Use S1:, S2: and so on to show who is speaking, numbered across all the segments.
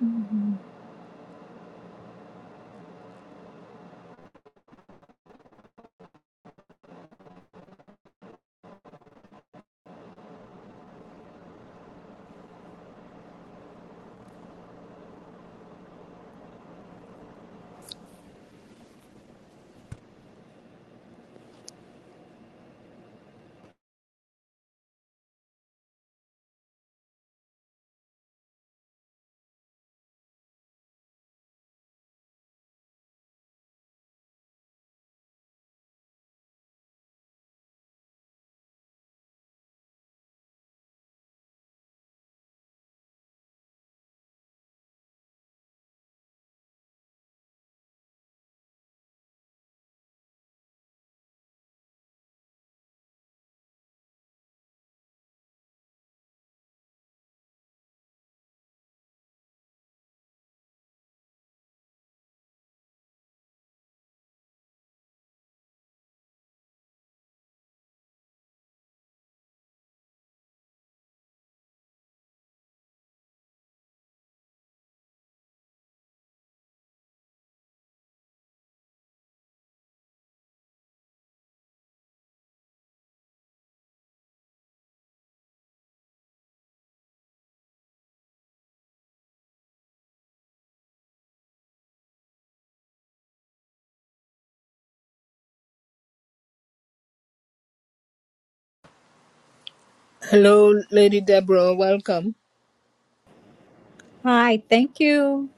S1: Mhm.
S2: Hello, Lady Deborah. Welcome.
S1: Hi, thank you.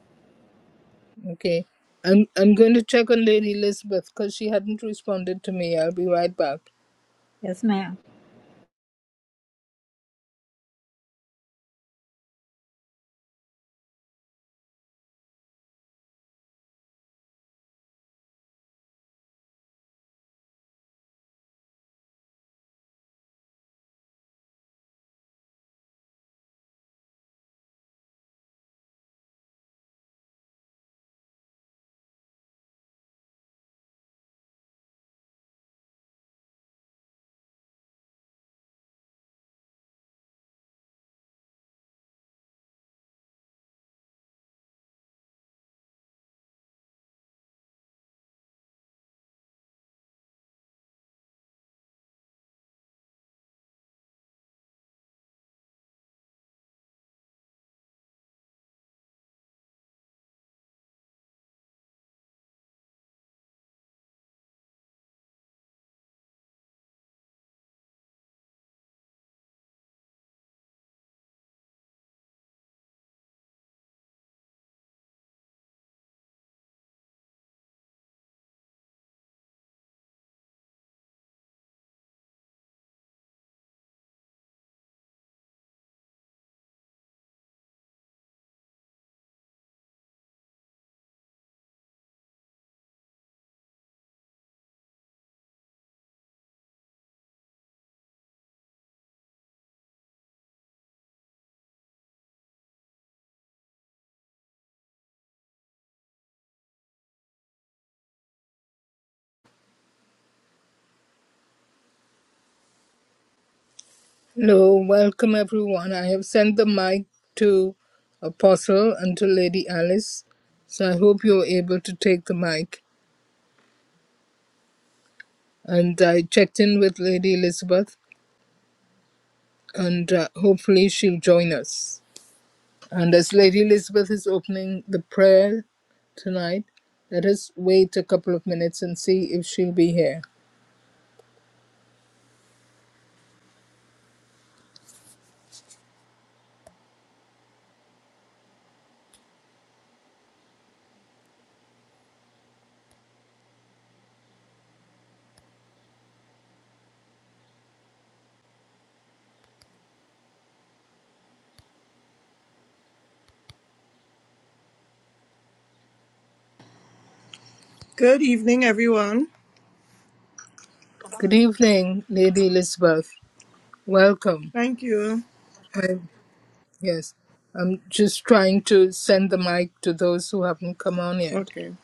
S2: Okay, I'm I'm going to check on Lady Elizabeth because she hadn't responded to me. I'll be right back.
S1: Yes, ma'am.
S2: Hello, welcome everyone. I have sent the mic to Apostle and to Lady Alice, so I hope you're able to take the mic. And I checked in with Lady Elizabeth, and uh, hopefully she'll join us. And as Lady Elizabeth is opening the prayer tonight, let us wait a couple of minutes and see if she'll be here.
S3: Good evening, everyone.
S2: Good evening, Lady Elizabeth. Welcome.
S3: Thank you.
S2: I- yes, I'm just trying to send the mic to those who haven't come on yet.
S3: Okay.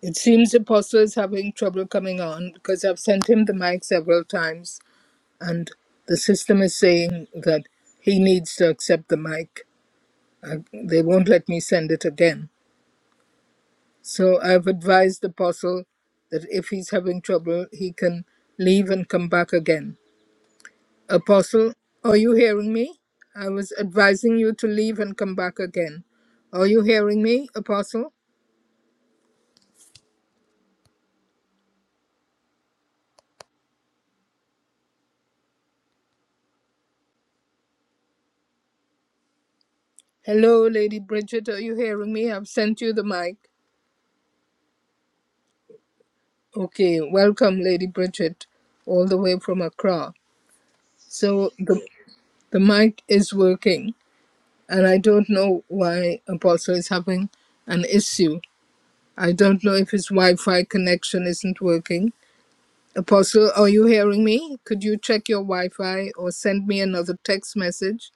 S2: It seems Apostle is having trouble coming on because I've sent him the mic several times, and the system is saying that he needs to accept the mic. Uh, they won't let me send it again. So I've advised the Apostle that if he's having trouble, he can leave and come back again. Apostle, are you hearing me? I was advising you to leave and come back again. Are you hearing me, Apostle? Hello, Lady Bridget, are you hearing me? I've sent you the mic. Okay, welcome, Lady Bridget, all the way from Accra. So
S4: Thank
S2: the,
S4: you.
S2: the mic is working, and I don't know why Apostle is having an issue. I don't know if his Wi Fi connection isn't working. Apostle, are you hearing me? Could you check your Wi Fi or send me another text message?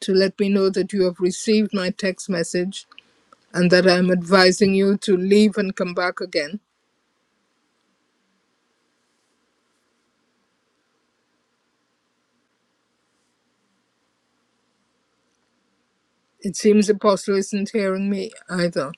S2: to let me know that you have received my text message and that I am advising you to leave and come back again. It seems Apostle isn't hearing me either.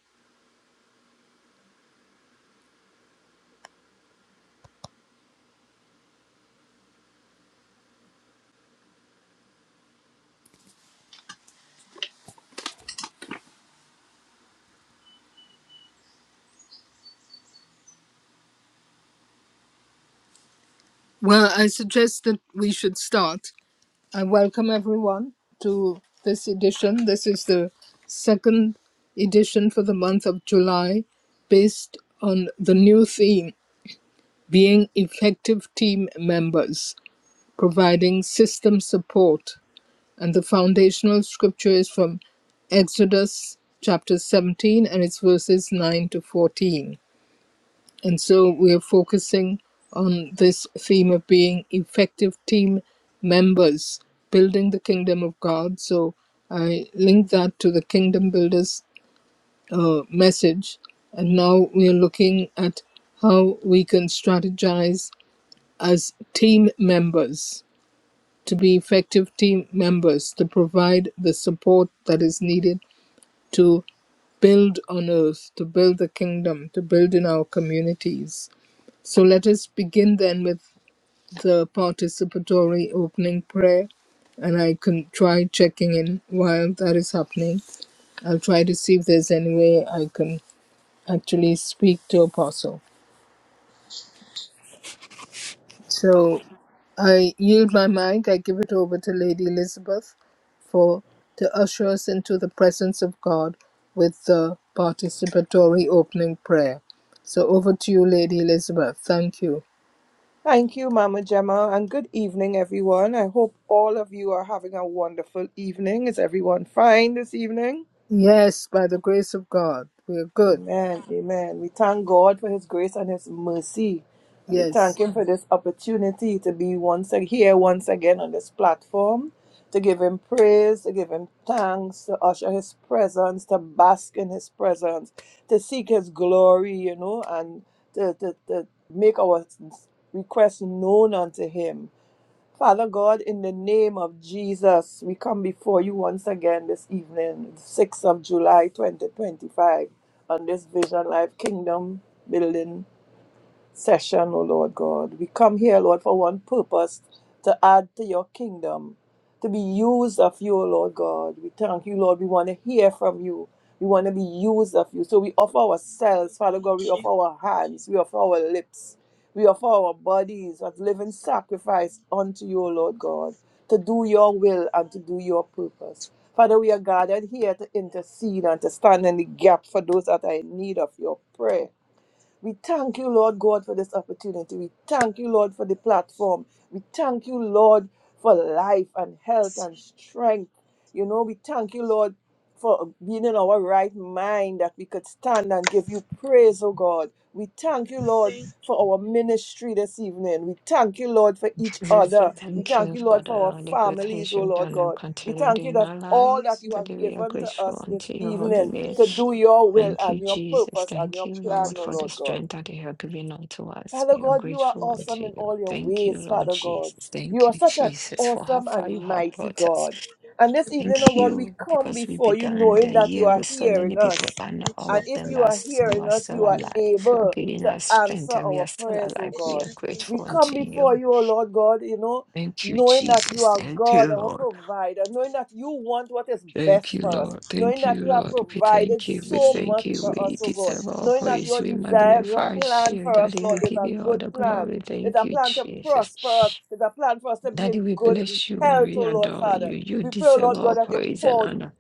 S2: Well, I suggest that we should start. I welcome everyone to this edition. This is the second edition for the month of July based on the new theme being effective team members, providing system support And the foundational scripture is from Exodus chapter 17 and it's verses 9 to 14. And so we're focusing on this theme of being effective team members, building the kingdom of God. So I link that to the Kingdom Builders uh, message. And now we're looking at how we can strategize as team members to be effective team members to provide the support that is needed to build on earth, to build the kingdom, to build in our communities. So let us begin then with the participatory opening prayer. And I can try checking in while that is happening. I'll try to see if there's any way I can actually speak to Apostle. So. I yield my mic. I give it over to Lady Elizabeth for to usher us into the presence of God with the participatory opening prayer. So over to you, Lady Elizabeth. Thank you.
S3: Thank you, Mama Gemma, and good evening, everyone. I hope all of you are having a wonderful evening. Is everyone fine this evening?
S2: Yes, by the grace of God, we are good.
S3: Amen. Amen. We thank God for His grace and His mercy. And we
S2: Yes,
S3: thank Him for this opportunity to be once ag- here once again on this platform, to give Him praise, to give Him thanks, to usher His presence, to bask in His presence, to seek His glory, you know, and to, to, to make our requests known unto Him Father God, in the name of Jesus, we come before you once again this evening, 6th of July 2025, on this Vision Life Kingdom building session, O Lord God. We come here, Lord, for one purpose to add to your kingdom, to be used of you, O Lord God. We thank you, Lord. We want to hear from you. We want to be used of you. So we offer
S4: And I will
S3: ourselves, Father
S4: thank
S3: God. We
S4: you.
S3: offer our hands. We offer
S4: We give
S3: our
S4: you
S3: lips.
S4: glory.
S3: We offer our
S4: We
S3: bodies as living
S4: bless you. In the
S3: sacrifice
S4: mighty
S3: unto you,
S4: name
S3: O
S4: of
S3: Lord
S4: Jesus.
S3: God, to do your will and to do
S4: Father,
S3: your
S4: we are
S3: purpose.
S4: grateful.
S3: Father, we are gathered here to
S4: We are
S3: intercede and to
S4: grateful.
S3: stand in the gap for those that are in need of your prayer. We thank you, Lord God, for this opportunity. We thank you,
S4: Father, we
S3: Lord, for the platform.
S4: appreciate you.
S3: We thank you, Lord, for life and
S4: Bless
S3: health and
S4: your name in
S3: strength.
S4: the mighty
S3: You know,
S4: name of
S3: we thank you, Lord, for being in our
S4: God.
S3: right mind that we could stand and give you praise, oh God. We thank
S4: Father,
S3: you,
S4: we
S3: Lord,
S4: thank you.
S3: for our ministry this evening. We thank you, Lord, for each
S5: We say
S3: other.
S4: Thank
S3: We
S4: you,
S5: thank
S4: Lord.
S3: thank
S5: you
S3: you,
S5: for
S3: Lord, for
S5: the,
S3: our
S5: all the
S4: Father,
S5: good
S3: families,
S5: things
S3: oh
S5: you've
S3: Lord
S5: done and
S3: God. We
S5: continued
S3: thank you
S5: in
S4: Thank
S3: that
S5: our
S4: you,
S3: all
S4: Lord.
S5: lives.
S3: that you
S4: Thank
S5: Daddy,
S3: have
S5: we are
S3: given
S4: you,
S3: to
S5: grateful
S3: us this
S5: unto your holy
S3: evening
S5: name.
S3: to
S4: Thank you,
S3: do your
S4: Lord.
S3: will
S4: In
S5: Thank
S4: the
S5: you,
S3: and your
S4: mighty
S5: Jesus.
S3: purpose
S4: name
S3: and
S4: of
S5: Thank
S3: your
S5: you,
S3: plan,
S5: Lord,
S3: oh
S4: Jesus.
S5: for the
S3: Lord God.
S5: strength that you have given unto us.
S3: Father
S5: We are
S3: God, you
S4: Father,
S3: are
S4: we
S5: grateful
S4: thank
S3: awesome
S5: unto
S4: you.
S3: in
S5: you.
S3: all your
S5: Thank you,
S3: ways,
S5: Lord
S4: Bless
S3: Father
S4: you.
S3: God.
S5: Jesus.
S3: You
S5: Thank
S3: are
S5: you,
S4: Thank
S3: such
S4: you,
S3: an
S4: Lord.
S5: Jesus, for how
S3: awesome
S5: far you
S3: and
S5: have
S3: mighty
S5: brought us.
S3: God. And this evening,
S4: Thank
S3: oh
S5: Thank
S4: you, Lord.
S3: God, we
S5: you,
S3: come
S5: because we
S3: before you
S5: began
S3: knowing
S5: the
S3: that you
S5: year
S3: are
S5: with so many
S3: hearing
S5: people,
S3: us.
S5: but not
S4: It's
S5: all
S4: Asia
S3: And
S5: of
S3: if
S5: them
S3: you
S5: are,
S3: are
S5: s- who
S3: hearing
S5: are
S3: us, you
S5: still
S3: are
S4: Kabuye
S5: alive. You are
S3: able
S5: giving
S3: to
S5: us
S3: answer
S5: strength, and we are
S3: our
S5: still
S3: prayers, oh
S5: alive. We
S3: God.
S4: Asia
S5: are
S3: We
S5: grateful
S4: Kabuye
S3: come
S5: unto you.
S3: before you, oh Lord God, you know,
S5: Thank you,
S3: knowing that you
S5: Jesus.
S3: are
S5: Thank you,
S3: God, our
S5: Lord.
S3: provider, knowing that you want what is
S5: Thank
S3: best
S5: you,
S3: for us,
S5: Lord.
S3: knowing
S5: Thank
S3: that
S5: you,
S3: you have
S5: Lord. We
S3: provided
S5: thank you. We
S3: so
S4: ethnic
S5: thank
S3: much
S5: you.
S3: for us,
S5: We
S3: oh
S4: structure
S3: God,
S5: deserve all
S3: knowing that
S5: praise.
S3: your
S5: We
S3: desire and your
S5: magnify
S3: plan
S5: you.
S3: for us,
S5: Daddy, we
S3: Lord,
S4: that
S3: is
S5: give
S3: a
S5: you
S4: parallel
S5: all
S3: good
S5: the
S3: plan.
S5: glory.
S3: It's
S5: Thank
S3: a
S5: you,
S3: plan to prosper
S5: Jesus.
S3: us. It's a plan for us to be
S5: Daddy,
S3: in
S5: we
S3: good
S5: bless you and
S3: health,
S5: we
S3: oh Lord,
S5: adore you.
S3: Father.
S5: You
S3: We pray, oh
S5: deserve
S3: Lord
S5: all
S3: God, that you
S5: praise and
S3: pour
S5: honor.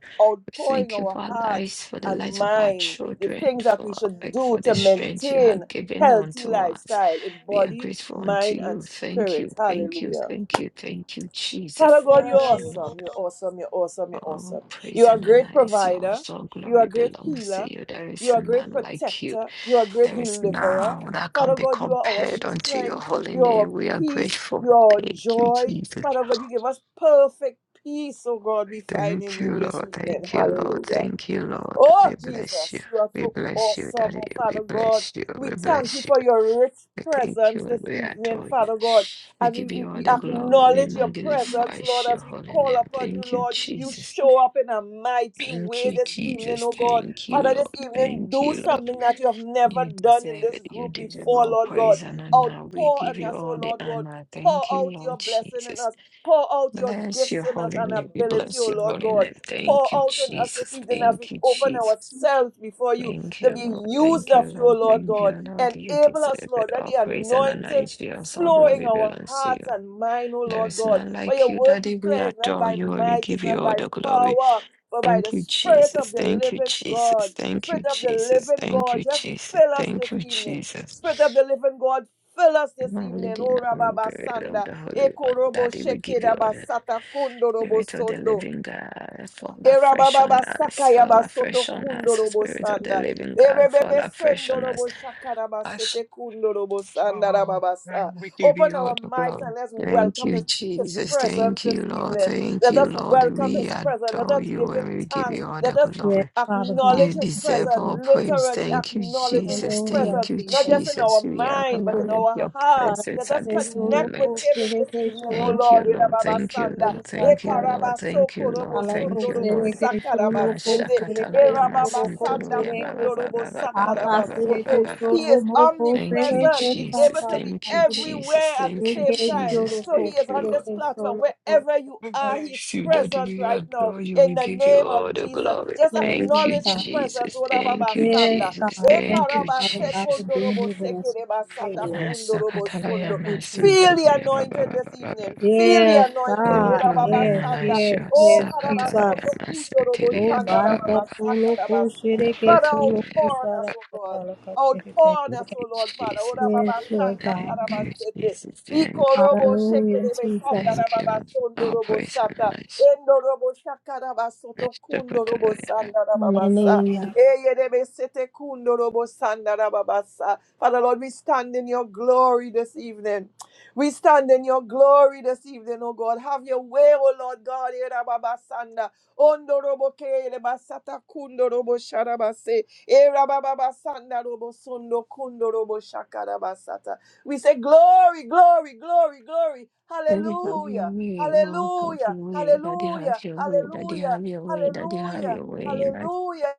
S5: We
S3: outpouring
S5: thank you for
S3: our
S5: our
S3: hearts
S5: lives, for the
S3: and
S5: lives of our
S3: mind, the
S5: children,
S3: things that
S5: for
S3: we should
S5: like,
S3: do
S5: for the
S3: to
S4: parallel
S5: strength you
S3: maintain
S5: have given
S3: healthy
S5: unto us.
S3: lifestyle in
S5: We are
S3: body,
S5: grateful unto
S3: mind, and
S5: you. Thank
S3: spirit.
S5: you, thank you,
S3: Hallelujah.
S5: thank you, thank you,
S3: Father
S5: Jesus.
S3: God, you're
S5: Thank you,
S3: awesome.
S5: Lord.
S3: You're
S4: parallel
S3: awesome. You're awesome. You're
S5: All
S3: awesome. You
S5: praise
S3: are a
S5: and
S3: great
S5: honor is
S3: provider.
S5: yours. All
S3: You are
S5: glory
S3: a great
S5: belongs
S3: healer.
S5: to you. There
S3: You
S5: is
S3: are a great
S5: none
S4: Thank
S5: like you.
S3: protector. You are a great
S5: There is
S3: deliverer.
S5: none that can
S3: Father
S5: be
S3: God, you are our
S5: compared
S4: you
S5: unto
S4: for
S5: your
S4: the
S3: strength.
S5: holy
S3: You are
S5: name.
S3: our
S5: We are
S3: peace.
S5: grateful.
S3: You are our
S5: Thank you,
S3: joy.
S5: Jesus.
S3: Father God, you give us perfect peace, oh God, we find
S5: Thank
S3: in
S5: you,
S3: you this
S5: Lord.
S3: evening.
S5: Thank you, Lord.
S3: Hallelujah.
S5: Thank you, Lord.
S3: Oh,
S5: We bless you.
S3: Jesus, you are
S5: We
S3: so
S5: bless you,
S3: awesome,
S5: Daddy.
S3: oh,
S5: We
S3: Father God.
S5: bless you.
S3: We
S5: We
S3: thank you
S5: bless you.
S3: for your rich
S5: We thank
S3: presence
S5: you
S3: this
S5: and we
S3: evening,
S5: adore you.
S3: Father God.
S5: We
S3: And we,
S5: give you
S3: we,
S5: all
S3: we
S5: the glory. We
S3: acknowledge your presence,
S5: magnify
S3: Lord,
S5: your
S3: as we
S5: holy
S3: call
S5: name.
S3: upon you,
S5: Thank you,
S3: Lord. You
S5: Jesus.
S3: show up in a mighty
S5: Thank
S3: way
S5: you,
S3: this evening,
S5: Jesus.
S3: oh God.
S5: Thank you,
S3: Father, this
S5: Lord.
S3: evening,
S5: Thank
S3: do
S5: you, Lord.
S3: something that you have never
S5: You
S3: done in
S5: deserve
S3: this
S5: it. You
S3: group
S5: deserve
S3: before,
S5: all
S3: Lord God.
S5: praise and honor. We
S3: Outpour
S5: give
S3: on
S5: you
S3: us, oh
S5: all the
S3: Lord God.
S5: honor.
S3: Pour
S5: Thank you,
S3: out your
S5: Lord
S3: blessing in
S5: Jesus.
S3: us. Pour out your
S5: Bless
S3: gifts
S5: your
S3: in us
S5: holy
S3: and
S5: name. We
S3: ability,
S5: bless
S3: oh
S5: your
S3: Lord
S5: holy
S3: God
S5: name.
S3: pour
S5: Thank you,
S3: out in us this
S5: Jesus.
S3: evening as
S5: Thank
S3: we
S5: you,
S3: open
S5: Jesus.
S3: ourselves before you
S5: Thank
S3: to
S5: you,
S3: be
S5: Lord.
S3: used
S5: Thank
S3: of
S5: you,
S3: you, O
S5: Lord.
S3: Lord
S5: Thank
S3: God.
S5: you, Lord. You
S3: Enable us,
S5: deserve it.
S3: Lord. Let
S5: All
S3: the
S5: praise and honor
S3: anointing
S5: is yours. All
S3: flow in
S5: glory
S3: our
S5: belongs to you.
S3: hearts and mind, O
S5: There
S3: Lord
S5: is
S3: God.
S5: none
S3: For
S5: like
S3: your
S5: you,
S3: word
S5: Daddy. We
S3: declares not
S5: adore
S3: by
S5: you and we
S3: might,
S5: give
S3: it's
S5: you
S3: not
S5: all
S3: by
S5: the glory.
S3: power, but by the
S5: Thank you,
S3: Spirit
S5: Jesus.
S3: of the
S5: Thank you,
S3: living
S5: Jesus.
S3: God.
S5: Thank you,
S3: Spirit of the
S5: Jesus.
S3: living
S5: Thank
S3: God,
S5: you,
S3: just
S5: Jesus.
S3: fill us this
S5: Thank you,
S3: evening.
S5: Jesus.
S3: Spirit of the living God, fill us this
S5: Holy
S3: evening.
S5: name,
S3: O
S5: we
S3: Rababa
S5: pray, Lord,
S3: Sanda,
S5: the Holy One.
S3: Ekorobo
S5: Daddy, we give you
S3: Shekeda
S5: all the
S3: Basata Kondorobo
S5: Spirit of the
S3: Sondo.
S5: living God, fall afresh on
S3: Erababa
S5: us,
S3: sakaya
S5: fall
S3: basoto
S5: afresh on us,
S3: kundo robo
S5: Spirit of the
S3: sanda.
S5: living God, fall
S3: Erebebe
S5: afresh
S3: sendo
S5: on us.
S3: robo shakara
S5: Us,
S3: basete kundo robo sanda
S5: oh,
S3: rababa
S5: and we give
S3: Open
S5: you all
S3: our
S5: the
S3: mics and
S5: glory.
S3: let's
S5: Thank
S3: welcome
S5: you,
S3: his, his
S5: Jesus.
S3: presence
S5: Thank you,
S3: this
S5: Lord.
S3: evening.
S5: Thank
S3: Let
S5: you,
S3: us
S5: Lord.
S3: welcome
S5: We
S3: his presence. Let
S5: adore
S3: us
S5: you
S3: give him
S5: and we give
S3: thanks.
S5: you all
S3: Let
S5: the
S3: us
S5: glory.
S1: Yes, Father
S5: You
S3: acknowledge
S1: God.
S3: his
S1: Thank you,
S5: deserve
S3: presence.
S5: all
S1: Jesus.
S5: praise.
S3: Literally
S5: Thank you,
S3: acknowledging his
S5: Jesus.
S1: Hallelujah,
S5: Thank
S3: presence.
S5: you,
S3: Not
S1: Jesus.
S3: just in our
S5: Jesus. We
S1: Thank
S3: mind, but
S1: you,
S3: in
S5: acknowledge
S3: our
S1: Jesus.
S5: your
S3: heart.
S1: Father,
S3: Let
S5: presence
S3: us
S5: at
S1: thank
S5: this
S1: you, Lord,
S3: connect with
S1: for
S5: moment.
S3: him
S1: the
S3: in this
S1: vacation,
S3: evening, oh
S1: Lord,
S5: Thank you,
S3: Lord.
S1: for
S5: Lord.
S1: the
S5: Thank you,
S1: vacation,
S5: Lord.
S1: Father
S5: Thank you,
S1: God.
S5: Lord. Thank you, Lord.
S1: Father,
S5: Thank
S1: for
S5: you,
S1: the
S5: Lord.
S1: vacation, Lord, for
S3: Ekarabasokorobosonorobosakaramasete.
S1: the
S5: Mashakatalaya
S1: vacation, Lord, for the
S5: masintoloya ba ba
S1: vacation.
S5: ba ba ba ba ba ba
S1: आकाश
S5: ba ba ba
S1: रेखे
S3: Erababasandakundorobosakarabasoto.
S5: ba ba ba.
S3: He
S1: शोरो
S3: is
S1: मोको
S5: Thank
S1: फेरे
S5: you,
S3: omnipresent.
S1: फेर
S3: He's
S1: का
S5: Jesus.
S3: able to
S1: साथ
S3: be
S5: Thank you,
S1: आखिर
S5: Jesus.
S3: everywhere at the
S5: Thank you,
S3: same
S1: के
S3: time.
S5: Jesus.
S1: शोरो
S3: So
S1: को
S3: he
S5: Thank
S3: is
S5: you,
S3: on
S1: फेरे
S5: Lord.
S3: this
S1: के
S3: platform.
S1: शोरो
S3: Wherever you
S5: We
S1: को
S3: are, he is
S5: bless you, Daddy.
S3: present
S5: We
S3: right now
S5: adore you.
S3: in
S5: We
S3: the
S5: give you
S3: name
S5: all
S3: of
S5: the
S3: Jesus.
S5: glory.
S3: Just
S1: Yes,
S5: Thank
S1: Lord
S5: you,
S3: acknowledge his
S1: God.
S3: presence.
S5: Jesus. Thank you,
S1: Yes,
S3: Orababasanda.
S5: Jesus.
S1: God. Thank
S5: Thank
S1: you,
S5: you,
S1: Father God, for
S5: Jesus.
S1: being here with us today, Lord.
S5: Nasakatalaya
S3: Ekarabasekondorobosekerebasatakundorabosondo.
S1: Thank you,
S3: Feel the
S1: Jesus.
S5: masunturuya ba ba
S3: anointing
S5: ba
S3: this
S5: ba ba ba
S3: evening.
S5: ba.
S3: Feel the
S1: Yes,
S3: anointing.
S5: Oh,
S1: God.
S3: Era
S5: glory
S3: baba
S5: and
S1: Yes,
S5: honor
S3: sanda.
S5: is
S1: yes,
S5: yours.
S3: Oh,
S1: yes,
S3: Father,
S5: Sakatalaya
S1: Jesus.
S3: soto kundo robo
S1: Oh,
S5: masunturuya ba
S3: shanda ra
S5: ba. Baba
S1: Monica,
S5: Baba.
S3: saka
S1: solo,
S3: ra
S1: kushere, ke
S3: Father,
S1: solo,
S5: Nafataloya.
S3: outpour
S5: ba.
S3: on us,
S1: kushara,
S3: oh God.
S1: katala, katere, ke
S3: Outpour on us,
S5: Thank
S1: solo.
S5: you,
S3: oh Lord, Father. Oh,
S5: Jesus.
S3: baba
S1: Yes, Lord
S3: sanda
S1: God.
S3: kara
S5: Thank you, Jesus. Thank
S3: Iko
S5: you,
S3: robo
S5: Lord.
S3: sheke
S1: Hallelujah,
S3: rebe sanda
S1: Jesus.
S3: ra
S5: Thank you,
S3: baba
S5: Lord.
S3: sondo
S5: Our
S3: robo
S5: praise and
S3: sata.
S5: honor is
S3: Endo robo shaka ra
S5: yours.
S3: kundo robo
S5: Nasakatalaya
S3: sanda ra baba sa.
S1: Hallelujah.
S3: Eye rebe sete kundo robo sanda ra sa. Father, Lord, we stand in your glory this evening. We stand in your glory this evening, oh God. Have your way, oh Lord God. Erababasanda, ondoroboke, elebasata, kundorobo, sharabase, erabababasanda, robosondo, kundorobo, shakarabasata. We say, Glory, glory, glory, glory.
S5: Daddy have your
S3: Hallelujah,
S5: way, Lord have your
S3: hallelujah,
S5: way, Daddy have
S3: hallelujah,
S5: your way, Daddy
S3: hallelujah,
S5: have your way, Daddy have
S3: hallelujah,
S5: your way in us.
S3: hallelujah.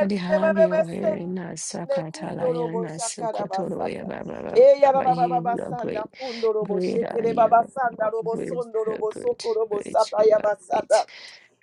S5: Daddy have your way in us,
S3: sende,
S5: Sakatalaya,
S3: kundorobo,
S5: Sukotoroya,
S3: shakarabasata.
S5: Baba, Baba,
S3: Eya
S5: Baba,
S3: baba baba
S5: you are
S3: basanda
S5: great,
S3: kundo robo
S5: great are
S3: shekere
S5: you,
S3: baba sanda
S5: Lord,
S3: robo
S5: great,
S3: sondo
S5: you are
S3: robo soko
S5: great,
S3: robo
S5: great, you
S3: sata ya
S5: are great.
S3: basata.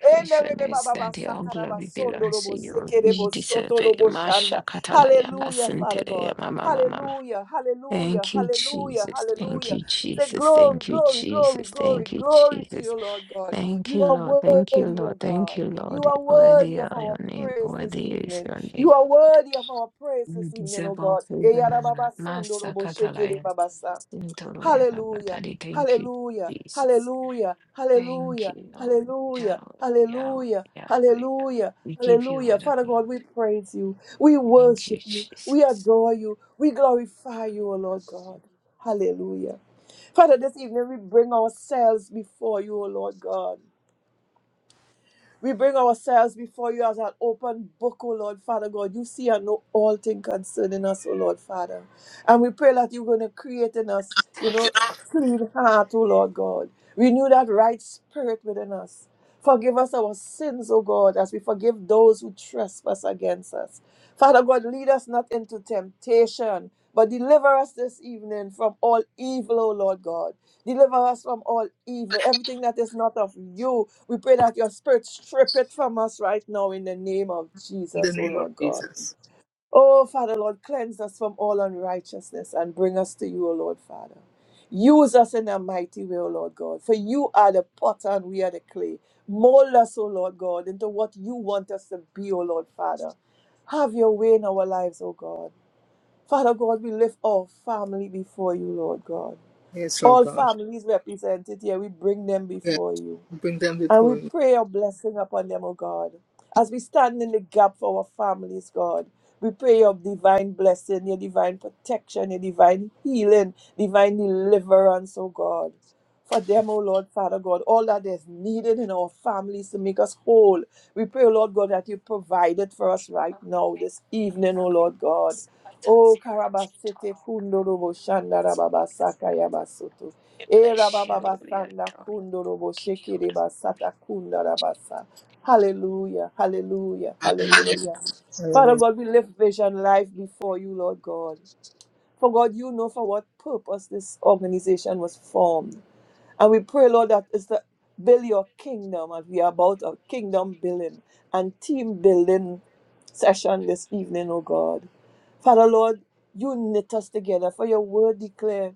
S3: Ende rebe baba
S5: Daddy, all
S3: basaka raba
S5: glory
S3: sondo
S5: belongs to
S3: robo
S5: you.
S3: sekere
S5: We
S3: bo
S5: deserve
S3: soto
S5: it.
S3: robo
S5: Masha
S3: shanda.
S5: Katalaya,
S3: Hallelujah, Father God.
S5: Basantelea, Mama, Mama,
S3: Hallelujah, hallelujah,
S5: Thank you,
S3: hallelujah,
S5: Jesus. Thank
S3: hallelujah.
S5: you,
S3: We say
S5: Jesus.
S3: glory,
S5: Thank you,
S3: glory, glory,
S5: Jesus.
S3: glory,
S5: Thank you,
S3: glory to
S5: Jesus.
S3: you, Lord God.
S5: Thank
S3: You
S5: you,
S3: are
S5: Lord. Thank you,
S3: worthy, O
S5: Lord. Thank
S3: God.
S5: you,
S3: You
S5: Lord.
S3: are
S5: Worthy
S3: worthy of
S5: are your
S3: our
S5: name.
S3: praise this
S5: Worthy is
S3: evening.
S5: your
S3: You
S5: name.
S3: are worthy of our praise
S5: You
S3: this evening, oh
S5: deserve all
S3: God.
S5: praise and honor. Master Catalaya.
S3: Eyarababasondoroboshekerebabasa.
S5: Sintoloya Baba
S3: Hallelujah.
S5: Daddy. Thank you,
S3: Hallelujah.
S5: Jesus.
S3: Hallelujah.
S5: Thank
S3: Hallelujah.
S5: you, Lord. Yahweh,
S3: Hallelujah.
S5: Yahweh,
S3: Hallelujah.
S5: Yahweh. Yahweh.
S3: Hallelujah.
S5: We give you all
S3: Hallelujah.
S5: the
S3: Father God, we
S5: glory.
S3: praise you. We
S5: Thank you,
S3: worship you. We
S5: Jesus.
S3: adore you. We glorify you, O Lord God. Hallelujah. Father, this evening we bring ourselves before you, O Lord God. We bring ourselves before you as an open book, O Lord Father God. You see and know all things concerning us, O Lord Father. And we pray that you're going to create in us, you know, a clean heart, O Lord God. Renew that right spirit within us. Forgive us our sins, O God, as we forgive those who trespass against us. Father God, lead us not into temptation, but deliver us this evening from all evil, O Lord God. Deliver us from all evil, everything that is not of you. We pray that your spirit strip it from us right now in the name of
S2: in the
S3: Jesus, O
S2: name of
S3: Lord God.
S2: Jesus.
S3: Oh, Father, Lord, cleanse us from all unrighteousness and bring us to you, O Lord, Father. Use us in a mighty way, O Lord God, for you are the potter and we are the clay. Mold us, O Lord God, into what you want us to be, O Lord, Father. Have your way in our lives, O God. Father God, we lift our family before you, Lord God
S2: Yes, Lord
S3: all
S2: God.
S3: families represented here, we bring them
S2: Yes,
S3: before you.
S2: we bring them
S3: And
S2: before
S3: we
S2: you.
S3: pray your blessing upon them, O God. As we stand in the gap for our families, God, we pray your divine blessing, your divine protection, your divine healing, divine deliverance, O God. For them, O Lord, Father God, all that is needed in our families to make us whole. We pray, O Lord God, that you provide it for us
S5: We
S3: right now, this evening, O Lord God. Oh, Karabasete Kundorobo Shandarababa Era
S5: bless
S3: baba
S5: you. We
S3: basanda
S5: adore you.
S3: kundo robo shekere basata kunda rabasa. Hallelujah, hallelujah,
S2: Hallelujah.
S3: hallelujah. Father
S2: Hallelujah.
S3: God, we lift vision life before you, Lord God. For God, you know for what purpose this organization was formed. And we pray, Lord, that it's to build your kingdom, and we are about a kingdom building and team building session this evening, oh God. Father, Lord, you knit us together for your word declare.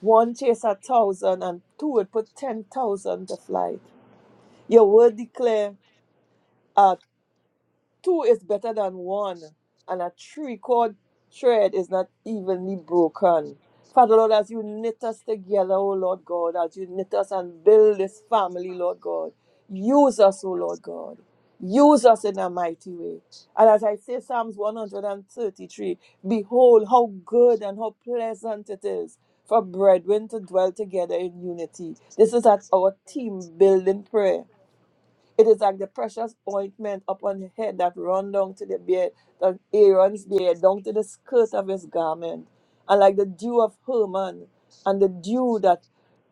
S3: One chase a thousand, and two would put ten thousand to flight. Your word declare uh, two is better than one, and a three chord thread is not evenly broken. Father Lord, as you knit us together, O Lord God, as you knit us and build this family, Lord God, use us, O Lord God. Use us in a mighty way. And as I say, Psalms 133 Behold, how good and how pleasant it is for brethren to dwell together in unity. This is at our team building prayer. It is like the precious ointment upon the head that run down to the beard, that Aaron's beard, down to the skirt of his garment, and like the dew of Hermon, and the dew that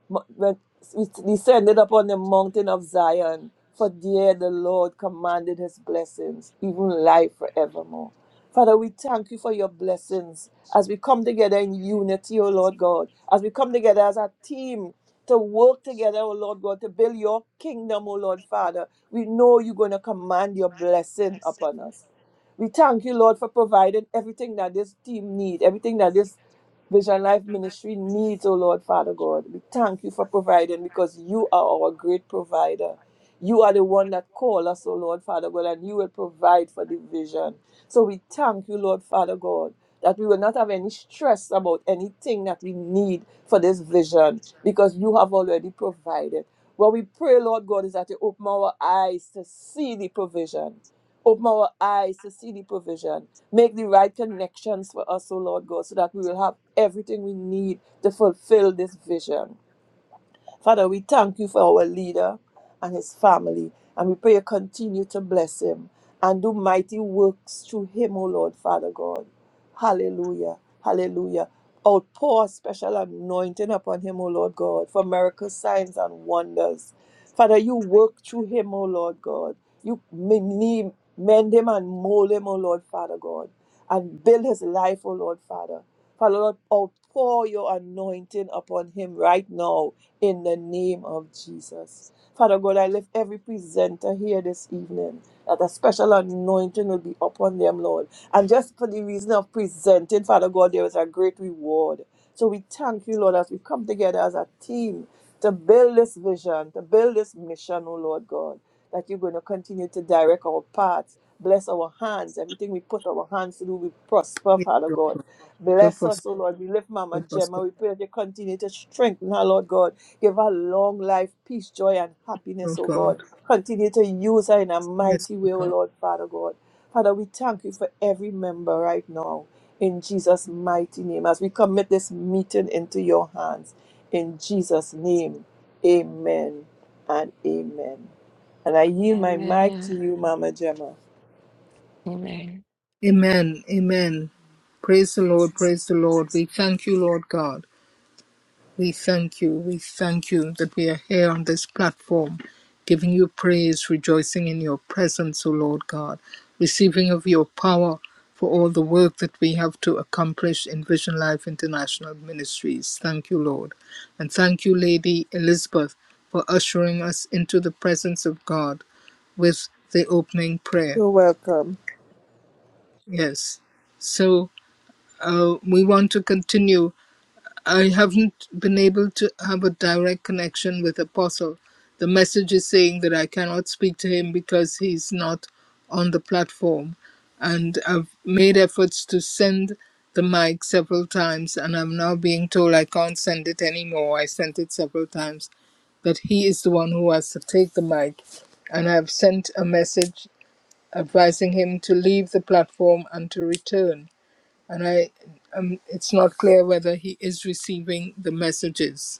S3: Mo- When we descended upon the mountain of Zion, for there the Lord commanded his blessings, even life forevermore. Father, we thank you for your blessings as we come together in unity, O Lord God, as we come together as a team to work together, O Lord God, to build your kingdom, O Lord Father. We know you're going to command your blessing upon us. We thank you, Lord, for providing everything that this team needs, everything that this Vision Life Ministry needs, oh Lord, Father God. We thank you for providing because you are our great provider. You are the one that call us, oh Lord, Father God, and you will provide for the vision. So we thank you, Lord, Father God, that we will not have any stress about anything that we need for this vision because you have already provided. What we pray, Lord God, is that you open our eyes to see the provision Open our eyes to see the provision. Make the right connections for us, O Lord God, so that we will have everything we need to fulfill this vision. Father, we thank you for our leader and his family, and we pray you continue to bless him and do mighty works through him, O Lord, Father God. Hallelujah. Hallelujah. Outpour a special anointing upon him, O Lord God, for miracles, signs, and wonders. Father, you work through him, O Lord God. You mend him and mold him, O Lord, Father God, and build his life, O Lord, Father. Father Lord, outpour your anointing upon him right now in the name of Jesus. Father God, I lift every presenter here this evening that a special anointing will be upon them, Lord. And just for the reason of presenting, Father God, there is a great reward. So we thank you, Lord, as we come together as a team to build this vision, to build this mission, oh Lord God that you're going to continue to direct our paths. Bless our hands. Everything we put our hands to do, we prosper,
S2: Yes,
S3: Father
S2: Lord
S3: God.
S2: God. do
S3: Bless
S2: prosper,
S3: us, O Lord. We lift Mama
S2: do prosper,
S3: Gemma. We pray that you continue to strengthen her, Lord God. Give her long life, peace, joy, and happiness,
S2: Lord
S3: O
S2: God.
S3: God. Continue to use her in a
S2: Yes,
S3: mighty way, O
S2: Lord
S3: Lord, Father God. Father, we thank you for every member right now. In Jesus' mighty name, as we commit this meeting into your hands. In Jesus' name, amen and amen. And I yield my mic to
S5: Amen.
S3: you, Mama Gemma.
S5: Amen.
S2: Amen. Amen. Praise the Lord. Praise the Lord. We thank you, Lord God. We thank you. We thank you that we are here on this platform, giving you praise, rejoicing in your presence, O Lord God, receiving of your power for all the work that we have to accomplish in Vision Life International Ministries. Thank you, Lord. And thank you, Lady Elizabeth, for ushering us into the presence of God with the opening prayer.
S3: You're welcome.
S2: Yes. So. uh, we want to continue. I haven't been able to have a direct connection with Apostle. The message is saying that I cannot speak to him because he's not on the platform. And I've made efforts to send the mic several times, and I'm now being told I can't send it anymore. I sent it several times, that he is the one who has to take the mic. And I've sent a message advising him to leave the platform and to return and I um, it's not clear whether he is receiving the messages.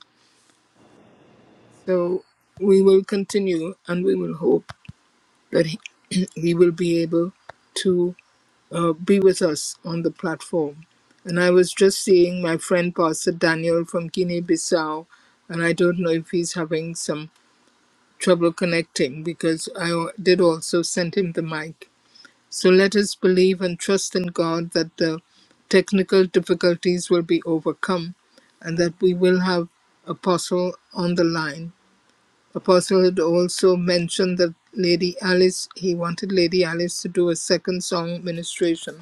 S2: So we will continue, and we will hope that he, he will be able to uh, be with us on the platform. And I was just seeing my friend Pastor Daniel from Guinea-Bissau, and I don't know if he's having some trouble connecting because I al- did also send him the mic So let us believe and trust in God that the technical difficulties will be overcome and that we will have Apostle on the line. Apostle had also mentioned that Lady Alice, he wanted Lady Alice to do a second song ministration.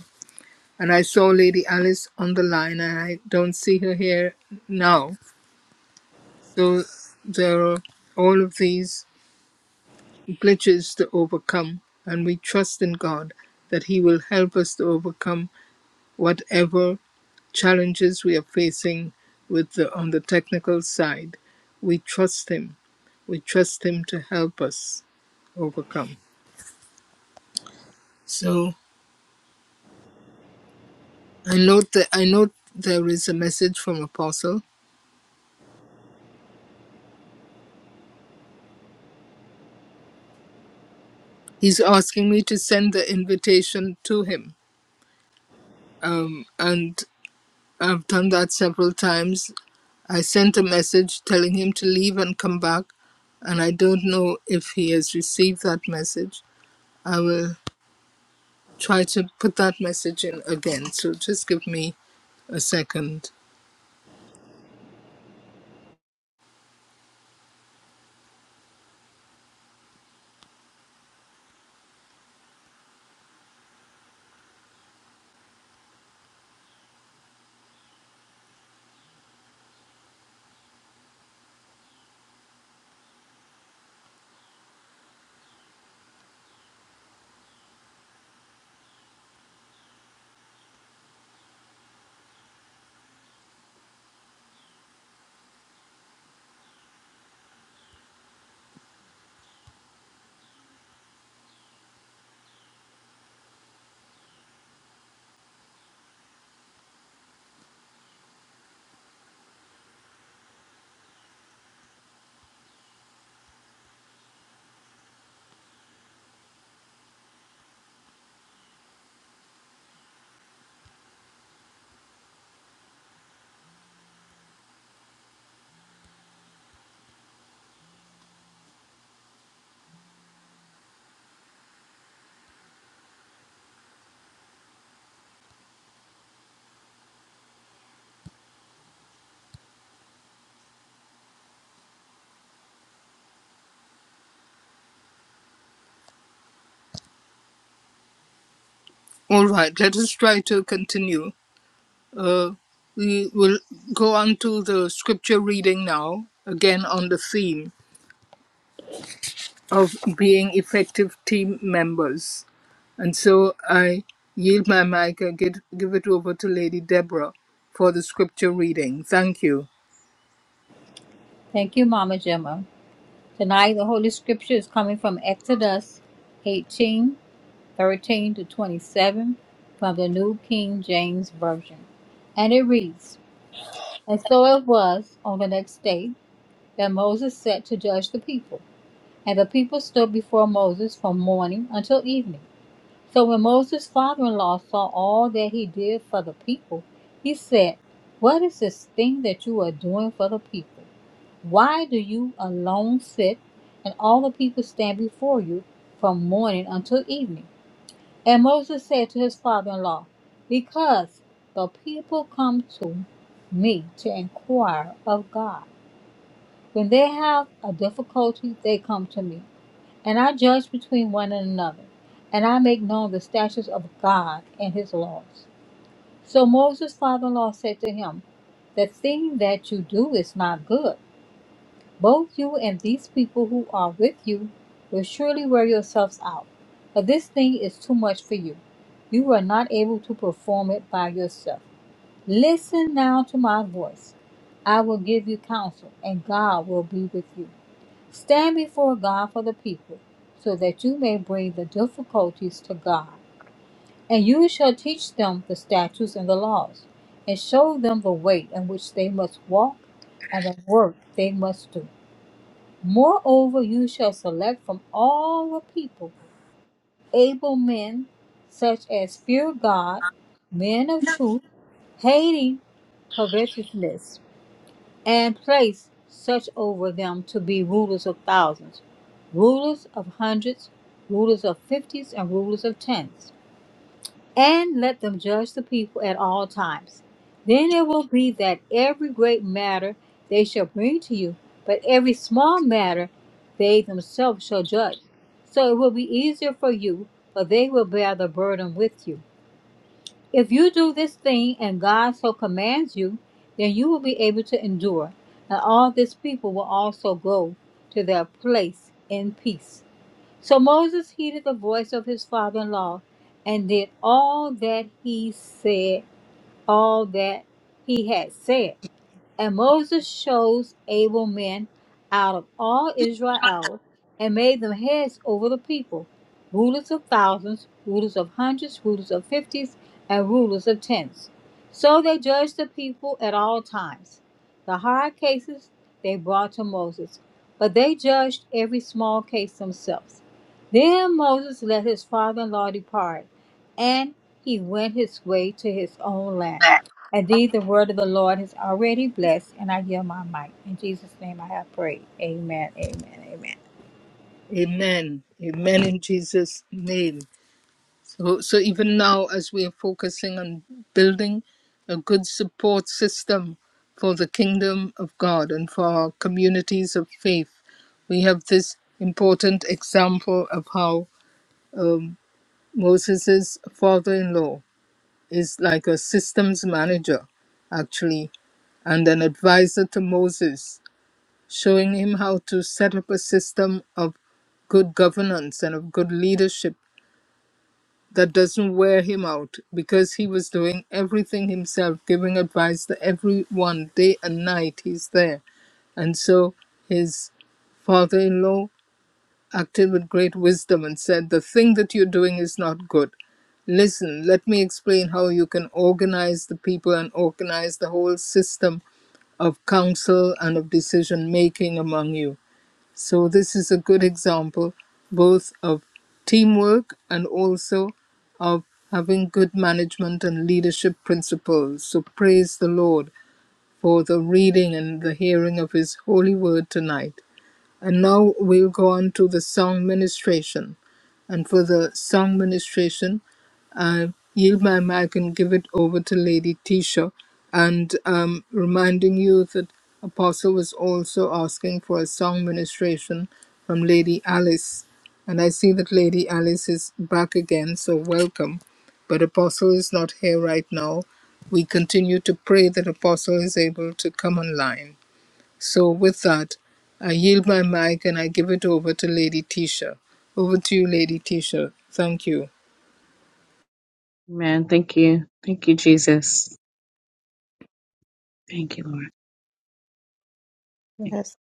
S2: And I saw Lady Alice on the line and I don't see her here now. So there are all of these glitches to overcome and we trust in God that He will help us to overcome Whatever challenges we are facing with the, on the technical side, we trust Him. We trust Him to help us overcome. So I note that I note there is a message from Apostle. He's asking me to send the invitation to him, um, and I've done that several times. I sent a message telling him to leave and come back, and I don't know if he has received that message. I will try to put that message in again. So just give me a second. All right, let us try to continue. Uh, we will go on to the scripture reading now, again on the theme of being effective team members. And so I yield my mic and give, give it over to Lady Deborah for the scripture reading. Thank you.
S1: Thank you, Mama Gemma. Tonight, the Holy Scripture is coming from Exodus 18. 13 to 27 from the New King James Version. And it reads And so it was on the next day that Moses sat to judge the people. And the people stood before Moses from morning until evening. So when Moses' father in law saw all that he did for the people, he said, What is this thing that you are doing for the people? Why do you alone sit and all the people stand before you from morning until evening? And Moses said to his father in law, Because the people come to me to inquire of God. When they have a difficulty, they come to me, and I judge between one and another, and I make known the statutes of God and his laws. So Moses' father in law said to him, The thing that you do is not good. Both you and these people who are with you will surely wear yourselves out, for this thing is too much for you. You are not able to perform it by yourself. Listen now to my voice. I will give you counsel, and God will be with you. Stand before God for the people, so that you may bring the difficulties to God. And you shall teach them the statutes and the laws, and show them the way in which they must walk and the work they must do. Moreover, you shall select from all the people able men, such as fear God, men of truth, hating covetousness, and place such over them to be rulers of thousands, rulers of hundreds, rulers of fifties, and rulers of tens and let them judge the people at all times. Then it will be that every great matter they shall bring to you, but every small matter they themselves shall judge. So it will be easier for you, for they will bear the burden with you. If you do this thing and God so commands you, then you will be able to endure, and all this people will also go to their place in peace. So Moses heeded the voice of his father in law and did all that he said, all that he had said. And Moses chose able men out of all Israel and made them heads over the people, rulers of thousands, rulers of hundreds, rulers of fifties, and rulers of tens. So they judged the people at all times. The hard cases they brought to Moses, but they judged every small case themselves. Then Moses let his father in law depart, and he went his way to his own land. Indeed, the word of the Lord is already blessed, and I yield my might. In Jesus' name I have prayed. Amen, amen, amen.
S2: Amen. Amen in Jesus' name. Well, So even now, as we are focusing on building a good support system for the kingdom of God and for our communities of faith, we have this important example of how um, Moses' father-in-law is like a systems manager, actually, and an advisor to Moses, showing him how to set up a system of good governance and of good leadership that doesn't wear him out because he was doing everything himself, giving advice to everyone day and night. He's there. And so his father in law acted with great wisdom and said, The thing that you're doing is not good. Listen, let me explain how you can organize the people and organize the whole system of counsel and of decision making among you. So this is a good example both of teamwork and also of having good management and leadership principles. So praise the Lord for the reading and the hearing of his holy word tonight. And now we'll go on to the song ministration. And for the song ministration, I yield my mic and give it over to Lady Tisha. And um, reminding you that Apostle was also asking for a song ministration from Lady Alice. And I see that Lady Alice is back again, so welcome. But Apostle is not here right now. We continue to pray that Apostle is able to come online so, with that, I yield my mic and I give it over to Lady Tisha. Over to you, Lady Tisha. Thank you.
S6: Amen. Thank you. Thank you, Jesus. Thank you, Lord. Thank
S7: Yes,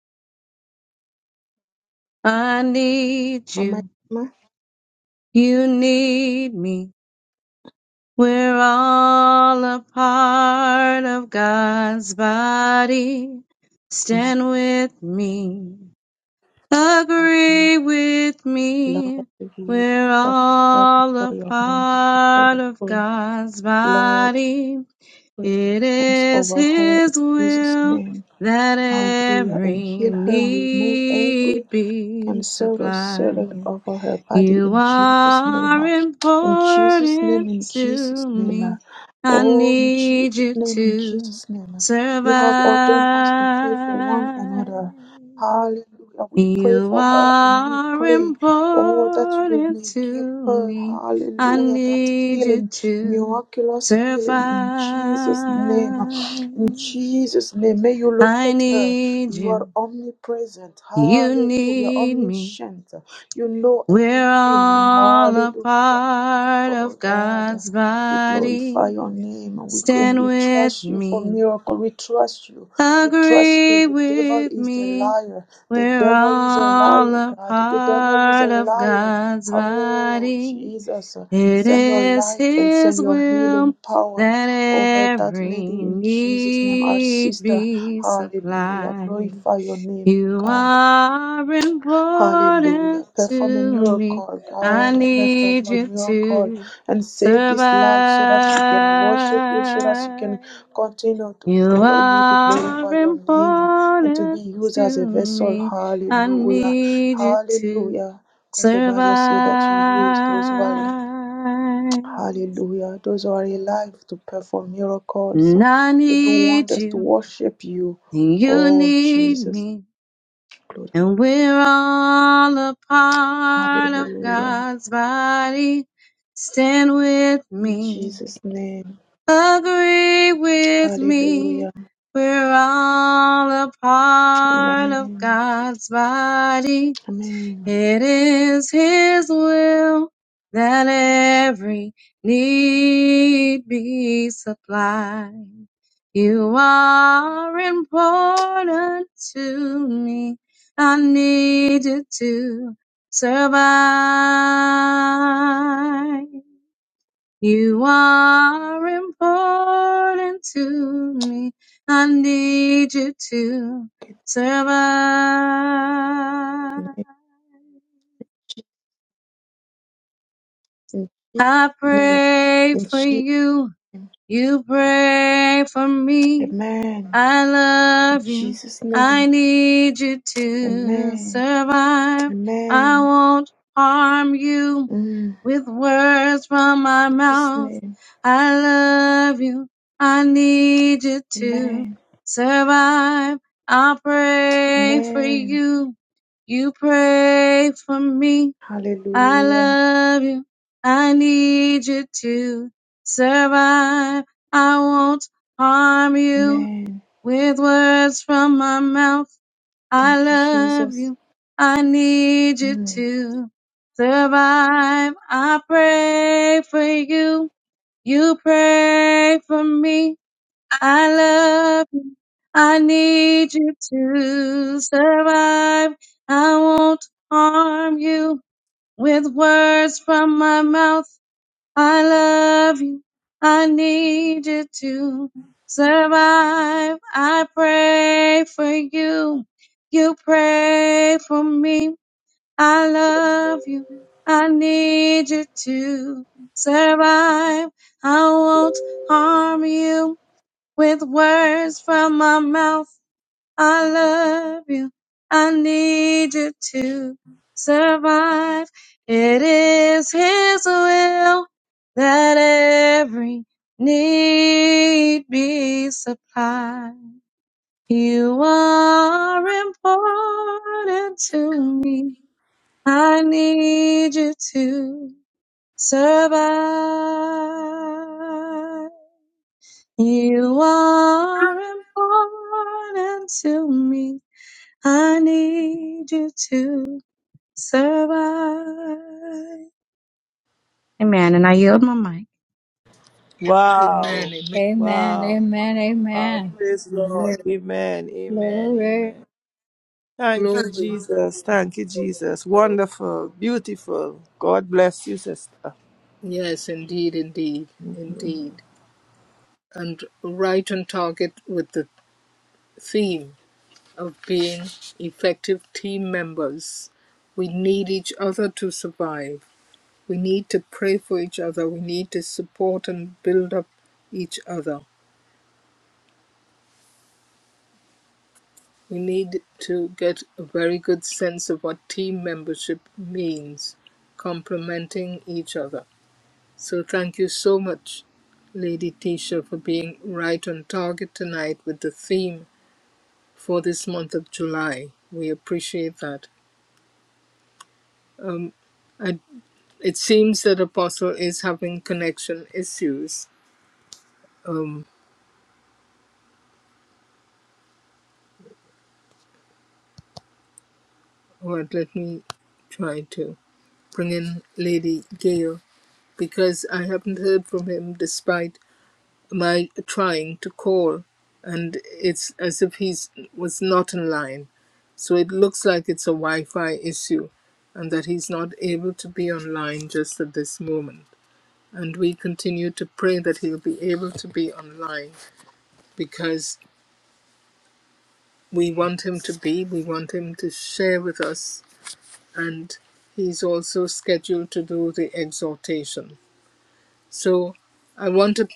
S6: you. I need
S7: Mama
S6: you.
S7: Jama,
S6: You need me. We're all a part of God's body.
S7: Amen.
S6: Stand with me.
S7: Hallelujah.
S6: Agree with me.
S7: Lord, we
S6: We're
S7: stop her
S6: all a
S7: before your hands, before
S6: part
S7: your
S6: of
S7: throne.
S6: God's
S7: Lord,
S6: body.
S7: put your
S6: It
S7: hands
S6: is
S7: over her in
S6: His
S7: Jesus'
S6: will
S7: name.
S6: that
S7: Hallelujah. And
S6: every
S7: heal her and remove every
S6: need be
S7: and sorrow settle
S6: supplied.
S7: over her body
S6: You
S7: in Jesus' name.
S6: are
S7: uh, In Jesus' name,
S6: important
S7: in Jesus'
S6: to
S7: name. uh,
S6: me. I
S7: Oh, in
S6: need
S7: Jesus'
S6: you
S7: name, in
S6: to
S7: Jesus' name. uh, You have ordained us to pray for one another.
S6: survive.
S7: Hallelujah. We pray
S6: You
S7: for her and we
S6: are
S7: pray, oh, that you
S6: important
S7: may give
S6: to
S7: her,
S6: me. I
S7: hallelujah, that
S6: need you
S7: healing,
S6: to
S7: miraculous
S6: survive.
S7: healing in Jesus' name. uh, In Jesus' name, may you
S6: I
S7: locate her.
S6: need
S7: You are
S6: you.
S7: omnipresent.
S6: You
S7: Hallelujah.
S6: need me.
S7: Omniscient. You know
S6: We're
S7: everything.
S6: all a
S7: Hallelujah.
S6: part
S7: Oh
S6: of
S7: God,
S6: God's
S7: we glorify
S6: body.
S7: your name and we, and
S6: Stand
S7: we
S6: with
S7: trust you for
S6: me.
S7: miracle. We trust you. We trust you.
S6: Agree
S7: The devil
S6: with
S7: is the
S6: me.
S7: liar. The
S6: We're
S7: devil is a
S6: all
S7: liar,
S6: a
S7: God. The devil is a
S6: part of
S7: liar.
S6: God's
S7: Oh,
S6: body
S7: Jesus,
S6: It
S7: send your
S6: is
S7: light and
S6: His
S7: send your healing
S6: will
S7: power
S6: that
S7: over that
S6: every
S7: lady in Jesus' name, our
S6: need
S7: sister.
S6: be
S7: Hallelujah.
S6: supplied.
S7: Glorify your name,
S6: You
S7: God.
S6: are
S7: Hallelujah.
S6: important
S7: Perform a
S6: to me.
S7: miracle,
S6: I
S7: God. Perform
S6: need
S7: a
S6: you
S7: miracle
S6: to
S7: and save
S6: survive.
S7: this life so that she can worship you, so that she can continue to
S6: You
S7: follow you, to
S6: are
S7: glorify your name, and to be
S6: important
S7: used as
S6: to
S7: a vessel.
S6: me. I
S7: Hallelujah.
S6: need you to
S7: Hallelujah. Because the Bible says that you use those who are living.
S6: survive.
S7: Hallelujah. Those who are alive to perform miracles,
S6: And I
S7: to do
S6: need
S7: wonders, to
S6: you,
S7: worship you.
S6: and you
S7: Oh,
S6: need
S7: Jesus.
S6: me,
S7: Glory.
S6: and we're all a part of
S7: Hallelujah.
S6: God's body. Stand with
S7: In
S6: me,
S7: Jesus' name.
S6: agree with me.
S7: Hallelujah.
S6: We're all a part of
S7: Amen.
S6: God's body.
S7: Amen.
S6: It is His will that every need be supplied. You are important to me. I need you to survive. You are important to me. I need you to survive.
S7: In Jesus'
S6: I
S7: name.
S6: pray
S7: In
S6: for
S7: Jesus'
S6: you.
S7: name.
S6: You pray for me.
S7: Amen.
S6: I
S7: In
S6: love you.
S7: Jesus'
S6: I
S7: name.
S6: need you to
S7: Amen.
S6: survive. I
S7: Amen.
S6: won't harm you
S7: Mm. In
S6: with words from my
S7: Jesus'
S6: mouth.
S7: name.
S6: I love you. I need you to
S7: Amen.
S6: survive. I pray for
S7: Amen.
S6: you. You pray for me. I
S7: Hallelujah.
S6: love you. I need you to survive. I won't harm you
S7: Amen.
S6: with words from my mouth. I
S7: Thank you,
S6: love
S7: Jesus.
S6: you. I need you
S7: Mm.
S6: to survive. I pray for you. You pray for me. I love you. I need you to survive. I won't harm you with words from my mouth. I love you. I need you to survive. I pray for you. You pray for me. I love you. I need you to survive. I won't harm you with words from my mouth. I love you. I need you to survive. It is His will that every need be supplied. You are important to me. I need you to survive. You are important to me. I need you to survive. Amen. And I yield my mic.
S3: Wow.
S2: Amen. Amen.
S1: Amen,
S3: Wow.
S1: amen,
S3: Wow. Wow.
S1: amen.
S3: Praise Lord.
S2: Amen.
S3: Amen. Amen.
S1: Glory.
S3: Amen. Thank you,
S2: Glory.
S3: Jesus. Thank you, Jesus. Wonderful. Beautiful. God bless you, sister.
S2: Yes, indeed, indeed, indeed. And right on target with the theme of being effective team members. We need each other to survive. We need to pray for each other. We need to support and build up each other. We need to get a very good sense of what team membership means, complementing each other. So thank you so much, Lady Tisha, for being right on target tonight with the theme for this month of July. We appreciate that. Um, I, it seems that Apostle is having connection issues. Um, but let me try to bring in Lady Gail because I haven't heard from him despite my trying to call and it's as if he was not in line so it looks like it's a wi-fi issue and that he's not able to be online just at this moment and we continue to pray that he'll be able to be online because we want him to be we want him to share with us and he's also scheduled to do the exhortation So I wanted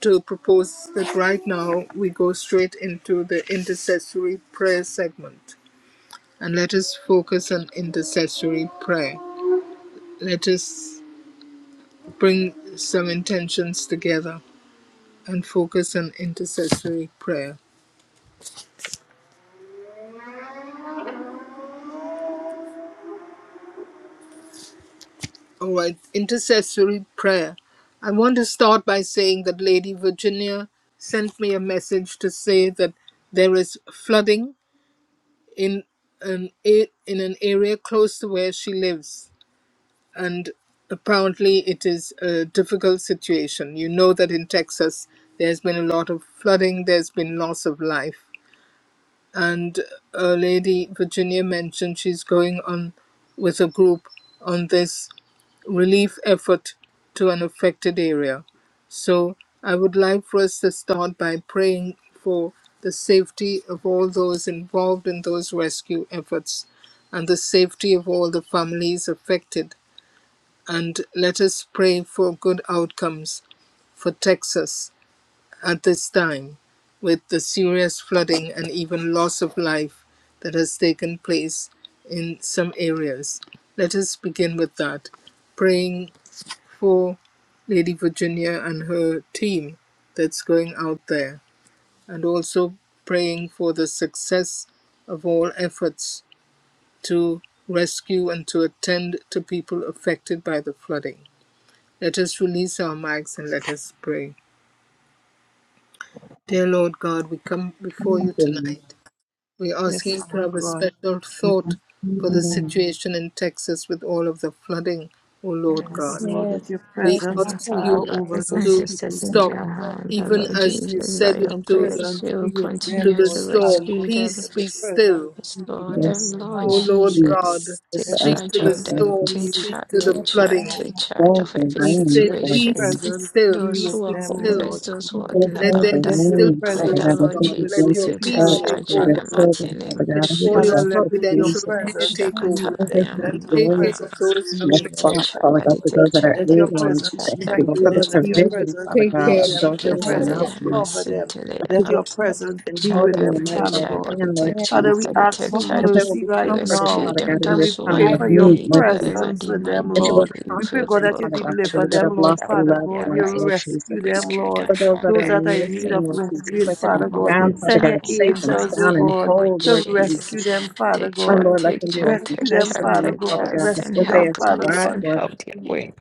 S2: to propose that right now we go straight into the intercessory prayer segment and let us focus on intercessory prayer. Let us bring some intentions together and focus on intercessory prayer. All right, intercessory prayer. I want to start by saying that Lady Virginia sent me a message to say that there is flooding in an a- in an area close to where she lives and apparently it is a difficult situation you know that in texas there's been a lot of flooding there's been loss of life and a lady virginia mentioned she's going on with a group on this relief effort to an affected area. So I would like for us to start by praying for the safety of all those involved in those rescue efforts and the safety of all the families affected. And let us pray for good outcomes for Texas at this time with the serious flooding and even loss of life that has taken place in some areas. Let us begin with that, praying for Lady Virginia and her team that's going out there, and also praying for the success of all efforts to rescue and to attend to people affected by the flooding. Let us release our mics and let us pray. Dear Lord God, we come before you tonight. We ask
S3: Yes,
S2: you to
S3: Father
S2: have a
S3: God.
S2: special thought for the situation in Texas with all of the flooding, O
S5: Yeah,
S2: Lord
S3: Yes,
S5: please
S2: God.
S5: keep
S3: Lord, let
S1: Yes,
S3: your
S2: We
S1: yes,
S3: presence
S1: Father
S5: coming
S2: ask
S5: to
S1: God,
S5: our
S3: hover
S2: you
S3: over
S5: brothers and
S3: those
S2: to
S3: people,
S5: sisters
S1: in
S3: Lord
S1: the
S5: into
S2: stop,
S5: your
S1: name
S3: God.
S1: of
S5: hand, the
S2: even
S1: Jesus.
S5: Lord
S2: as you
S5: Jesus, by
S2: said
S3: Your
S5: your
S2: to the,
S5: grace,
S3: presence
S5: you will
S3: be with
S2: to
S3: them,
S5: continue
S2: the
S1: Mm.
S3: Lord,
S5: to
S3: Father
S2: storm,
S3: God.
S5: rescue them.
S2: Peace
S3: Let your
S2: be
S3: presence
S2: still.
S5: Yes,
S3: be with
S5: Lord
S3: them,
S1: Yes,
S5: and
S6: Yes.
S3: Lord.
S2: O
S5: Lord
S1: God,
S2: Lord God,
S5: Jesus,
S6: Just
S5: take
S3: Let your
S6: ask
S2: speak to
S5: charge
S6: for
S2: the
S6: the
S5: of them.
S3: presence
S6: rain,
S2: storm,
S5: Take
S3: be with
S2: speak
S5: charge,
S2: to
S5: take
S2: the
S1: yes,
S3: them,
S5: charge,
S1: God,
S3: O
S2: flooding,
S5: take charge
S6: for
S5: of
S3: Lord.
S6: the
S5: every
S2: and
S6: rain,
S2: say,
S3: Let
S6: for
S3: your
S5: situation.
S2: Peace
S6: the
S2: be
S3: presence
S2: still,
S3: be
S5: Those
S2: peace
S5: who
S3: with
S2: be
S5: are
S3: them, O
S2: still.
S1: yes,
S5: homeless,
S3: Lord
S5: those who
S3: God.
S5: have
S6: for
S5: been
S1: Jesus,
S2: Let
S6: the
S2: there be
S5: abandoned,
S3: Let your
S5: we
S6: rain,
S2: stillness, O
S5: pray
S6: Father God,
S5: that
S2: Lord
S3: presence
S6: as
S5: Lord
S6: they
S3: be
S2: God.
S3: with
S2: Let
S6: begin
S5: Jesus,
S3: those
S2: your
S1: yes,
S6: to
S5: you take
S3: people,
S2: peace
S1: God.
S6: search
S2: take
S3: Lord
S5: charge
S6: for
S5: in
S6: your
S3: Father
S2: over.
S5: the
S3: God.
S5: mighty
S6: children, Father
S5: name of
S6: God,
S2: Let
S6: I
S2: all
S6: just
S3: Father,
S2: your
S5: Jesus.
S6: ask
S3: let
S6: for
S1: Yes,
S3: your
S2: providential
S6: peace,
S1: Lord, yes, Lord,
S2: care
S1: yes,
S3: presence
S2: take
S1: Lord,
S3: be
S1: yes,
S2: over
S1: Lord.
S3: with
S6: for they
S3: them.
S5: Mashakatalaya,
S6: have
S2: and
S3: Let
S5: mama,
S3: your
S2: take
S6: joy,
S2: care
S5: mama.
S2: of
S3: presence
S2: those
S6: in
S3: be
S6: the
S3: with them,
S5: Take
S2: affected.
S6: spot,
S5: charge,
S3: Father
S6: Father God,
S5: daddy,
S6: for
S3: God.
S6: those
S2: Lord
S5: take
S6: that are
S5: charge,
S2: God,
S3: Let your
S5: daddy,
S6: able,
S5: take
S6: and
S3: presence
S5: charge,
S6: thank you,
S5: daddy,
S6: Lord,
S2: we
S3: strengthen
S6: for
S5: take
S6: the
S2: are
S3: them. Let
S2: asking
S3: your
S5: charge.
S2: you to
S6: provision,
S3: presence
S6: Father
S2: take
S6: God,
S3: lead
S2: care
S6: of
S3: them.
S2: of
S6: those
S3: Let
S6: that
S3: your
S6: are
S2: those
S6: going out,
S3: presence
S5: Mashiketelea,
S2: affected.
S6: Lord.
S1: Hallelujah.
S3: cover them.
S6: that you
S3: Let
S6: will
S5: masinteleya,
S3: your
S6: touch
S3: presence
S5: Take
S6: and
S3: be
S6: hold
S5: charge,
S3: with
S6: them in
S5: Daddy,
S6: your
S3: them,
S5: take
S6: mighty
S3: Father
S6: right
S5: charge,
S3: God.
S5: Daddy,
S6: hand, Lord
S5: take
S1: Yes,
S3: Father,
S5: charge,
S3: we
S6: Jesus.
S5: Daddy,
S3: ask
S5: take
S3: for
S1: we come
S6: That
S1: to
S6: they
S1: you,
S5: charge.
S6: will
S3: mercy
S6: be
S3: right
S1: Father.
S6: comforted,
S1: We
S3: now.
S5: Rescue
S6: Father
S1: come to
S5: them,
S6: God,
S1: you,
S6: in
S3: And
S1: Father.
S6: this
S3: we
S5: those who
S6: time
S5: are
S3: pray
S1: I
S6: of
S3: for
S1: thank
S5: in
S3: your
S6: need,
S5: need,
S6: Lord Jesus.
S5: wherever
S3: presence
S5: they
S3: with
S5: might
S3: them,
S6: That you
S1: you,
S5: be.
S6: will
S3: Lord.
S5: We
S3: We pray,
S5: pray
S6: comfort
S3: God,
S6: them,
S3: that
S5: for
S3: you
S6: Father God, for
S5: control,
S3: deliver
S6: those that
S3: them,
S6: have
S5: take
S3: Lord,
S6: lost their
S5: charge
S3: Father
S5: of
S6: loved
S3: God.
S5: their
S3: You
S6: ones,
S5: lives.
S6: Lord Jesus.
S3: rescue
S1: Lord,
S3: them,
S5: Rescue
S1: that
S3: Lord.
S5: them
S6: For
S1: you are
S6: those
S5: from
S6: that
S3: Those
S6: are
S3: that are in need
S6: missing,
S5: every,
S3: of
S6: Lord
S5: every
S6: Jesus,
S3: rescuing,
S6: let them be
S3: Father
S5: form of
S3: God.
S6: found, Father
S3: Send
S5: danger
S3: your
S6: God,
S5: in
S1: the
S6: safe
S5: the
S6: and
S1: Lord.
S3: angels, oh
S5: mighty
S6: sound and
S3: God
S5: name of
S6: whole,
S3: to
S6: Lord
S5: Jesus.
S3: rescue
S6: Jesus.
S3: them, Father
S5: Take
S6: And
S3: God.
S5: charge,
S1: Thank
S6: Lord, let
S5: take
S6: them
S1: you
S6: be
S1: for
S5: charge,
S1: the
S6: walking
S3: Rescue
S1: peace
S5: take
S3: them,
S5: charge,
S6: testimony,
S3: Father
S5: take
S6: Father
S1: and
S3: God.
S5: charge.
S6: God, that
S5: Send
S6: what
S3: Rescue
S6: they
S3: them,
S6: have
S5: help,
S3: Father
S5: Daddy,
S1: Hallelujah,
S6: survived,
S3: God.
S5: send
S6: Lord,
S5: help their way.
S1: Jesus.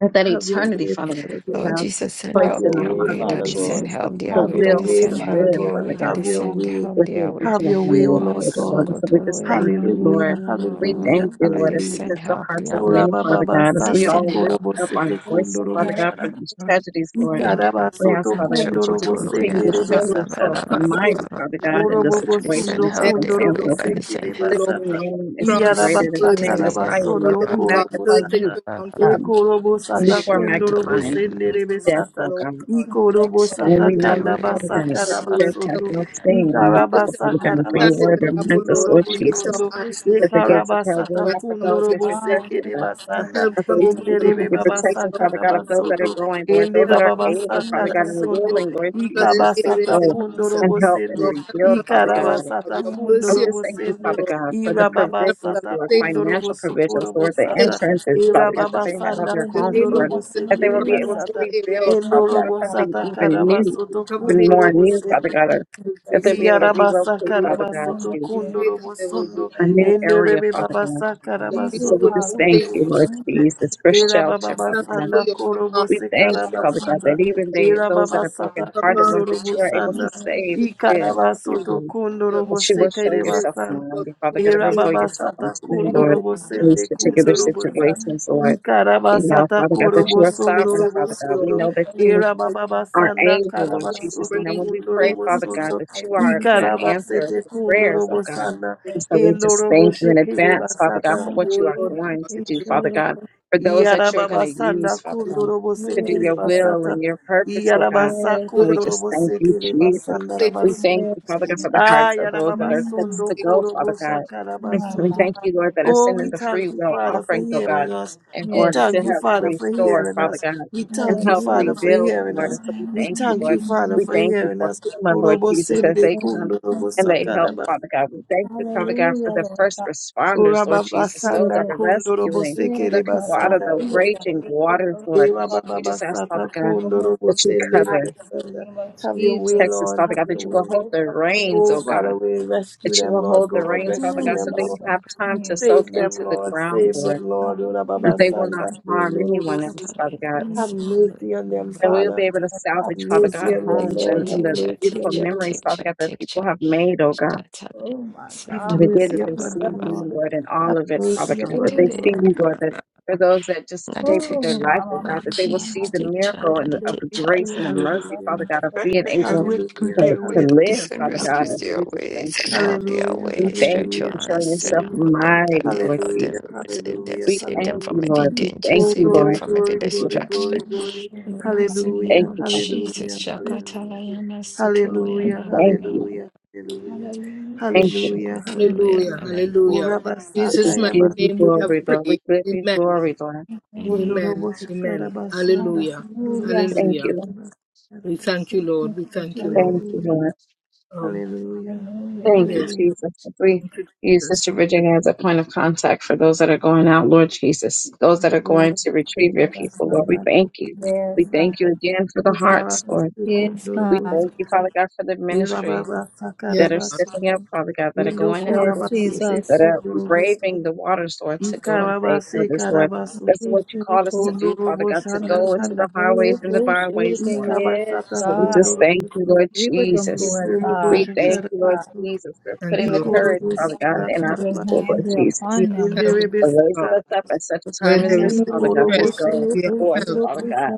S6: that that
S3: Have your
S6: eternity,
S3: way,
S6: Father God, that
S3: Father
S6: you
S5: Lord
S3: God.
S6: have
S5: Jesus, send
S3: Have
S6: placed
S5: help
S6: in
S3: your
S6: the
S5: their
S3: way,
S6: heart,
S5: way,
S6: Lord
S3: Father
S5: Daddy, send
S3: God.
S6: Jesus, the,
S5: help their
S6: the
S3: Have
S5: way,
S3: your
S6: will
S5: Daddy,
S3: way,
S6: to
S5: send
S3: Father
S5: help
S6: live,
S5: their
S3: God.
S5: way,
S6: Father God
S3: Have
S5: Daddy,
S3: your
S5: send
S3: way.
S5: help their
S6: within
S5: way.
S6: each
S3: Have
S6: and every
S3: your
S6: one of
S3: way, O
S6: your
S3: Lord
S6: children, Lord.
S3: God.
S6: And so we just
S5: Masukotoroya,
S6: thank
S5: ma-
S6: you,
S5: ma- ma- ma-
S6: Lord.
S3: Hallelujah,
S5: ma- ma-
S6: We
S5: ma- ma-
S3: hallelujah,
S6: thank
S5: ma-
S6: you,
S5: That
S6: Lord,
S5: they
S6: that you
S5: send
S3: hallelujah.
S6: touch the
S5: help,
S6: hearts of
S5: Yahweh.
S3: Ora
S6: many, Father
S3: baba
S6: God, as
S5: They
S6: we
S3: sanda
S5: send
S6: all lift
S5: help.
S3: korobo
S6: up our
S3: sete
S1: We
S6: voice,
S3: kundo
S1: so
S6: Father
S5: Mm,
S1: glad
S6: God,
S3: robo
S6: for these
S5: mm,
S6: tragedies, Lord.
S1: and thank
S5: Send
S1: you,
S5: help.
S6: We
S3: Ikarabasoto
S6: ask,
S5: Mm,
S6: Father God, that you just
S3: kundorobo
S6: continue
S5: Chokotoroya,
S6: to
S5: ba-
S3: senderebe
S6: show
S5: ba-
S2: Lord
S5: ba- ba-
S2: God,
S6: yourself
S5: ba- ba- ba-
S2: comfort
S5: ba-
S2: all
S3: sakarabasoto.
S5: ba-
S6: mighty,
S5: ba-
S6: Father
S2: families.
S5: ba-
S2: that
S6: God, in
S5: ba-
S6: the
S5: ba.
S3: Orobobo
S5: That they
S6: situation
S5: send
S3: sundo
S1: God.
S6: and
S2: There
S5: help,
S2: has been
S6: circumstance,
S3: kundorobo
S5: Yahweh.
S6: Lord
S2: loss of
S5: That
S6: God.
S5: they
S2: life,
S3: sekere
S5: send
S2: O
S6: That
S5: help.
S2: Lord
S6: your
S3: basata.
S2: God.
S6: name
S2: Cry
S6: is
S2: out
S3: Iyaraba
S2: for
S6: greater, that your
S2: mercy.
S6: name is
S5: Masiketereya,
S6: higher,
S5: ba-
S2: O
S6: Lord,
S5: ba-
S3: sakarabasondo
S6: that
S5: ba-
S6: we
S2: Lord
S5: ba-
S2: God,
S3: korobo
S6: magnify
S2: turn things
S3: sata.
S6: you
S5: ba- ba-
S2: around for the
S6: um,
S3: Ekorobo
S5: ba.
S2: Paris
S3: sata
S6: before
S2: area.
S3: kundorobo
S5: Shokotoroya,
S2: Turn
S6: magnifying
S5: mm,
S2: things
S3: senderebe
S2: around,
S6: death,
S2: O
S3: sata.
S6: oh
S2: Lord
S6: God. And
S2: God.
S1: Thank
S3: Ikorobo
S2: We
S1: you.
S2: ask,
S5: send
S6: when
S3: sata
S6: we
S2: O
S5: help,
S6: know
S2: Lord
S1: and
S6: you,
S5: Yahweh.
S2: God,
S3: kandaba
S6: Father God,
S2: that you will
S6: death has
S2: help
S3: sakarabasoto.
S6: no
S2: them.
S5: Masiketereya,
S6: stain on
S2: We
S6: your
S3: Ikaraba
S2: lift
S6: people,
S2: our
S6: Father God. for your
S2: stand in the
S3: sakarabasoto
S2: gap,
S1: Thank
S2: O
S6: Thank us,
S2: Lord,
S6: Lord
S2: and
S3: kundorobo
S2: we lift our
S6: Jesus.
S1: you,
S3: sondo.
S5: Shokotoroya.
S1: Lord,
S2: eyes to
S1: for
S6: I
S1: the
S2: the
S6: Thank
S2: hill
S3: Ekaraba sata
S2: whence cometh your
S3: kundorobo
S1: God.
S6: you,
S1: Thank you,
S3: sekere
S6: God.
S1: Lord,
S2: the
S1: for
S3: basanda.
S1: the
S2: help
S6: I
S2: comes
S6: believe
S1: God of
S6: that
S2: from the
S6: you can
S2: Lord,
S3: Enderebe
S6: give
S2: the
S1: honor.
S3: baba
S2: maker
S6: protection,
S2: of
S6: Father
S3: sakara
S6: God,
S2: heaven
S6: that
S3: basoto.
S6: are going, Lord.
S3: Ende
S6: Those
S2: help
S6: that are
S3: baba
S1: And
S2: control
S6: able,
S1: thank you,
S6: Father
S2: the
S3: basakara
S6: God,
S1: Lord,
S6: and
S2: affected
S3: sondo.
S6: willing, Lord
S3: Ika
S2: flooded
S6: Jesus, to
S2: areas
S3: basata
S2: in
S6: go
S3: kundo
S2: Texas.
S6: and
S3: robo
S1: hallelujah.
S6: help and
S2: Your
S3: sende.
S2: help
S6: rebuild,
S2: comes,
S3: Ika
S6: Father
S2: O
S3: raba
S2: Lord
S6: God.
S2: God.
S3: sata
S2: Your
S1: Oh,
S6: I
S3: kundo
S6: would
S1: my
S2: mercy, O
S6: just
S3: robo
S6: thank you,
S3: sende.
S6: Father
S1: God,
S2: Lord,
S6: God, for the
S1: we
S3: Ira
S1: give you
S3: baba
S2: help
S6: provisions,
S2: them,
S3: sata
S6: Lord,
S2: save
S1: so
S3: kundo
S2: them,
S3: robo
S6: financial
S2: O
S3: soko
S6: provisions,
S3: robo
S6: Lord, the
S1: God
S2: Lord. save
S1: of
S3: sata.
S2: them
S1: us
S2: from
S6: insurances,
S2: all
S3: Ira
S6: Father God, that
S3: baba
S6: they
S2: danger.
S6: had on
S3: sanda
S6: their
S2: In the
S6: homes,
S3: kundo
S2: name of
S6: Lord,
S3: robo
S1: Hallelujah,
S2: Jesus,
S6: that they
S2: we
S6: will
S3: sekere
S2: cover
S6: be able
S1: hallelujah.
S2: the
S6: to
S2: whole
S3: basata.
S2: area of
S6: rebuild,
S1: Thank
S3: Endo
S2: the
S6: Father
S1: you,
S6: God,
S2: blood
S3: robo
S1: Father
S2: of
S6: something
S2: Jesus.
S3: sata
S1: God.
S6: even new,
S2: We
S3: karabasoto
S2: cover the
S6: even
S3: kundo
S6: more
S2: entire
S3: robo
S6: new, Father
S3: sende.
S6: God,
S1: Thank
S6: or
S1: you,
S2: field of
S6: that they'll
S2: Jesus.
S1: Jesus.
S6: be able to
S3: Yarabasa
S2: O
S6: relocate,
S2: Lord.
S6: Father God,
S3: karabasoto
S6: to
S2: We
S1: Hallelujah.
S2: pray
S3: kundoro
S2: that
S1: Thank
S2: there
S1: you,
S2: will
S3: bosondo
S2: be,
S6: a
S1: Lord,
S6: new
S1: God.
S6: area,
S3: enderebe
S6: Father God.
S3: babasa
S2: the
S1: Thank
S6: And
S1: you,
S6: so
S2: people
S6: we
S2: will
S3: karabasoto
S2: be
S6: just
S1: Father
S6: thank
S2: saved.
S3: kundoro
S1: God.
S6: you, Lord
S1: Thank you, Father
S3: bosende
S6: Jesus, for
S3: era
S6: shelter, Father
S2: Thank you
S6: God.
S2: for
S3: bababasanda
S2: your
S6: We
S2: command.
S3: korobose
S6: thank
S1: God
S2: Send
S1: of
S6: you,
S2: your command
S6: Father God,
S3: karabasata
S6: that
S1: honor.
S2: to
S6: even they,
S3: era
S6: those that are
S3: babasata
S2: them.
S6: brokenhearted,
S2: Command,
S6: Lord,
S3: kundoro
S6: that you are able
S2: peace,
S3: bosanda
S6: to
S1: Hallelujah.
S6: save
S2: still,
S1: Thank you,
S6: them, to
S3: ikarabasoto
S6: them,
S3: kundoro
S2: still,
S1: Lord.
S6: that you will
S3: bose
S6: show
S2: still,
S6: yourself
S3: kerebasanda
S2: for
S6: mighty,
S2: the
S6: Father
S2: whole
S6: God, and
S3: era
S6: reveal
S2: area.
S6: yourself
S3: babasata
S6: unto
S2: In
S6: them,
S2: the
S1: Thank
S6: Lord,
S3: kundoro
S1: you.
S2: mighty name
S6: in
S3: bosende
S6: these
S2: of
S1: Yes,
S2: Jesus,
S6: particular
S2: we
S3: kundoro
S2: pray.
S3: bosa
S6: situations, Lord. We know,
S3: ikarabasata
S6: Father God, that you are
S2: And we
S3: korobosondoro
S6: sovereign,
S2: thank
S6: Father
S2: you,
S6: God.
S2: Lord.
S6: We
S3: bosondo
S6: know that
S2: We thank
S6: you
S3: era
S2: you
S1: yes,
S2: for
S6: are
S2: we
S3: bababasanda
S6: able, Lord
S2: thank you for
S6: Jesus. And
S3: karabasoto
S6: then when
S2: bringing
S6: we
S3: kundoro
S2: peace
S6: pray, Father God,
S3: bosondo
S6: that you
S2: to it.
S6: are an answer
S3: Ikarabasete
S6: to prayers, oh God.
S3: kundurobosana,
S2: Bringing
S6: And so we just thank you in
S2: it,
S3: endoroboshekerere
S6: advance, Father God,
S3: basata,
S6: for what you
S2: Oh,
S6: are
S2: Lord
S6: going
S2: God.
S6: to do,
S2: Oh,
S6: Father God, for those that you're going to
S3: iarababasana
S6: use, Father
S2: Lord
S6: God, to
S2: God. For
S6: do
S3: kundorobosekere
S6: your will
S3: basata,
S6: and your purpose, oh God.
S3: iarabasa
S6: And
S2: good of
S6: we just thank
S2: oh, Lord
S6: you,
S3: kundorobosekere
S2: God.
S6: Jesus.
S2: For
S3: basanda
S2: safety
S6: We
S2: for the
S6: thank you,
S1: yes.
S6: Father God,
S2: family.
S6: for the hearts of those that are set
S1: Mm,
S3: Ayarababasondo
S6: to
S2: Safety.
S6: go, Father God. And
S1: my
S6: We
S3: korobosakarabasoto.
S6: thank
S1: God.
S6: you, Lord, that are
S3: Oh,
S6: sending
S3: we
S6: the free
S3: thank you,
S6: will
S3: Father, for
S6: offerings, oh God,
S3: hearing us.
S6: in
S3: We
S6: order
S1: Yes.
S6: to
S3: thank you,
S6: help
S3: Father, for
S6: restore,
S3: hearing
S6: Father
S3: us.
S6: God
S3: We
S6: and
S3: thank you,
S6: help
S3: Father,
S1: Hallelujah.
S3: for
S6: rebuild,
S3: hearing
S6: Lord. And
S3: us.
S6: so we
S3: We
S6: thank you,
S3: thank
S6: Lord.
S3: you, Father,
S6: We
S3: for
S6: thank you
S3: hearing
S6: for
S3: us.
S6: FEMA, Lord Jesus, as
S3: Orobosende
S6: they come
S1: Hallelujah. Thank you,
S6: and they help,
S1: Jesus.
S3: kundorobosakarabasoto.
S6: Father God. We thank you, Father God, for
S1: Hallelujah,
S6: the
S1: Lord
S6: first
S1: God.
S3: Ora
S6: responders, Lord
S3: baba
S6: Jesus, those
S3: sanda
S6: that
S1: Yes.
S6: are
S3: kundo robo
S6: rescuing
S1: Yes,
S6: the
S3: sekere
S1: Lord
S6: people out
S1: God,
S6: of
S3: basanda
S1: be
S6: the
S3: robo
S1: with them.
S6: raging
S3: sanda.
S1: Make this
S6: waters,
S1: fellowship,
S6: Lord.
S3: Ewa
S1: Father,
S3: baba
S6: We just ask,
S3: basata
S6: Father God,
S1: one
S3: kundo
S1: more
S3: robo
S1: time
S6: that you
S3: sende
S1: tonight.
S6: cover
S3: rebe
S1: In the name of
S3: Have your
S1: Jesus,
S3: way,
S6: Texas,
S3: Lord.
S6: Father
S1: we
S3: Have
S6: God,
S3: your
S6: that
S1: see
S6: you
S1: this,
S6: will
S3: way.
S6: hold
S1: oh
S6: the
S1: Father,
S6: reins,
S3: Oh,
S6: oh God.
S3: Father, we
S6: That
S3: rescue
S6: you
S3: them,
S6: will
S3: Lord
S6: hold the
S3: God.
S6: reins,
S1: your
S6: Father
S3: Rescue
S6: God,
S1: true
S3: them,
S6: so
S5: Mm,
S6: they
S3: Lord.
S1: Father,
S6: have time
S1: and
S6: to
S1: you,
S5: Masukotoroya,
S1: Lord
S6: soak
S3: Save
S5: ba-
S1: God,
S6: into
S3: them,
S5: ba-
S6: the
S5: ba- ba.
S3: Lord.
S6: ground,
S3: Save
S5: ba-
S6: Lord,
S3: them, Lord.
S1: the
S3: Ora
S6: and
S3: baba
S6: they
S1: healing
S6: will not
S3: sanda
S1: in
S6: harm
S3: kundo robo
S6: anyone else,
S5: Nakatara
S6: Father
S5: in
S6: God.
S1: Jesus.
S3: Have
S5: Mansai
S1: Lord
S5: Dori
S3: mercy on them,
S5: Baba.
S6: And we will
S3: Father.
S6: be able to
S1: God,
S3: Have
S6: salvage, Father
S5: Tick
S1: bless us,
S3: mercy
S1: Lord.
S6: God,
S5: chat,
S3: on
S1: God.
S3: them,
S5: tick
S6: homes
S3: Lord.
S5: chat,
S6: and,
S3: Have
S6: and
S5: tick
S6: the
S3: mercy
S5: chat, tick
S6: beautiful
S3: on
S5: chat,
S3: them,
S6: memories,
S5: tick
S3: Father.
S6: Father
S5: chat,
S6: God, that
S5: tick
S6: people
S5: chat.
S6: have made, oh God.
S5: Shatana
S1: Oh my
S3: Have
S6: And
S1: God,
S6: again,
S5: Santulia
S6: that
S3: mercy
S6: they
S1: Jesus,
S5: Baba
S3: upon
S6: see
S3: them,
S5: Baba
S6: you,
S3: Lord.
S5: Baba.
S6: Lord, in all
S3: Have
S6: of it,
S1: oh,
S6: Father
S3: mercy
S6: God,
S3: upon
S6: that they
S3: them,
S6: see
S3: Lord.
S6: you,
S1: Lord.
S6: Lord,
S5: Skitilia.
S6: that for those that just
S5: Daddy
S6: escaped with
S1: oh,
S5: tick
S6: their
S5: chat.
S1: Mama,
S6: life, oh God,
S5: Lord
S6: that
S1: Mama,
S6: they will see
S5: Jesus,
S1: Mama,
S6: the
S5: tick
S1: your
S5: chat,
S6: miracle
S1: first
S6: and the,
S5: daddy
S1: two
S6: of
S5: tick
S6: the
S1: people,
S5: chat.
S6: grace
S1: Lord
S6: and the
S1: God, bless us,
S6: mercy,
S3: Hallelujah.
S6: Father God, of
S1: Lord. God.
S6: being able
S5: Rescue
S3: Hallelujah,
S6: to,
S5: their
S6: to
S5: way,
S3: hallelujah,
S6: live,
S5: descend,
S6: Father
S5: rescue
S6: God. And so
S5: their
S6: we
S3: hallelujah,
S6: just thank
S5: ways,
S6: you,
S5: and
S6: Lord.
S5: help their
S3: hallelujah,
S5: way.
S6: We thank
S5: Stretch
S6: you
S5: your
S3: hallelujah,
S6: for showing
S5: hands and
S6: yourself
S5: help them,
S6: mighty,
S5: daddy,
S6: Lord
S5: help them,
S6: Jesus.
S3: hallelujah, hallelujah,
S5: save them,
S3: hallelujah,
S6: We
S5: save them
S6: thank
S5: from
S6: you,
S3: hallelujah.
S5: every
S6: Lord. We
S5: danger,
S6: thank
S3: Oh,
S6: you,
S5: save them
S3: glory,
S6: Lord.
S5: from every
S3: glory,
S6: Thank you,
S3: glory,
S6: Lord.
S5: destruction.
S3: glory, glory.
S5: In the mighty name
S6: Thank
S3: Hallelujah,
S5: of
S6: you, Father.
S5: Jesus,
S3: hallelujah,
S1: Hallelujah,
S3: hallelujah,
S5: Shakatalayana
S3: hallelujah,
S5: Sutoloyana
S6: Thank you.
S5: Mama,
S3: hallelujah, hallelujah,
S1: hallelujah.
S6: Thank you.
S3: hallelujah,
S2: Hallelujah.
S5: Shukutoloyana
S3: hallelujah.
S5: Mama.
S3: Oh,
S2: Hallelujah. In
S3: Rabba
S6: We
S3: Saka
S2: Jesus'
S6: just
S2: mighty
S6: give
S3: Yaba.
S6: you
S2: name we
S6: glory,
S2: have prayed. Amen.
S6: glory, Lord.
S1: hallelujah.
S5: Amen.
S2: Amen.
S3: Kundorobo
S2: Amen.
S3: Shakarabasana,
S2: Hallelujah.
S3: Kundorobo
S1: Hallelujah.
S6: Thank
S2: Hallelujah.
S6: you, Lord.
S3: Sendarabasana.
S2: We thank you, Lord.
S1: Thank
S2: We
S1: you,
S2: thank you,
S1: Jesus.
S6: Thank
S2: Lord.
S6: you,
S3: Hallelujah.
S6: Lord.
S2: Um,
S3: Hallelujah.
S1: Hallelujah.
S6: Thank you,
S2: yes.
S3: Hallelujah.
S6: Jesus. As we
S2: Thank you,
S6: use
S2: Jesus.
S6: Sister Virginia as a point of contact for those that are going out, Lord Jesus, those that are going
S3: Lord,
S6: to retrieve your people, Lord, we
S3: Rabasana,
S6: thank you. We
S1: Yes, God.
S6: thank you again for the hearts, Lord.
S3: Ikarabasu,
S1: Yes,
S6: We
S1: God.
S6: thank
S3: Dorobusu,
S6: you, Father God, for the ministries
S3: Irababasa,
S2: Yes,
S6: that are
S2: Father.
S3: Karabasu,
S6: stepping up, Father God, that are going
S3: Indoku,
S6: out,
S1: Yes,
S6: Lord Jesus,
S3: Rabasete,
S6: that
S1: Jesus.
S6: are braving
S3: Dorobusu,
S6: the waters, Lord, to go and save
S3: Ikarabase,
S6: others, Lord. That's
S1: Yes,
S3: Karabasu,
S6: what you called us to do, Father God, to
S3: Ondoroboshana,
S6: go into
S3: Kanda,
S6: the highways
S3: Sete,
S6: and the byways, Lord
S3: Ikabasata,
S6: So we just
S1: God.
S6: thank you,
S3: Kundorobusu,
S6: Lord
S1: We were the
S6: Jesus.
S1: Lord
S2: Thank you,
S1: God.
S2: Lord
S6: We
S3: Indoroboshan,
S2: Jesus.
S1: Yes,
S6: thank you, Lord
S1: God.
S6: Jesus, for
S2: Thank
S6: putting
S2: you,
S6: the
S2: Lord
S1: Yes,
S2: Jesus.
S6: courage,
S1: Jesus.
S6: Father God,
S3: Ikorobusana,
S2: Thank
S6: in our
S1: Put your
S6: people,
S1: hand
S6: Lord
S1: be
S3: Karabasete,
S6: Jesus,
S2: you
S1: upon
S2: for your
S1: them,
S2: help, O
S6: for
S1: Jesus.
S2: Lord God.
S6: raising us
S3: Inderebes,
S6: up at such a
S2: Where
S6: time as
S2: there is
S6: this, Father
S1: Hallelujah.
S6: God, to
S2: distress,
S1: Yes,
S6: go
S1: Lord.
S2: we are
S6: forth,
S2: help.
S6: Father
S3: Ikorobosekarabasana.
S6: God.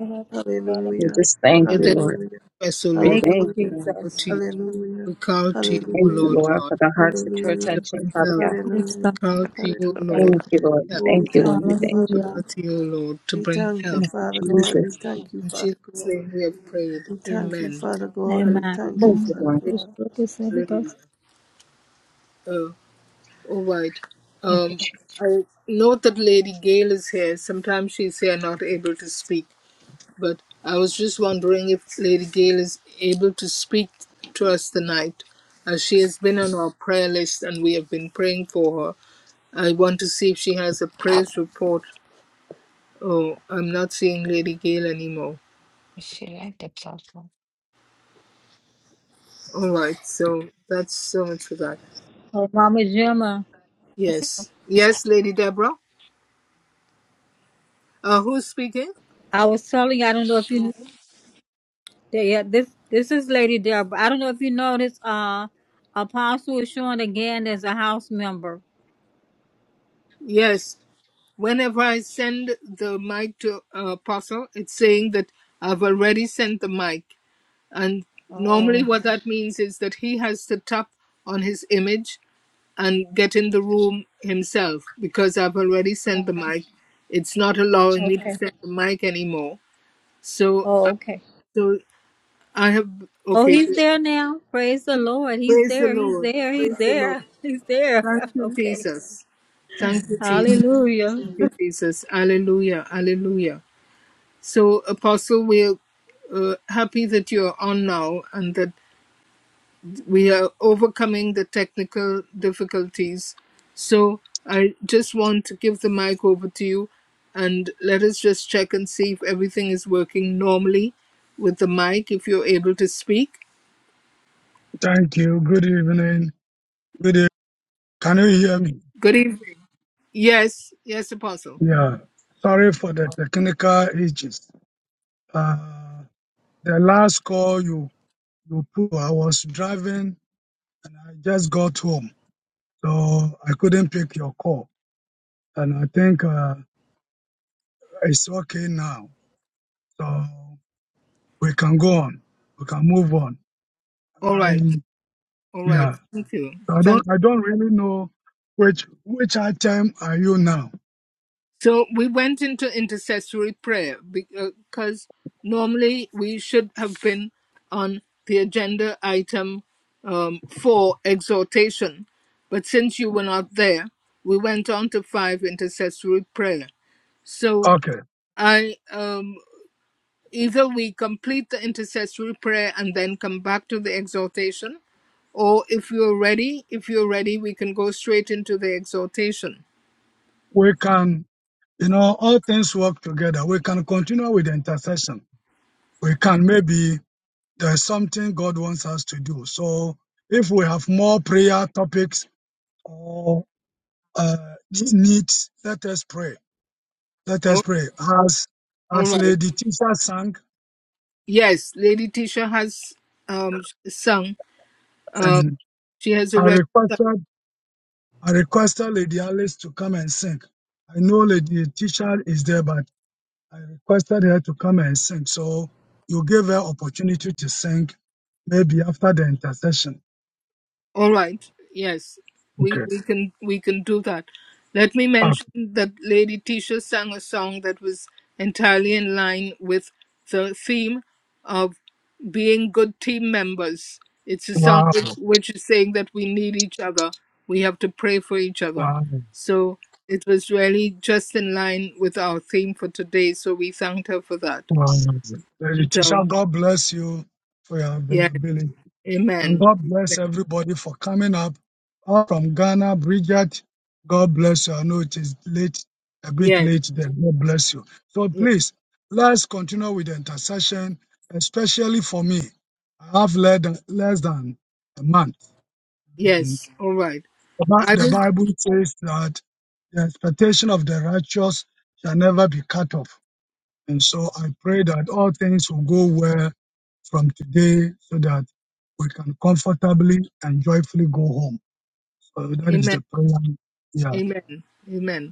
S6: We
S3: Hallelujah.
S6: just thank
S2: Where
S6: you,
S2: there
S6: Lord.
S3: Hallelujah.
S2: is stress, O
S6: We
S2: Lord
S1: Thank you,
S2: God,
S6: thank you,
S3: Hallelujah.
S6: Lord.
S2: we call
S1: Jesus.
S2: to you.
S3: Hallelujah.
S2: We call to you, O
S6: Thank you,
S3: Hallelujah.
S2: Lord
S6: Lord,
S2: God,
S6: for the hearts that you're
S2: to
S3: Hallelujah.
S6: touching,
S2: bring
S6: Father
S2: help.
S6: God.
S1: Yes,
S3: Hallelujah.
S1: God.
S2: Call to you, O
S3: Hallelujah.
S2: Lord,
S6: Thank you,
S2: to bring
S6: Lord.
S2: help.
S3: Oh, we
S6: Thank you, Lord.
S3: thank
S6: We
S3: you,
S6: thank you.
S1: Hallelujah.
S2: Call
S3: Father.
S2: to you, O Lord, to
S3: We
S2: bring
S3: thank you,
S2: help.
S6: Thank you,
S3: Father God. We
S6: Jesus.
S3: thank you,
S2: In
S3: Father
S2: Jesus'
S3: God.
S2: name we have prayed.
S3: We thank you,
S2: Amen.
S3: Father God.
S2: Hallelujah.
S3: We
S1: Amen.
S3: thank you,
S6: Thank you,
S1: Amen.
S3: Father
S6: Lord.
S1: This
S3: God.
S1: book is every person.
S2: Hallelujah. Uh, all right.
S6: Thank you,
S2: Um,
S6: Jesus.
S2: I note that Lady Gail is here. Sometimes she's here, not able to speak. but I was just wondering if Lady Gail is able to speak to us tonight, as she has been on our prayer list and we have been praying for her. I want to see if she has a praise report. Oh, I'm not seeing Lady Gail anymore.
S5: She liked the platform.
S2: All right, so that's so much for that.
S1: Oh, Mama Gemma, I see-
S2: Yes, yes, Lady Deborah. Uh, who's speaking?
S1: I was telling you, I don't know if you, yeah, yeah, this this is Lady Deborah. I don't know if you noticed. Uh, Apostle is showing again as a house member.
S2: Yes. Whenever I send the mic to uh, Apostle, it's saying that I've already sent the mic. And normally,
S1: Oh,
S2: what that means is that he has to tap on his image and get in the room himself because I've already sent the mic. It's not allowing me to
S1: okay.
S2: send the mic anymore. So,
S1: Oh,
S2: uh,
S1: okay.
S2: so I have,
S1: Oh,
S2: okay, so
S1: he's there now. Praise the Lord. He's
S2: praise the
S1: there. He's
S2: Lord.
S1: there. He's
S2: Praise the Lord.
S1: there. He's there.
S2: Thank you,
S1: Okay.
S2: Jesus. Thank you,
S5: Mm.
S2: Jesus.
S1: Hallelujah.
S2: Thank you, Jesus. Alleluia. Alleluia. So, Apostle, we're uh, happy that you're on now and that we are overcoming the technical difficulties. So I just want to give the mic over to you and let us just check and see if everything is working normally with the mic, if you're able to speak.
S8: Thank you. Good evening. Good evening. Can you hear me?
S2: Good evening. Yes, yes, Apostle.
S8: Yeah. Sorry for the technical issues. Uh, the last call you you put, I was driving and I just got home, so I couldn't pick your call. And I think uh, it's okay now, so we can go on. We can move on.
S2: All
S8: I
S2: right, all right.
S8: yeah.
S2: Thank you.
S8: I
S2: Thank.
S8: don't I don't really know which which item are you now.
S2: So we went into intercessory prayer because normally we should have been on the agenda item um, for exhortation. But since you were not there, we went on to five intercessory prayer. So
S8: Okay.
S2: I um, either we complete the intercessory prayer and then come back to the exhortation, or if you're ready, if you're ready, we can go straight into the exhortation.
S8: We can. You know, all things work together. We can continue with the intercession. We can maybe there's something God wants us to do. So if we have more prayer topics or uh, needs, let us pray. Let us
S2: All
S8: pray. As
S2: all
S8: as
S2: right.
S8: Lady Tisha sang,
S2: Yes, Lady Tisha has um sung. Uh,
S8: and
S2: she has
S8: I
S2: already. Sung.
S8: requested I requested Lady Alice to come and sing. I know Lady Tisha is there, but I requested her to come and sing. So you gave her opportunity to sing maybe after the intercession.
S2: All right. Yes, we
S8: Okay.
S2: we can we can do that. Let me
S8: Ah,
S2: mention that Lady Tisha sang a song that was entirely in line with the theme of being good team members. It's a song
S8: Wow.
S2: which, which is saying that we need each other. We have to pray for each other.
S8: Wow.
S2: So it was really just in line with our theme for today. So we thanked her for that.
S8: Lady Tisha, God bless you for your
S2: Yes.
S8: availability. And
S2: Amen.
S8: God bless everybody for coming up. All from Ghana, Bridget, God bless you. I know it is late, a bit
S2: Yes.
S8: late there. God bless you. So
S2: Yes.
S8: please, let's continue with the intercession, especially for me. I have led less than a month. And
S2: Yes. All right.
S8: the
S2: I
S8: Bi- the
S2: will.
S8: Bible says that the expectation of the righteous shall never be cut off. And so I pray that all things will go well from today so that we can comfortably and joyfully go home. So that is
S2: Amen.
S8: the prayer.
S2: Amen. Amen.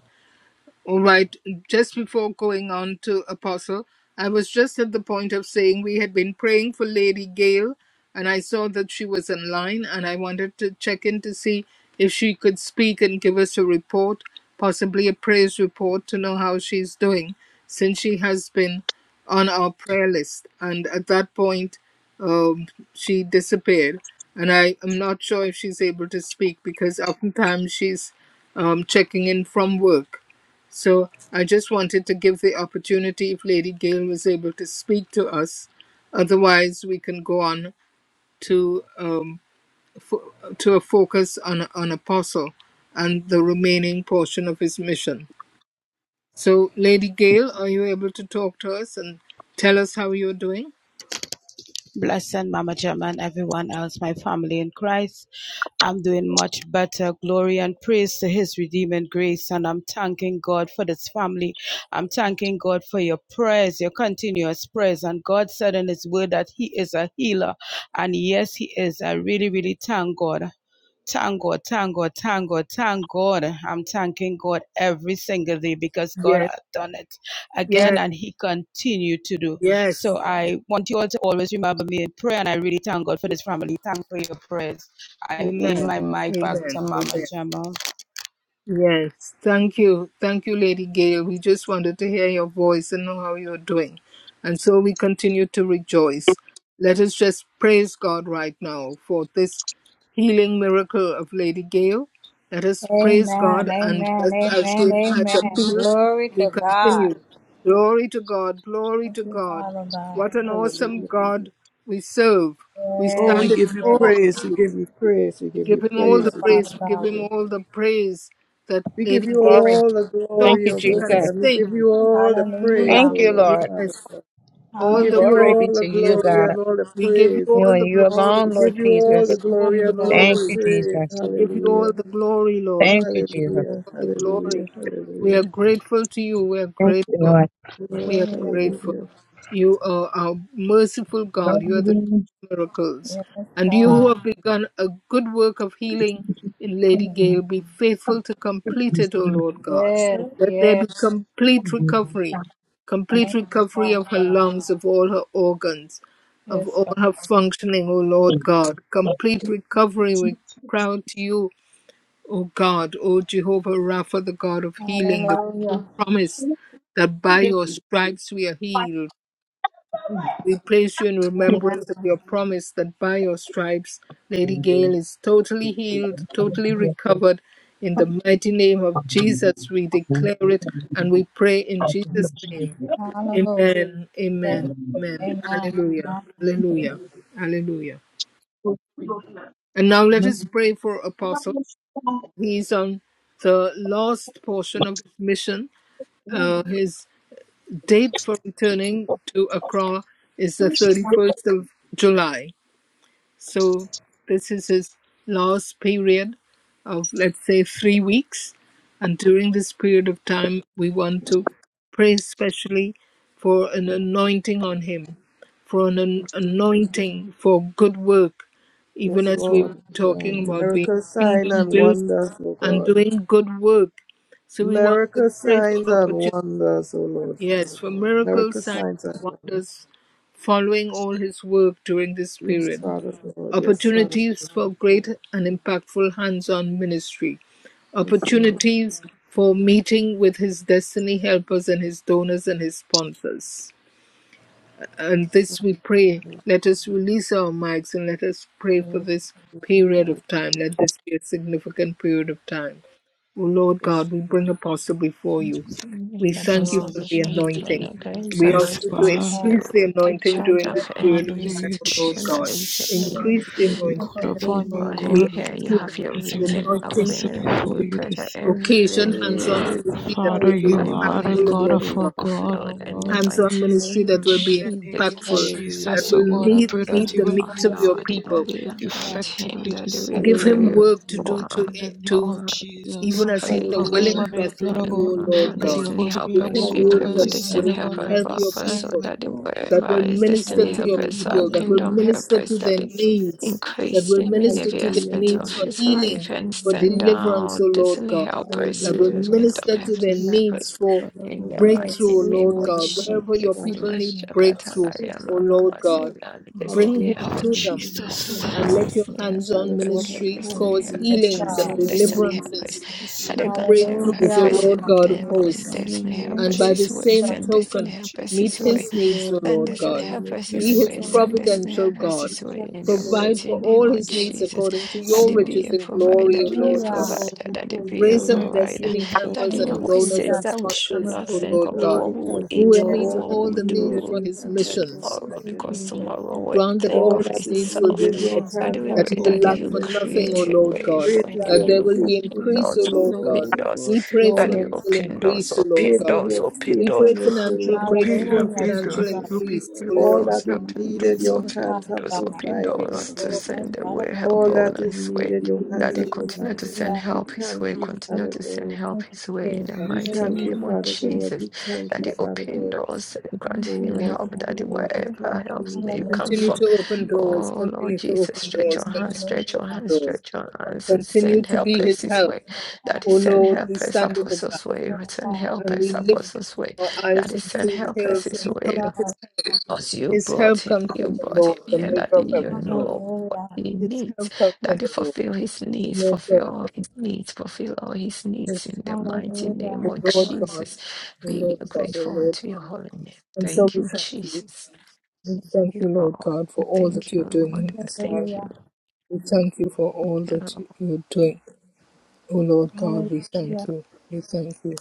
S2: All right, just before going on to Apostle, I was just at the point of saying we had been praying for Lady Gail, and I saw that she was online, and I wanted to check in to see if she could speak and give us a report, possibly a praise report, to know how she's doing, since she has been on our prayer list. And at that point, um, she disappeared, and I am not sure if she's able to speak because oftentimes she's um, checking in from work. So I just wanted to give the opportunity if Lady Gail was able to speak to us. Otherwise, we can go on to um, to a focus on on Apostle and the remaining portion of his mission. So, Lady Gail, are you able to talk to us and tell us how you're doing?
S9: Blessing, Mama Gemma, and everyone else, my family in Christ. I'm doing much better. Glory and praise to His redeeming grace. And I'm thanking God for this family. I'm thanking God for your prayers, your continuous prayers. And God said in His word that He is a healer. And yes, He is. I really, really thank God. Thank God, thank God, thank God, thank God. I'm thanking God every single day because God
S2: Yes,
S9: has done it again
S2: yes,
S9: and He continued to do.
S2: yes.
S9: So I want you all to always remember me in prayer and I really thank God for this family. Thank for your prayers. I yield
S2: Amen.
S9: my mic back
S2: Amen.
S9: to
S2: Amen.
S9: Mama Gemma.
S2: Yes, thank you. Thank you, Lady Gail. We just wanted to hear your voice and know how you're doing. And so we continue to rejoice. Let us just praise God right now for this healing miracle of Lady Gail. Let us praise God
S1: Amen.
S2: and
S1: Amen.
S2: just
S1: Amen.
S2: as she has
S1: Amen.
S2: appealed,
S1: Glory
S2: we
S1: to
S2: continue.
S1: God.
S2: Glory to God, glory
S1: Thank
S2: to
S1: you,
S2: God.
S1: Father God.
S2: What an awesome
S3: Hallelujah.
S2: God we serve. We
S3: Oh, we
S2: stand
S1: Yes,
S2: in
S3: give you
S1: yes.
S2: awe of
S3: praise.
S2: you.
S3: We give you praise. We
S2: We
S3: give
S2: give
S3: you
S2: him
S1: Thank
S2: all
S1: you,
S2: the
S3: praise. We give
S2: praise.
S3: you
S1: Father
S2: We give
S1: God.
S2: him
S3: praise.
S2: all the praise that
S3: We give
S2: Lady
S3: you
S2: gave
S6: Glory.
S3: all the
S2: so
S6: Thank
S3: glory,
S6: you,
S3: O
S2: she
S3: God,
S2: can
S6: Jesus.
S3: and we
S2: sing.
S3: give you all the praise, O
S1: Hallelujah.
S6: Thank you,
S3: Lord,
S6: Lord.
S3: Father
S2: Yes,
S3: God. We
S2: all
S3: give
S2: the
S3: you
S6: Glory
S2: glory
S1: Hallelujah.
S6: be
S3: all the
S6: to
S2: to
S6: you,
S2: you.
S3: glory
S6: God.
S3: and all the
S2: We give you
S3: praise.
S6: You
S2: all
S6: and
S2: the
S6: you
S2: glory.
S3: We
S6: alone, Lord
S3: give you
S2: We
S3: all the
S6: Jesus.
S2: give
S1: Thank
S2: you
S1: you,
S2: all
S3: glory
S2: the
S3: and
S1: Jesus.
S3: all the
S6: Thank
S2: glory.
S6: you,
S3: praise.
S6: Jesus.
S2: We give you all
S3: Hallelujah.
S2: the glory, Lord.
S6: Thank you,
S2: We
S6: Jesus.
S2: give you
S3: Hallelujah.
S2: all the
S3: Hallelujah.
S2: glory. We
S3: Hallelujah.
S2: are grateful to you. We are
S6: Thank you,
S2: grateful.
S6: Lord.
S2: We
S3: Lord,
S2: are
S1: Hallelujah.
S2: grateful.
S3: hallelujah.
S2: You are our merciful God. You are the God of miracles.
S1: Yes,
S2: And you who
S1: God.
S2: have begun a good work of healing in Lady Gail, be faithful to complete it, O Lord God.
S1: Yes,
S2: Let there be
S1: yes.
S2: complete recovery, complete
S1: Thank you,
S2: recovery
S1: Father
S2: of her
S1: God.
S2: lungs, of all her organs, of
S1: Yes,
S2: all
S1: God.
S2: her functioning, O Lord God. Complete recovery, we cry out to you O God, O Jehovah Rapha, the God of healing, the one
S1: Hallelujah.
S2: who promised that by your stripes we are healed. We place you in
S1: Amen.
S2: remembrance of your promise that by your stripes Lady Gail is totally healed, totally recovered. In the mighty name of Jesus, we declare it and we pray in Jesus' name.
S1: Hallelujah.
S2: Amen, amen,
S1: So,
S2: amen.
S1: amen.
S2: Hallelujah,
S1: Thank
S2: hallelujah, hallelujah. And now let us pray for Apostle. He's on the last portion of his mission. Uh, his date for
S8: Yeah.
S2: returning to Accra is the 31st of July. So this is his last period of, let's say, three weeks. And during this period of time, we want to pray specially for an anointing on him, for an an- anointing for good work, even
S3: Yes,
S2: as we've
S3: Lord.
S2: talking
S3: Lord.
S2: about being
S3: Miracle sign
S2: kingdom
S3: and
S2: builders
S3: wonders, O
S2: and
S3: God.
S2: doing good work. So we want to
S3: Miracle
S2: pray for
S3: signs and
S2: opportunity,
S3: wonders, O Lord,
S2: yes,
S3: Father
S2: for
S3: God.
S2: miracles,
S3: Miracle
S2: signs,
S3: signs
S2: and
S3: and wonders.
S2: wonders following all his work during this
S3: Yes,
S2: period.
S3: Father God. Yes, Father
S2: Opportunities for
S3: God.
S2: great and impactful hands on ministry.
S3: Yes, Lord.
S2: Opportunities for meeting with his destiny helpers and his donors and his sponsors. And this we pray. Let us release our mics and let us pray for
S3: Lord,
S2: this
S3: we thank
S2: period
S3: God,
S2: of time. Let this be a significant period of time. O Lord
S3: yes,
S2: God, we bring Apostle before you. We
S5: Help
S2: thank
S5: us
S2: you
S5: all
S2: for the
S5: before your throne
S2: anointing.
S5: of grace, the
S2: We
S3: Lord,
S5: Lord
S2: ask you to
S5: Jesus, you
S2: increase the
S5: take
S2: anointing
S5: charge
S2: during
S5: of
S2: this period
S5: every
S2: of time, O Lord
S5: situation that
S2: God.
S5: is
S1: you, Lord.
S5: in.
S2: Increase the
S1: Thank
S2: anointing.
S1: you,
S5: that
S1: Lord.
S5: we brought
S3: hallelujah,
S5: him
S2: We
S5: here.
S2: ask
S5: You
S2: you that
S5: have your
S3: hallelujah,
S2: the
S5: written
S2: anointing
S5: upbringing here.
S2: will
S5: We pray that
S2: occasion hands-on
S5: every
S2: ministry
S3: hallelujah,
S2: that will be
S3: hallelujah,
S5: everybody
S2: impactful,
S5: brought
S3: hallelujah,
S5: him
S2: O
S5: here
S2: Lord
S5: will be
S2: God
S5: fulfilled in the
S2: hands-on
S5: mighty
S2: ministry
S5: name of
S2: that will be
S5: Jesus.
S2: impactful,
S3: hallelujah,
S5: That
S2: that will meet meet
S5: everything
S2: the
S5: be
S2: needs of your
S5: fulfilled in
S2: people.
S5: the
S1: Thank you, Father
S5: anointing
S1: God.
S5: that we
S2: Give him
S5: pray
S2: work to do
S5: for.
S2: to to
S5: Oh, it's the
S2: even as he's a
S5: completion.
S2: willing vessel to you, O Lord
S5: Lord,
S2: God.
S5: Destiny
S2: Give
S3: hallelujah,
S5: helpers,
S2: him
S5: we
S2: words
S5: pray for
S2: that
S3: hallelujah,
S5: destiny
S2: will
S5: helpers
S2: help
S5: for
S2: your
S5: us, so
S2: people,
S5: that the
S2: that will
S5: wherever is
S2: minister
S5: destiny
S2: to your
S5: helpers, for our
S2: people, that will
S5: kingdom
S2: minister
S5: helpers,
S2: to their
S5: that it
S2: needs, that
S5: increase
S2: will
S5: him in
S2: minister
S5: every
S2: to
S3: hallelujah,
S2: their
S5: aspect
S2: needs
S5: of
S2: for
S5: his
S2: healing,
S5: life and
S2: for
S5: send
S2: deliverance, O
S5: out
S2: Lord
S5: destiny
S2: God,
S5: helpers,
S2: that will
S5: his
S3: hallelujah.
S5: kingdom
S2: minister to their needs
S5: helpers,
S2: for
S5: in the
S1: Yes,
S5: mighty
S2: breakthrough, O
S1: yes,
S5: name
S2: Lord
S5: of
S3: Lord, we
S2: God.
S3: thank
S2: Wherever your
S5: Jesus.
S2: people need
S5: Mashakata
S2: breakthrough, O
S5: Lariama
S2: Lord
S5: Baba, send
S2: God,
S5: out the
S3: Father
S2: bring
S5: Destiny
S3: God,
S2: him
S3: we
S5: helpers,
S2: to
S3: thank
S2: them
S3: you, we thank
S2: and
S5: Here's
S3: you,
S2: let your
S5: destiny
S2: hands
S5: happen,
S2: on
S3: Father God,
S5: here
S3: we
S2: ministry
S3: thank
S5: destiny
S2: cause
S3: you,
S5: happens,
S1: yes,
S2: healings
S5: grant
S2: and
S1: God.
S3: Lord, God, we thank you,
S5: him
S3: we thank
S5: destiny helpers.
S2: deliverances
S5: Had I
S2: and
S5: grant him her
S2: breakthroughs, O
S1: Hallelujah.
S5: first
S2: Lord
S3: you,
S5: and
S2: God
S5: then
S2: of
S3: Lord,
S5: what
S3: we
S5: was
S2: hosts.
S3: thank you,
S5: destiny
S3: Lord,
S1: Thank
S3: we
S2: And
S5: helpers
S1: you,
S2: by
S1: Jesus.
S2: the
S5: his
S3: thank
S5: way,
S3: you,
S2: same
S5: send destiny
S2: token,
S5: helpers
S3: we
S2: meet
S5: his way.
S3: thank
S2: his
S3: you,
S2: needs, O
S3: Lord, we thank you, Lord, we
S5: Send
S2: Lord
S5: us
S3: thank
S5: in
S2: God.
S3: you,
S5: help us this
S2: Be his
S5: way. Send us in
S2: providential
S5: help us
S3: we
S2: God.
S5: this way
S3: thank
S5: in
S3: you,
S5: the
S3: Lord,
S2: Provide
S3: we
S5: mighty
S2: for
S3: thank
S5: name
S2: all
S5: of
S2: his
S3: you, Lord,
S2: needs
S5: Jesus.
S2: according to
S5: That
S2: your
S5: it be
S2: riches
S5: a
S2: and
S3: We
S5: provider,
S2: glory, O
S3: thank
S5: be a
S2: Lord
S3: you,
S1: Hallelujah.
S2: God.
S3: Lord.
S5: provider,
S3: We
S5: that it
S3: thank you,
S5: be a
S2: Raise
S3: Lord.
S2: up
S3: We
S5: provider.
S3: thank-
S2: destiny helpers
S1: Thank
S5: Daddy it
S2: and
S1: you,
S5: always
S2: donors
S1: Jesus.
S5: says
S2: and
S5: that we should
S2: sponsors,
S5: not
S2: O
S5: think
S2: Lord
S5: of
S3: Oh,
S2: God,
S5: what
S3: we
S5: we will
S3: thank
S2: who
S3: you,
S2: will
S5: eat
S3: Lord.
S1: Yes,
S5: or
S2: meet
S3: All
S5: what
S3: that
S5: we
S2: all
S5: will
S3: is
S2: the needs
S3: needed,
S5: do
S2: for
S3: your
S2: his
S3: hands have
S2: missions.
S5: tomorrow
S1: Thank
S3: provided,
S1: you,
S3: O
S5: because
S1: Jesus.
S3: God.
S5: tomorrow
S1: Thank
S5: will
S2: Grant that
S5: think
S2: all
S3: All
S5: of
S3: that
S2: his
S3: is
S2: needs will
S5: itself.
S2: be
S3: needed, your
S2: met,
S5: Daddy,
S3: hands
S5: we
S2: that
S3: have
S2: he
S5: pray
S2: will
S5: that
S2: lack
S5: you
S2: for
S3: provided, O
S2: nothing, O
S3: God.
S5: create a
S2: Lord
S5: way
S2: God,
S1: you,
S5: for
S3: Great is
S1: Jesus.
S5: him.
S2: that
S3: your
S2: there
S5: You
S2: will be
S5: open
S3: faithfulness,
S2: increase, O
S5: doors,
S3: O
S2: Lord
S3: God,
S2: God.
S5: open doors.
S2: We pray
S3: Lord,
S5: Daddy,
S2: financial
S3: unto
S5: open
S3: me.
S5: doors,
S2: increase, O Lord
S5: open
S3: Great
S2: God.
S3: is
S5: doors,
S3: your
S5: open
S2: We
S5: doors.
S2: pray
S3: faithfulness, O
S2: financial
S3: Lord,
S5: Okay,
S2: breakthrough
S3: unto
S2: and
S3: us,
S1: Hallelujah,
S5: happy
S3: O
S2: financial
S5: doors,
S1: Jesus. Thank
S3: God.
S5: open
S2: increase, O
S5: happy
S3: All
S2: Lord.
S3: that
S5: doors,
S3: is
S5: open
S3: needed,
S5: doors,
S3: your
S1: you,
S5: open
S3: hands
S1: Father
S3: have
S5: doors,
S1: God.
S5: open
S1: Thank
S3: provided,
S1: you,
S3: O
S5: doors to
S1: Lord,
S3: God.
S1: for
S5: send the
S1: Father
S5: way
S1: God.
S5: help
S3: All
S5: on
S3: that is
S5: his way.
S3: needed, your hands
S5: Daddy,
S3: have
S5: continue to
S3: provided.
S5: send
S1: Hallelujah.
S3: We
S5: help his way,
S3: thank you,
S5: continue
S3: Father
S5: to send
S3: God.
S5: help
S1: Thank you,
S5: his way in the
S1: Jesus.
S3: We
S1: Thank
S5: mighty
S3: thank
S1: you,
S3: you,
S5: name of
S3: Father God.
S5: Jesus.
S3: We thank you,
S5: Daddy,
S1: Jesus.
S3: Father
S5: open
S3: God.
S5: doors and
S3: Oh,
S5: grant
S1: Mhm.
S5: him
S3: Lord,
S5: help,
S3: Father
S5: Daddy,
S3: God, we
S5: wherever
S3: thank you.
S5: helps
S3: We
S5: may
S3: thank
S5: come
S3: you.
S2: Continue
S1: Hallelujah.
S5: from.
S2: to open doors,
S5: Oh, Lord
S2: continue to
S5: Jesus,
S2: open
S5: stretch
S2: doors,
S5: your
S2: continue
S5: hands,
S2: to
S5: stretch your
S2: open
S1: Hallelujah.
S5: hands,
S2: doors.
S5: stretch your hands and
S2: Continue
S5: send
S2: to be
S5: helpers
S2: his
S1: Thank
S5: his
S2: help.
S5: way.
S1: you, God.
S5: Daddy,
S2: O
S5: send
S2: Lord, we
S5: helpers,
S2: stand in the gap
S5: apostles' way,
S1: Thank you,
S5: send
S1: God.
S2: and we
S5: helpers,
S2: lift
S5: apostles' way.
S2: our eyes
S5: Daddy, send
S2: unto the
S5: help
S1: Thank
S5: us
S2: hills
S5: his
S2: and
S1: you,
S2: from
S5: way.
S2: his
S1: God.
S2: help.
S5: Because you
S2: His
S5: brought
S2: help
S5: him,
S2: comes
S5: you
S2: from the
S5: brought him
S2: Lord, the
S5: here,
S2: maker
S5: Daddy.
S2: of heaven
S5: You
S2: and earth.
S5: know what
S1: Hallelujah.
S5: he
S2: His
S5: needs.
S2: help comes from
S5: Daddy,
S2: the Lord.
S5: fulfill his needs,
S2: Yes, Lord.
S5: fulfill all his needs, fulfill all his
S2: Yes,
S5: needs in the mighty name
S1: Hallelujah.
S2: The
S5: of
S2: Lord God.
S5: Jesus.
S2: The
S5: We
S2: Lord
S5: are
S2: God. The
S5: grateful
S2: Lord
S5: unto your
S2: God.
S5: holy name.
S2: And so
S5: Thank
S2: we
S5: you,
S2: thank you.
S5: Jesus.
S2: We thank
S5: Thank you,
S2: you, Lord
S5: Lord.
S2: God, for all
S5: Thank
S2: that you're
S5: you,
S2: doing
S5: Lord.
S2: in this life.
S5: Thank you,
S1: Hallelujah.
S2: We thank you for all
S5: Lord.
S2: that you- you're doing. Oh, Lord God, we
S5: Thank you,
S2: thank
S1: Hallelujah.
S5: Lord.
S2: you. We thank you.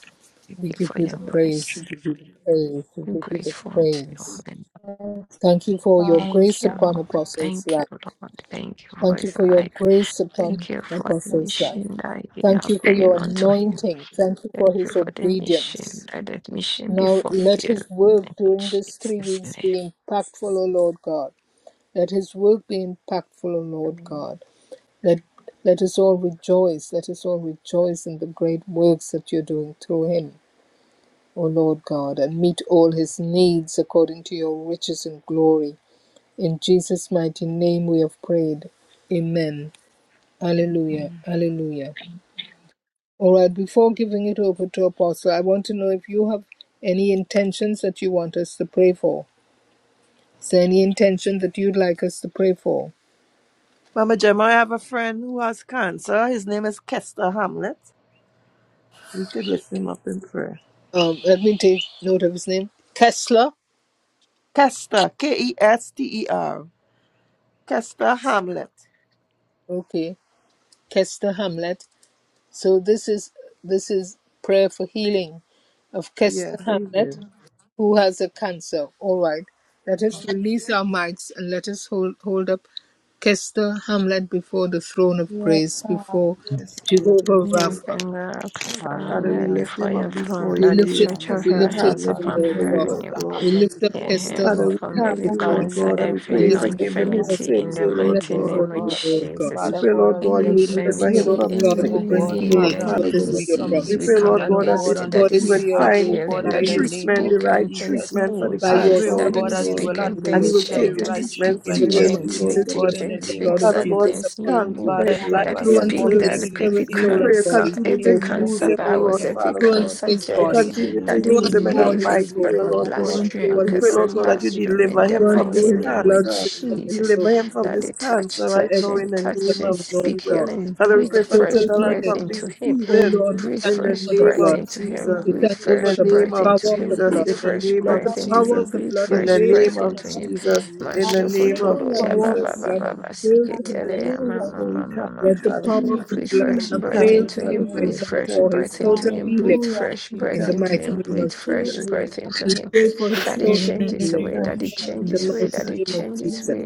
S5: Thank
S2: We
S5: you
S2: give
S5: for
S2: you the
S5: your
S2: praise. We
S5: mercy.
S2: give you the praise. We
S5: We're
S2: give you the
S5: grateful unto your
S2: praise.
S5: holy name.
S1: Yes,
S2: Thank you for your
S1: Father
S5: Thank
S2: grace
S5: you,
S2: upon
S1: God.
S5: Lord.
S2: Apostles'
S5: Thank you,
S2: life.
S5: Lord. Thank you for
S2: Thank you
S5: his
S2: for your
S5: life.
S2: grace
S5: Thank
S2: upon
S5: you for the
S2: Apostle's life.
S5: mission that you
S2: Thank
S5: have
S2: you for
S5: given
S2: your
S5: unto him.
S2: anointing. Thank you for
S5: Thank you
S2: his
S5: for the mission.
S2: obedience.
S5: Let that mission be
S2: Now let
S5: fulfilled.
S2: his work
S5: In
S2: during these three
S5: Jesus'
S2: weeks
S5: name.
S2: be impactful, O Lord God. Let his work be impactful, O Lord
S5: Amen.
S2: God. Let let us all rejoice. Let us all rejoice in the great works that you're doing through him, O Lord God, and meet all his needs according to your riches and glory. In Jesus' mighty name we have prayed. Amen. Hallelujah.
S5: Amen.
S2: Hallelujah. All right, before giving it over to Apostle, I want to know if you have any intentions that you want us to pray for. Is there any intention that you'd like us to pray for?
S3: Mama Gemma, I have a friend who has cancer. His name is Kester Hamlet. We could lift him up in prayer.
S2: Um, let me take note of his name. Kessler.
S3: Kester, K E S T E R. Kester
S5: So,
S3: Hamlet.
S2: Okay. Kessler Hamlet. So this is this is prayer for healing of
S3: Yeah,
S2: Kester
S3: Praise him.
S2: Hamlet, who has a cancer. All right. Let us release our mics and let us hold hold up Kester Hamlet before the throne of
S1: Yes,
S2: grace,
S1: God.
S2: before
S3: Yes, Lord, yes,
S2: Jehovah
S5: yeah,
S3: Lord.
S2: Rapha.
S5: bring her up, Christ, and
S3: Father, we
S5: her
S9: Hallelujah.
S3: lift
S5: before
S3: him
S5: your
S3: up
S5: throne.
S3: before
S2: We
S5: Lord,
S3: you. We
S5: this
S2: lift it
S3: lift
S5: church
S2: up.
S5: out
S2: We
S3: Kester
S5: her
S2: lift
S9: Hallelujah.
S2: it
S5: hands
S2: up,
S3: Hamlet
S2: O
S9: Father,
S5: upon
S9: we
S3: before
S2: Lord
S9: lift
S3: you,
S2: God.
S3: Lord
S5: her.
S9: Esther
S2: We
S3: God.
S9: Hamlet
S2: lift up
S5: Hear
S1: Thank
S9: before you,
S2: Kester
S1: you,
S5: him
S9: God.
S3: Father, we
S5: from
S2: Hamlet
S3: thank
S5: every
S1: Father
S3: you,
S2: before
S9: Father,
S1: God.
S2: you.
S3: Lord
S9: you
S5: cancer,
S9: know
S3: God, and
S9: that
S3: we
S2: We
S3: pray
S9: young
S5: every
S3: you
S2: lift up
S9: man that's
S3: forgive him
S9: gonna
S3: his
S5: infirmity
S2: Kester
S9: be
S5: in
S3: sins,
S9: due
S3: O
S5: the
S9: this
S3: Lord
S2: Hamlet
S5: mighty
S9: evening,
S3: God.
S9: oh
S2: before
S5: name
S1: Thank
S2: you,
S5: of
S1: you,
S2: O
S9: God.
S1: Lord,
S2: Lord God.
S1: for God.
S3: We
S9: Father
S5: Jesus.
S3: pray,
S9: God,
S3: Lord
S9: as we
S3: God,
S5: Any
S3: you
S2: And
S9: are
S2: we
S9: green
S2: ask
S3: deliver
S2: you,
S9: for
S3: him
S9: this
S5: infirmity,
S2: Lord
S3: from his
S9: evening,
S2: God, to
S9: oh
S2: bring
S3: sickness,
S9: God,
S3: O
S5: any
S2: healing,
S3: Lord,
S9: Father,
S2: for
S3: Father
S5: deadly
S2: this is
S3: God.
S9: we
S2: your
S9: come for
S5: disease,
S3: We
S5: we
S3: pray,
S2: promise.
S5: come
S3: Lord
S9: healing, oh
S3: God, that
S9: God,
S3: it,
S5: against it.
S9: on
S5: That
S9: his
S5: is
S3: he
S2: according to
S3: would
S2: your
S9: behalf,
S5: speak
S9: oh
S2: word.
S3: find
S9: God,
S5: healing.
S3: the
S2: By
S9: in
S5: That
S9: the
S5: you
S2: his
S9: name
S3: treatment,
S9: of
S3: the
S2: stripes,
S5: speak
S3: right
S5: and things
S9: Jesus.
S3: treatment for the
S5: moves.
S2: by
S9: I
S2: your
S9: pray,
S3: cancer, O
S9: oh
S5: That
S3: Lord
S9: God,
S5: you
S2: stripes,
S9: that
S2: he
S9: you
S2: is
S3: God.
S9: will
S5: speak and
S2: healed, O
S3: And he
S5: things
S2: Lord
S3: will
S9: administer the
S2: God.
S3: take
S5: change.
S3: his
S5: That you
S9: right
S5: speak
S3: treatment
S2: In
S5: to
S2: the
S9: treatment
S2: name
S9: unto
S3: seriously,
S5: change,
S2: of
S9: him,
S3: Lord
S5: speak
S2: Jesus,
S9: oh
S5: to
S2: we
S3: God.
S9: God, in the
S5: change,
S2: apply the
S9: name
S5: speak
S2: blood
S9: of
S2: of
S3: Father
S5: that
S3: God, we
S2: Jesus
S5: things
S9: Jesus.
S2: upon
S5: may
S2: him.
S3: thank you
S5: move.
S3: for
S9: Father,
S3: his
S9: in
S3: life
S9: time
S5: That you
S9: past
S2: Through
S3: here
S9: and
S2: and
S3: on
S9: gone,
S5: speak
S2: through
S9: you
S3: earth.
S2: his
S9: make
S5: that
S9: the lame
S5: every
S2: spirit,
S3: And
S9: see the
S3: we
S2: soul,
S9: lame,
S3: pray
S2: and
S3: you
S5: cancer,
S2: body for
S9: the
S3: continue to
S5: every
S9: lame
S2: total
S9: walk
S3: use
S5: cancer
S3: them,
S2: healing.
S3: oh
S5: virus,
S3: Lord,
S5: every
S3: Father
S2: Through and
S3: God.
S2: through
S5: cancer
S2: his
S3: You
S10: Thank
S2: body.
S5: germs
S3: continue to
S5: that they
S2: Through
S5: will
S2: and
S3: use him
S2: through
S3: in a
S2: all
S5: leave
S2: his
S5: his
S3: mighty
S5: b-
S3: way, oh
S2: organs.
S3: Lord
S2: Through
S3: God.
S2: and through
S5: bloodstream,
S3: But
S2: all
S3: we pray,
S2: his
S5: Catherine's
S3: Lord God, that you
S5: bloodstream, in
S3: deliver
S5: the
S3: him
S2: through and
S3: from
S5: mighty
S3: this
S2: through his
S5: name of
S2: blood
S3: cancer.
S2: system, his
S5: Jesus.
S3: Deliver
S2: nervous
S3: him from
S5: That
S2: system.
S3: this
S5: they touch,
S3: cancer
S2: for
S3: right
S2: every
S5: touch
S3: now
S5: him,
S3: in the
S2: person,
S5: touch
S3: name
S5: him,
S2: O
S3: of
S2: Lord
S5: speak
S3: Jesus.
S2: God,
S5: healing,
S3: Father, we
S5: breathe
S2: for
S3: pray for
S5: fresh
S2: total
S3: total and
S5: breath
S2: healing.
S3: complete
S5: into him
S2: O
S3: healing
S2: Lord, we
S5: Breathe
S2: thank
S3: in
S2: you
S3: the
S5: fresh
S2: for the
S3: name
S5: breath
S2: blood.
S3: of
S5: into him.
S3: Jesus.
S2: We
S5: Breathe
S2: thank you
S3: In
S2: for
S5: fresh
S3: the
S2: the
S3: name
S5: breath
S3: of
S5: into
S2: power of
S5: him.
S2: the
S3: Jesus.
S5: Breathe
S2: blood.
S3: In the
S5: fresh
S3: name
S2: Let
S3: of
S2: the
S5: breath into
S2: power
S5: him.
S2: of
S3: Jesus.
S2: the
S5: Breathe
S2: blood
S3: In
S5: fresh
S3: the
S2: avail to
S3: name
S5: breath
S3: of
S5: into
S2: him
S5: him.
S2: right now.
S3: Jesus. In the name
S2: Let the
S3: of
S5: Mashokotoro
S1: Hallelujah,
S5: ya
S2: power
S5: ba
S2: of
S1: Jesus.
S2: the
S5: ba
S3: Jesus.
S5: ba
S2: blood
S5: ba ba
S2: avail to him
S5: siketele
S2: right
S5: ya ma
S1: Hallelujah.
S2: now.
S5: ma
S3: Oh, we
S5: ma ma
S3: thank
S5: ma.
S3: you,
S2: Let the
S5: ma.
S3: Father
S2: power
S3: God.
S2: of the
S5: Breathe
S2: blood
S5: fresh
S3: We thank
S5: breath
S2: avail
S3: you,
S2: to
S5: into
S3: Father
S5: him.
S2: him
S5: Breathe
S2: right
S3: God. We
S2: now
S5: fresh
S3: thank
S2: for
S3: you,
S2: his
S5: breath
S3: Father
S5: into
S2: total
S3: God.
S5: him.
S2: healing
S5: Breathe
S1: Hallelujah.
S5: fresh
S3: We
S2: in
S5: breath
S2: the
S3: thank you,
S5: into
S2: mighty
S1: Thank
S5: him.
S3: Father
S2: name
S1: you,
S5: Breathe
S3: God.
S2: of
S1: Jesus.
S5: fresh
S2: Jesus.
S3: Thank you,
S5: breath into
S2: We
S5: him.
S2: pray
S1: Thank
S2: for
S1: you,
S2: his
S5: That it
S2: total
S1: Jesus.
S5: changes
S2: healing
S5: away.
S3: thank
S5: That
S3: you,
S5: it
S3: Father
S2: in the
S5: changes
S3: God.
S5: way.
S3: We
S2: mighty
S5: That
S3: thank
S5: it
S2: name
S3: you,
S2: of
S5: changes
S2: Jesus.
S5: way.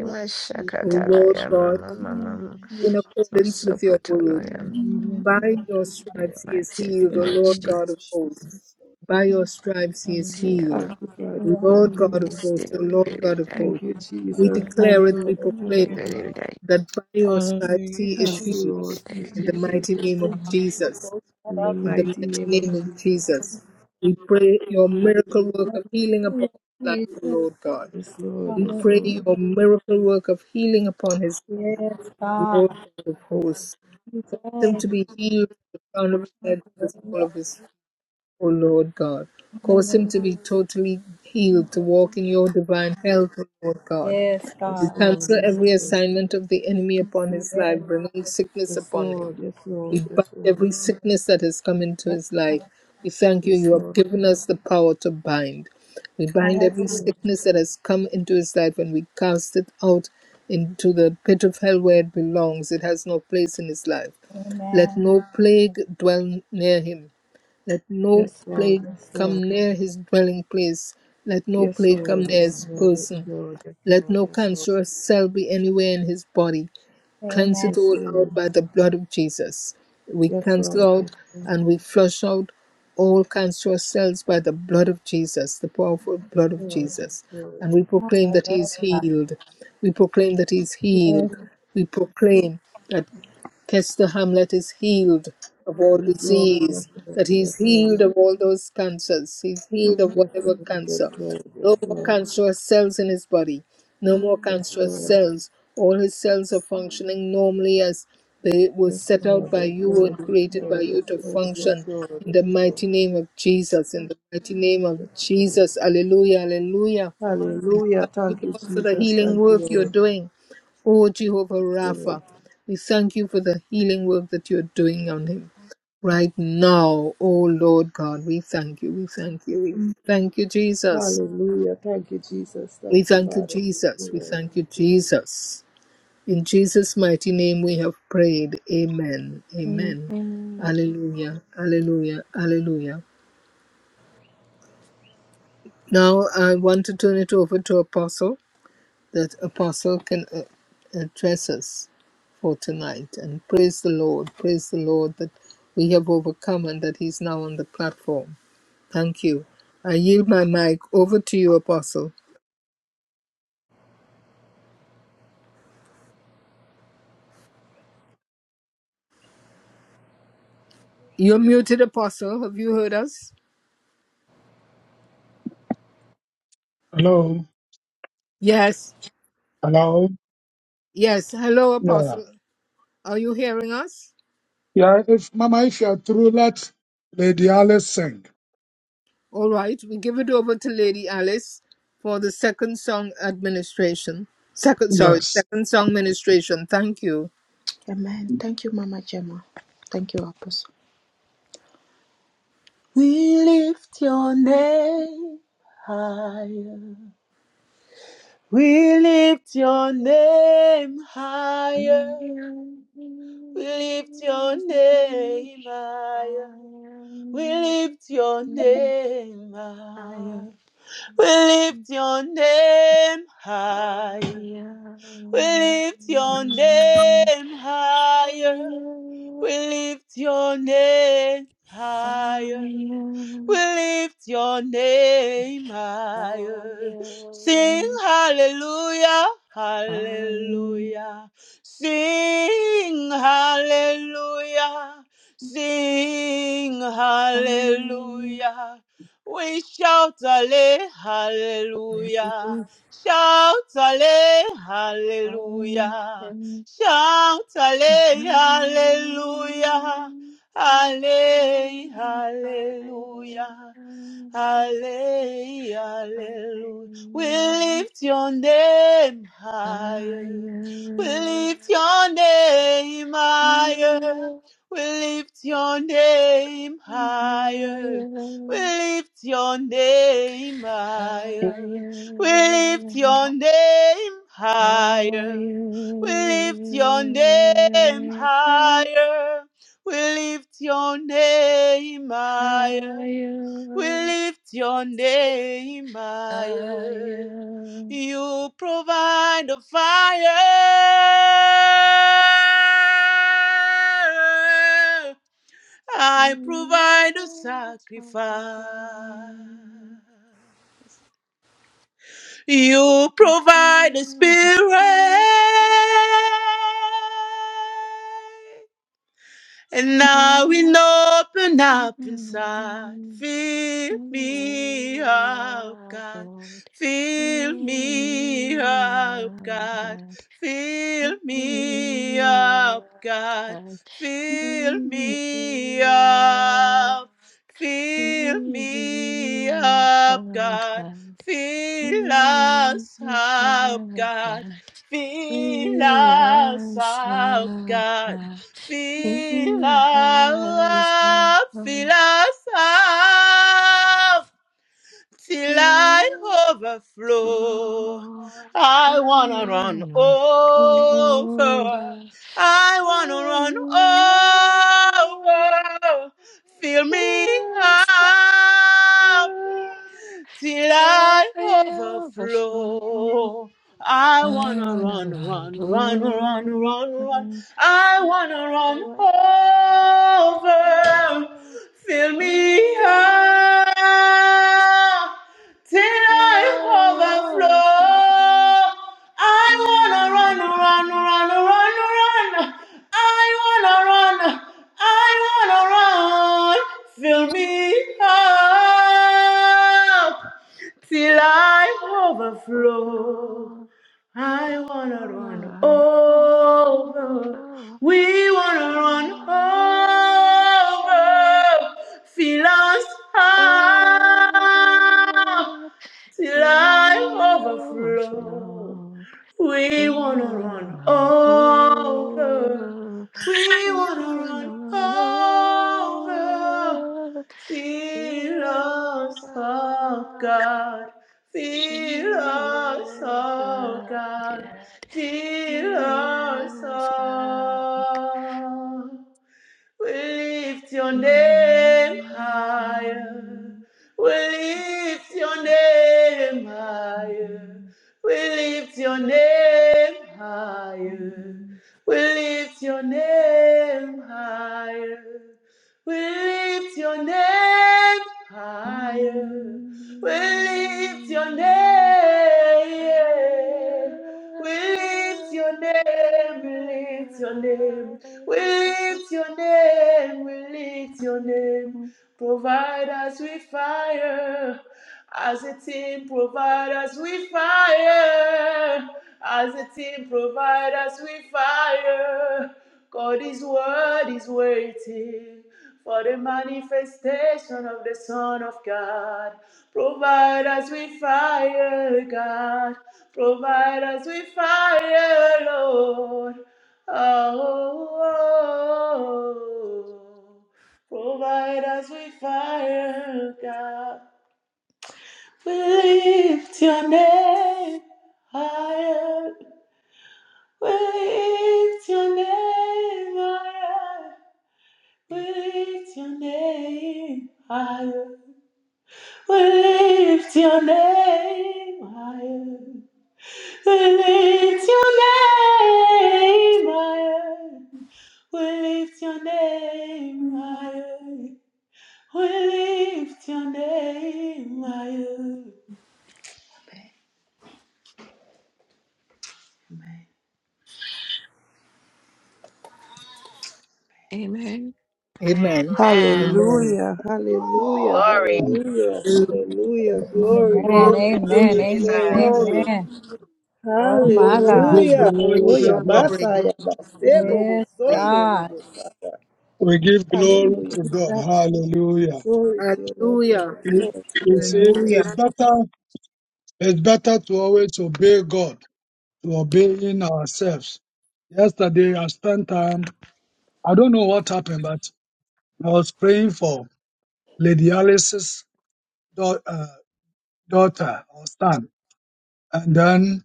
S2: O
S10: you.
S5: Mashakatala
S2: Lord
S5: ya ma
S2: God,
S5: ma ma ma ma.
S2: in accordance with your
S5: Masokotoro
S2: word.
S5: ya
S2: By your
S5: and
S2: stripes he
S5: my
S2: is
S5: children
S2: healed, O Lord
S5: watched it.
S2: God of hosts. By your stripes he is
S5: See how
S2: healed,
S3: thank
S5: long
S3: you, Father.
S2: O Lord
S3: Thank you,
S2: God of
S5: it's
S3: Lord.
S2: hosts,
S5: still
S2: O Lord
S5: repeating
S2: God of
S5: that.
S3: Thank
S2: hosts.
S3: you,
S2: We
S3: Jesus. Thank
S2: declare it,
S3: you,
S2: we
S3: Lord. Thank
S2: proclaim
S5: They
S3: you,
S2: it,
S3: Lord.
S5: believe
S2: that by your stripes he
S9: Hallelujah,
S2: is
S3: Thank
S1: Thank
S3: you,
S2: healed,
S3: Lord.
S9: Jesus.
S3: Thank
S2: in
S3: you,
S2: the
S5: that.
S2: mighty
S3: Jesus.
S2: name of
S1: you,
S2: Jesus.
S3: In the
S2: In the
S1: Jesus.
S3: mighty
S2: mighty
S3: name of
S2: name of
S3: Jesus.
S2: Jesus, we pray your miracle work of healing upon
S1: Hallelujah,
S2: his life, O
S1: Jesus.
S2: Lord God.
S3: Yes, Lord.
S2: We
S3: Yes,
S2: pray
S3: Lord.
S2: your
S1: Hallelujah.
S2: miracle work of healing upon his life,
S1: Yes,
S2: O
S1: God.
S2: Lord God of hosts. Cause him
S1: Jesus.
S2: to be healed from the crown of his head to the sole
S1: Hallelujah.
S2: of his feet, O Lord God. Cause him
S1: Hallelujah.
S2: to be totally healed, to walk in your divine health, O Lord God.
S1: Yes,
S2: We
S3: Yes,
S1: God.
S3: Lord.
S2: cancel
S3: Yes,
S2: every
S3: Lord.
S2: assignment of the enemy upon his life,
S1: Yes,
S2: bringing sickness
S3: Yes,
S2: upon him.
S3: Lord. Yes,
S2: We bind
S3: Lord.
S2: every sickness that has come into
S1: yes.
S2: his
S1: God.
S2: life. We thank you, you have given us the power to bind. We bind
S3: Yes,
S2: every
S1: Hallelujah.
S3: Lord.
S2: sickness that has come into his life and we cast it out into the pit of hell where it belongs. It has no place in his life. Let
S1: Amen.
S2: no plague dwell near him. Let no
S3: Yes,
S2: plague
S3: Lord. Yes,
S2: come
S3: Lord.
S2: near his dwelling place. Let no
S3: Yes,
S2: plague come
S3: Lord.
S2: near
S3: Yes,
S2: his
S3: Lord. Yes, Lord. Yes, Lord. Yes,
S2: person.
S3: Lord. Yes,
S2: Let
S3: Lord.
S2: no
S3: Yes, Lord.
S2: cancerous cell be anywhere in his body. Cleanse
S1: Amen.
S2: it
S3: Yes,
S2: all
S3: Lord.
S2: out by the blood of Jesus. We
S3: Yes, Lord.
S2: cancel out
S3: Yes,
S2: and we flush out all cancerous cells by the blood of Jesus, the powerful blood of
S3: Lord.
S2: Jesus. And
S3: Yes,
S2: we proclaim that he
S1: Hallelujah.
S2: is healed. We proclaim that he is healed.
S1: Yes.
S2: We proclaim that. Kester Hamlet is healed of all
S3: Lord. Yes, Lord.
S2: disease, that
S3: Yes,
S2: he's
S3: Lord.
S2: healed of all those cancers, he's healed of
S3: Yes,
S2: whatever
S3: Lord. Yes,
S2: cancer.
S3: Lord.
S2: No
S3: Yes,
S2: more
S3: Lord.
S2: cancerous cells in his body, no more
S3: Yes,
S2: cancerous
S3: Lord.
S2: cells. All his cells are functioning normally as they were
S3: Yes,
S2: set out
S3: Lord. Yes, Lord.
S2: by
S3: Yes, Lord. Yes, Lord. Yes, Lord. Yes,
S2: you
S3: Lord.
S2: and created by you to function in
S3: Yes,
S2: the
S3: Lord.
S2: mighty name of Jesus, in the mighty name of
S3: Yes, Lord.
S2: Jesus. Hallelujah, hallelujah. We
S3: Hallelujah.
S2: thank you,
S3: Thank you,
S2: Lord, for the
S3: Jesus.
S2: healing
S3: Thank you,
S2: work you're
S3: Lord.
S2: doing. O Jehovah
S3: Thank you, Lord.
S2: Rapha. We thank you for the healing work that you're doing on him right now. Oh Lord God, we thank you. We thank you. We thank you, Jesus.
S3: Hallelujah. Thank you, Jesus.
S2: We
S3: Thank you,
S2: thank you,
S3: Father. Thank you,
S2: Jesus. We
S3: Lord.
S2: thank you,
S3: Thank you, Lord.
S2: Jesus. In Jesus' mighty name we have prayed. Amen. Amen. Hallelujah. Hallelujah. Hallelujah. Now I want to turn it over to Apostle. that Apostle can uh, address us for tonight. And praise the Lord. Praise the Lord that we have overcome and that He's now on the platform. Thank you. I yield my mic over to you, Apostle. You're muted, Apostle. Have you heard us? Yes.
S8: Hello?
S2: Yes. Hello,
S8: Yeah.
S2: Apostle. Are you hearing us?
S8: Yeah, if Mama, if you're through, let Lady Alice sing.
S2: All right. We give it over to Lady Alice for the second song administration. Second, sorry,
S8: Yes.
S2: second song ministration. Thank you.
S7: Amen. Thank you, Mama Gemma. Thank you, Apostle. We lift your name higher. We lift your name higher.
S5: Amen.
S7: We lift your name higher. We lift your name higher. We lift your name higher. We lift your name higher. We lift your name higher. We lift your name higher. Sing hallelujah, hallelujah. Sing hallelujah. Sing hallelujah. We shout alle, hallelujah. Shout alle, hallelujah. Shout
S5: higher,
S7: alle,
S5: higher,
S7: hallelujah. Alle,
S5: higher,
S7: hallelujah. Hallelujah. We lift your name higher. We lift your name higher. We lift your name
S5: higher,
S7: higher. We
S5: higher,
S7: lift your name higher. We lift your name higher. We lift your name higher. We lift your name
S5: higher,
S7: higher. We lift your name higher.
S5: higher,
S7: You provide the fire. I provide the sacrifice. You provide the spirit. And now we open up inside. Fill me up, God. Fill me up, God. Fill me up, God. Fill me up. Fill me up, God. Fill us up,
S5: God,
S7: God.
S5: God,
S7: Fill
S5: He
S7: us
S5: has
S7: up,
S5: a
S7: God.
S5: plan.
S7: Fill
S5: He has a
S7: up, fill
S5: plan.
S7: us up till
S5: He
S7: I
S5: will
S7: overflow.
S5: blow.
S7: I
S5: I'm
S7: wanna run
S5: running on
S7: over.
S5: over.
S7: I
S5: I'm
S7: wanna run
S5: over.
S7: over. Fill
S5: He
S7: me
S5: has a
S7: up
S5: plan.
S7: till
S5: Till
S7: I
S5: I overflow.
S7: overflow. I
S5: I
S7: wanna
S5: wanna
S7: run,
S5: run
S7: run, run, run,
S5: over.
S7: run,
S5: I
S7: run. I
S5: wanna
S7: wanna run
S5: run
S7: over.
S5: over.
S7: Fill
S5: In
S7: me
S5: the air.
S7: up. Till
S5: Till
S7: I
S5: I
S7: overflow.
S5: overflow.
S7: I wanna
S5: Mm, I
S7: run, run,
S5: gotta
S7: run, run, run. I wanna run. I wanna run. Fill me up till I overflow.
S5: Overflow.
S7: I wanna
S5: When
S7: run
S5: I
S7: over.
S5: over.
S7: We wanna
S5: When
S7: run
S5: I
S7: over. Fill us up
S5: overflow.
S7: till
S5: Till
S7: I
S5: we
S7: overflow.
S5: overflow.
S7: We
S5: We
S7: wanna
S5: wanna
S7: run
S5: run
S7: over.
S5: over.
S7: We
S5: We
S7: wanna
S5: wanna
S7: run
S5: run
S7: over.
S5: over.
S7: Fill
S5: Yeah.
S7: us up, God.
S5: I
S7: Feel
S5: He
S7: us,
S5: is
S7: oh
S5: a
S7: God.
S5: good.
S7: Feel
S5: He
S7: us,
S5: is a good.
S7: oh. We lift your name higher. We lift your name higher. We lift your name higher. We lift your name higher. We lift your name higher. We lift your name. We lift your name. We lift your name. We lift your name, we lift your name. Provide us with fire. As a team, provide us with fire. As a team, provide us with fire. God is word is waiting for the manifestation of the Son of God. Provide us with fire, God. Provide us with fire, Lord. Oh, oh, oh, provide us with fire, God. We lift your name higher. We lift your name higher. We lift your name higher. We lift your name higher. We lift your name higher. We lift your name higher. We lift your name higher.
S5: Amen.
S2: Amen. Amen.
S3: Hallelujah, hallelujah,
S8: We
S3: hallelujah, hallelujah. Glory,
S2: Glory,
S1: Amen.
S3: glory,
S1: Amen.
S3: glory,
S1: Amen.
S3: glory,
S2: glory,
S3: glory.
S1: Amen. Oh my
S2: glory,
S1: God.
S8: give
S3: Hallelujah.
S2: glory,
S8: glory to
S3: Oya
S8: God.
S2: glory, glory.
S3: basa ya basebo bo
S1: Yes,
S2: glory.
S3: sondo
S1: God.
S3: sata.
S8: We give
S1: Mm,
S8: glory
S3: Hallelujah.
S8: to God.
S1: Jesus.
S8: Hallelujah.
S3: Glory to your Lord
S2: Hallelujah.
S3: God.
S8: You,
S3: Glory,
S8: you
S3: glory,
S8: see,
S3: glory.
S8: it's
S2: Hallelujah.
S8: better, it's better to always obey God, to obeying ourselves. Yesterday, I spent time, I don't know what happened, but I was praying for Lady Alice's dau- uh, daughter or son. And then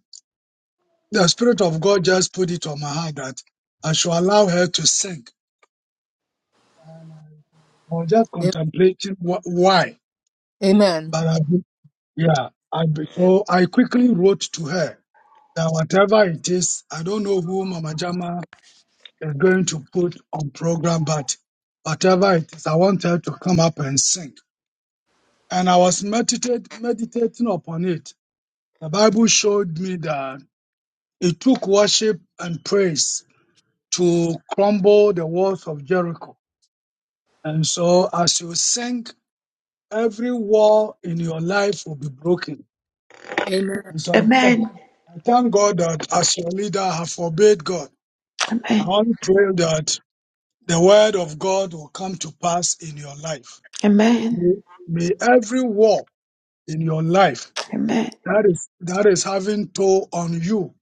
S8: The Spirit of God just put it on my heart that I should allow her to sing. I was just
S2: A-
S8: contemplating wh- why,
S2: Amen.
S8: but I, be- yeah, I, be- so I quickly wrote to her that whatever it is, I don't know who Mama Jama is going to put on program, but whatever it is, I want her to come up and sing. And I was meditate, meditating upon it. The Bible showed me that it took worship and praise to crumble the walls of Jericho And so as you sing, every wall in your life will be broken.
S2: Amen.
S8: And so I thank, I thank God that as your leader, I have forbade God. I want to pray that the word of God will come to pass in your life.
S7: Amen.
S8: May may every wall in your life
S7: Amen.
S8: that is, that is having toll on you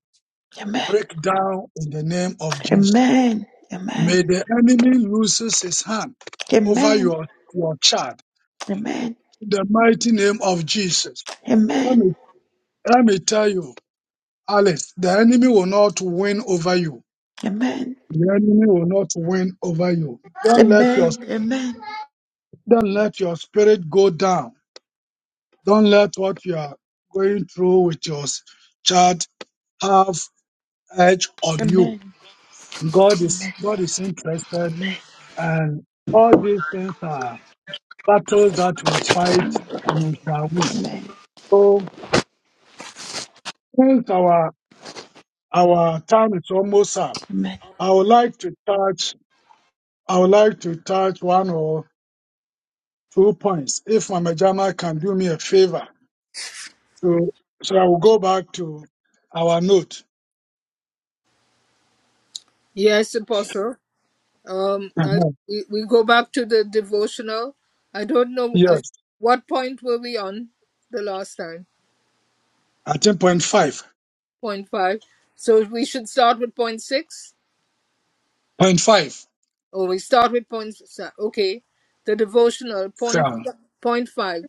S7: Amen.
S8: break down in the name of Jesus.
S7: Amen. Amen.
S8: May the enemy loses his hand over
S7: Amen. Amen.
S8: your, your child.
S7: Amen.
S8: In the mighty name of Jesus.
S7: Amen.
S8: Let me. Let me tell you, Alex, the enemy will not win over you.
S7: Amen.
S8: The enemy will not win over you. Don't let your don't let your spirit go down. Don't let what you are going through with your s- child have edge on you.
S7: Amen.
S8: God is
S7: Amen.
S8: God is interested,
S7: Amen. Amen. Amen.
S8: and all these things are battles that we fight and we shall win.
S7: Amen. Amen. Amen.
S8: So since our our time is almost up, I would like to touch I would like to touch one or two points. If Mama Jama can do me a favor, to, so I will go back to our note.
S2: Yes, Apostle. Um, I,
S8: Uh-huh.
S2: we, we go back to the devotional. I don't know uh,
S8: Yes,
S2: what point were we on the last time?
S8: I think point five.
S2: Point five. So we should start with point six,
S8: Point five.
S2: or we start with point. s- Okay, the devotional point
S8: Yeah.
S2: point five.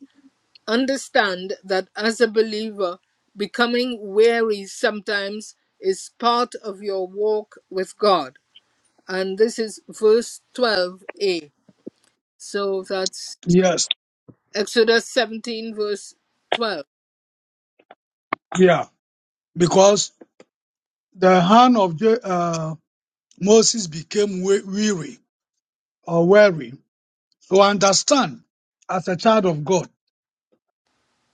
S2: Understand that as a believer, becoming weary sometimes is part of your walk with God. And this is verse 12a. So that's
S8: Yes.
S2: Exodus 17, verse 12.
S8: Yeah. Because the hand of Je- uh, Moses became we- weary or weary. So understand, as a child of God,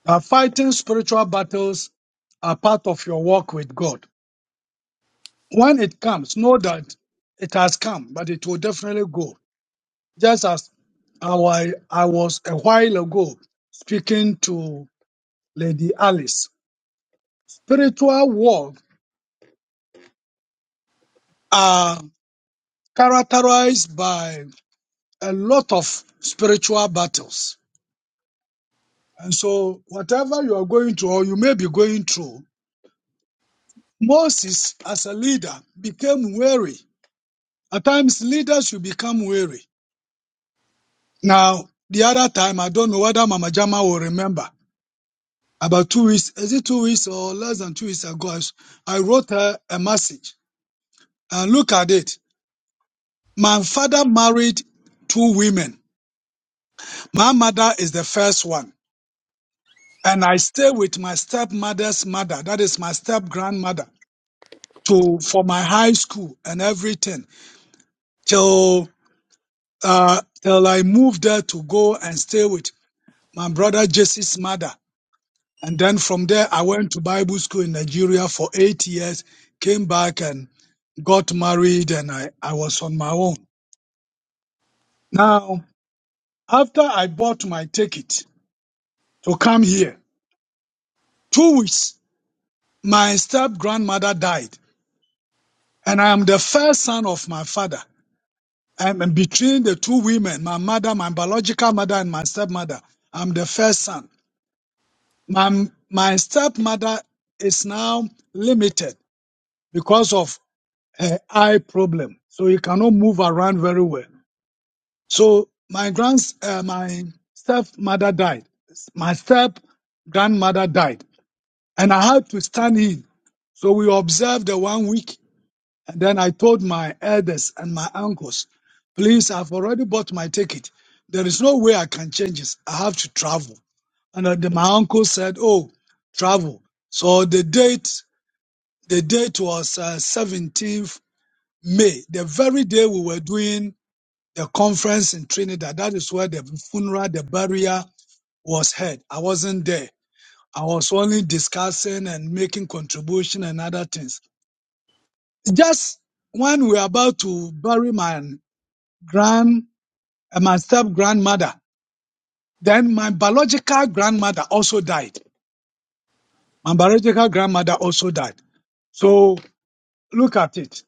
S8: that fighting spiritual battles are part of your walk with God. When it comes, know that it has come, but it will definitely go. Just as I, I was a while ago speaking to Lady Alice, spiritual war are characterized by a lot of spiritual battles. And so, whatever you are going through or you may be going through, Moses, as a leader, became weary. At times, leaders should become weary. Now, the other time, I don't know whether Mama Jama will remember, about two weeks, is it two weeks or less than two weeks ago, I, s- I wrote her a message. And look at it. My father married two women. My mother is the first one. And I stay with my stepmother's mother, that is my step grandmother, to for my high school and everything till uh, till I moved there to go and stay with my brother Jesse's mother. And then from there, I went to Bible school in Nigeria for eight years, came back and got married, and I, I was on my own. Now, after I bought my ticket to come here, two weeks, my step grandmother died, and I am the first son of my father. I'm in between the two women, my mother, my biological mother, and my stepmother. I'm the first son. My, my stepmother is now limited because of uh, eye problem, so he cannot move around very well. So my grands, uh, my step mother died, my step grandmother died, and I had to stand in. So we observed the one week, and then I told my elders and my uncles, "Please, I've already bought my ticket. There is no way I can change this. I have to travel." And uh, then my uncle said, "Oh, travel." So the date, the date was uh, 17th May, the very day we were doing the conference in Trinidad. That is where the funeral, the burial was held. I wasn't there. I was only discussing and making contribution and other things. Just when we were about to bury my grand, uh, my step grandmother, then my biological grandmother also died. My biological grandmother also died. So look at it.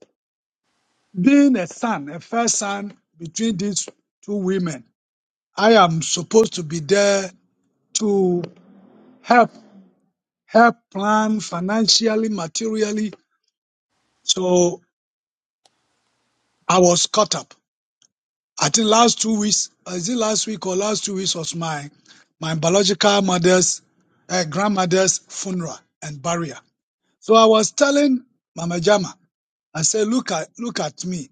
S8: Being a son, a first son between these two women, I am supposed to be there to help help plan financially, materially. So I was caught up. I think last two weeks, is it last week or last two weeks was my my biological mother's uh, grandmother's funeral and burial. So I was telling Mama Jama, I said, look at look at me.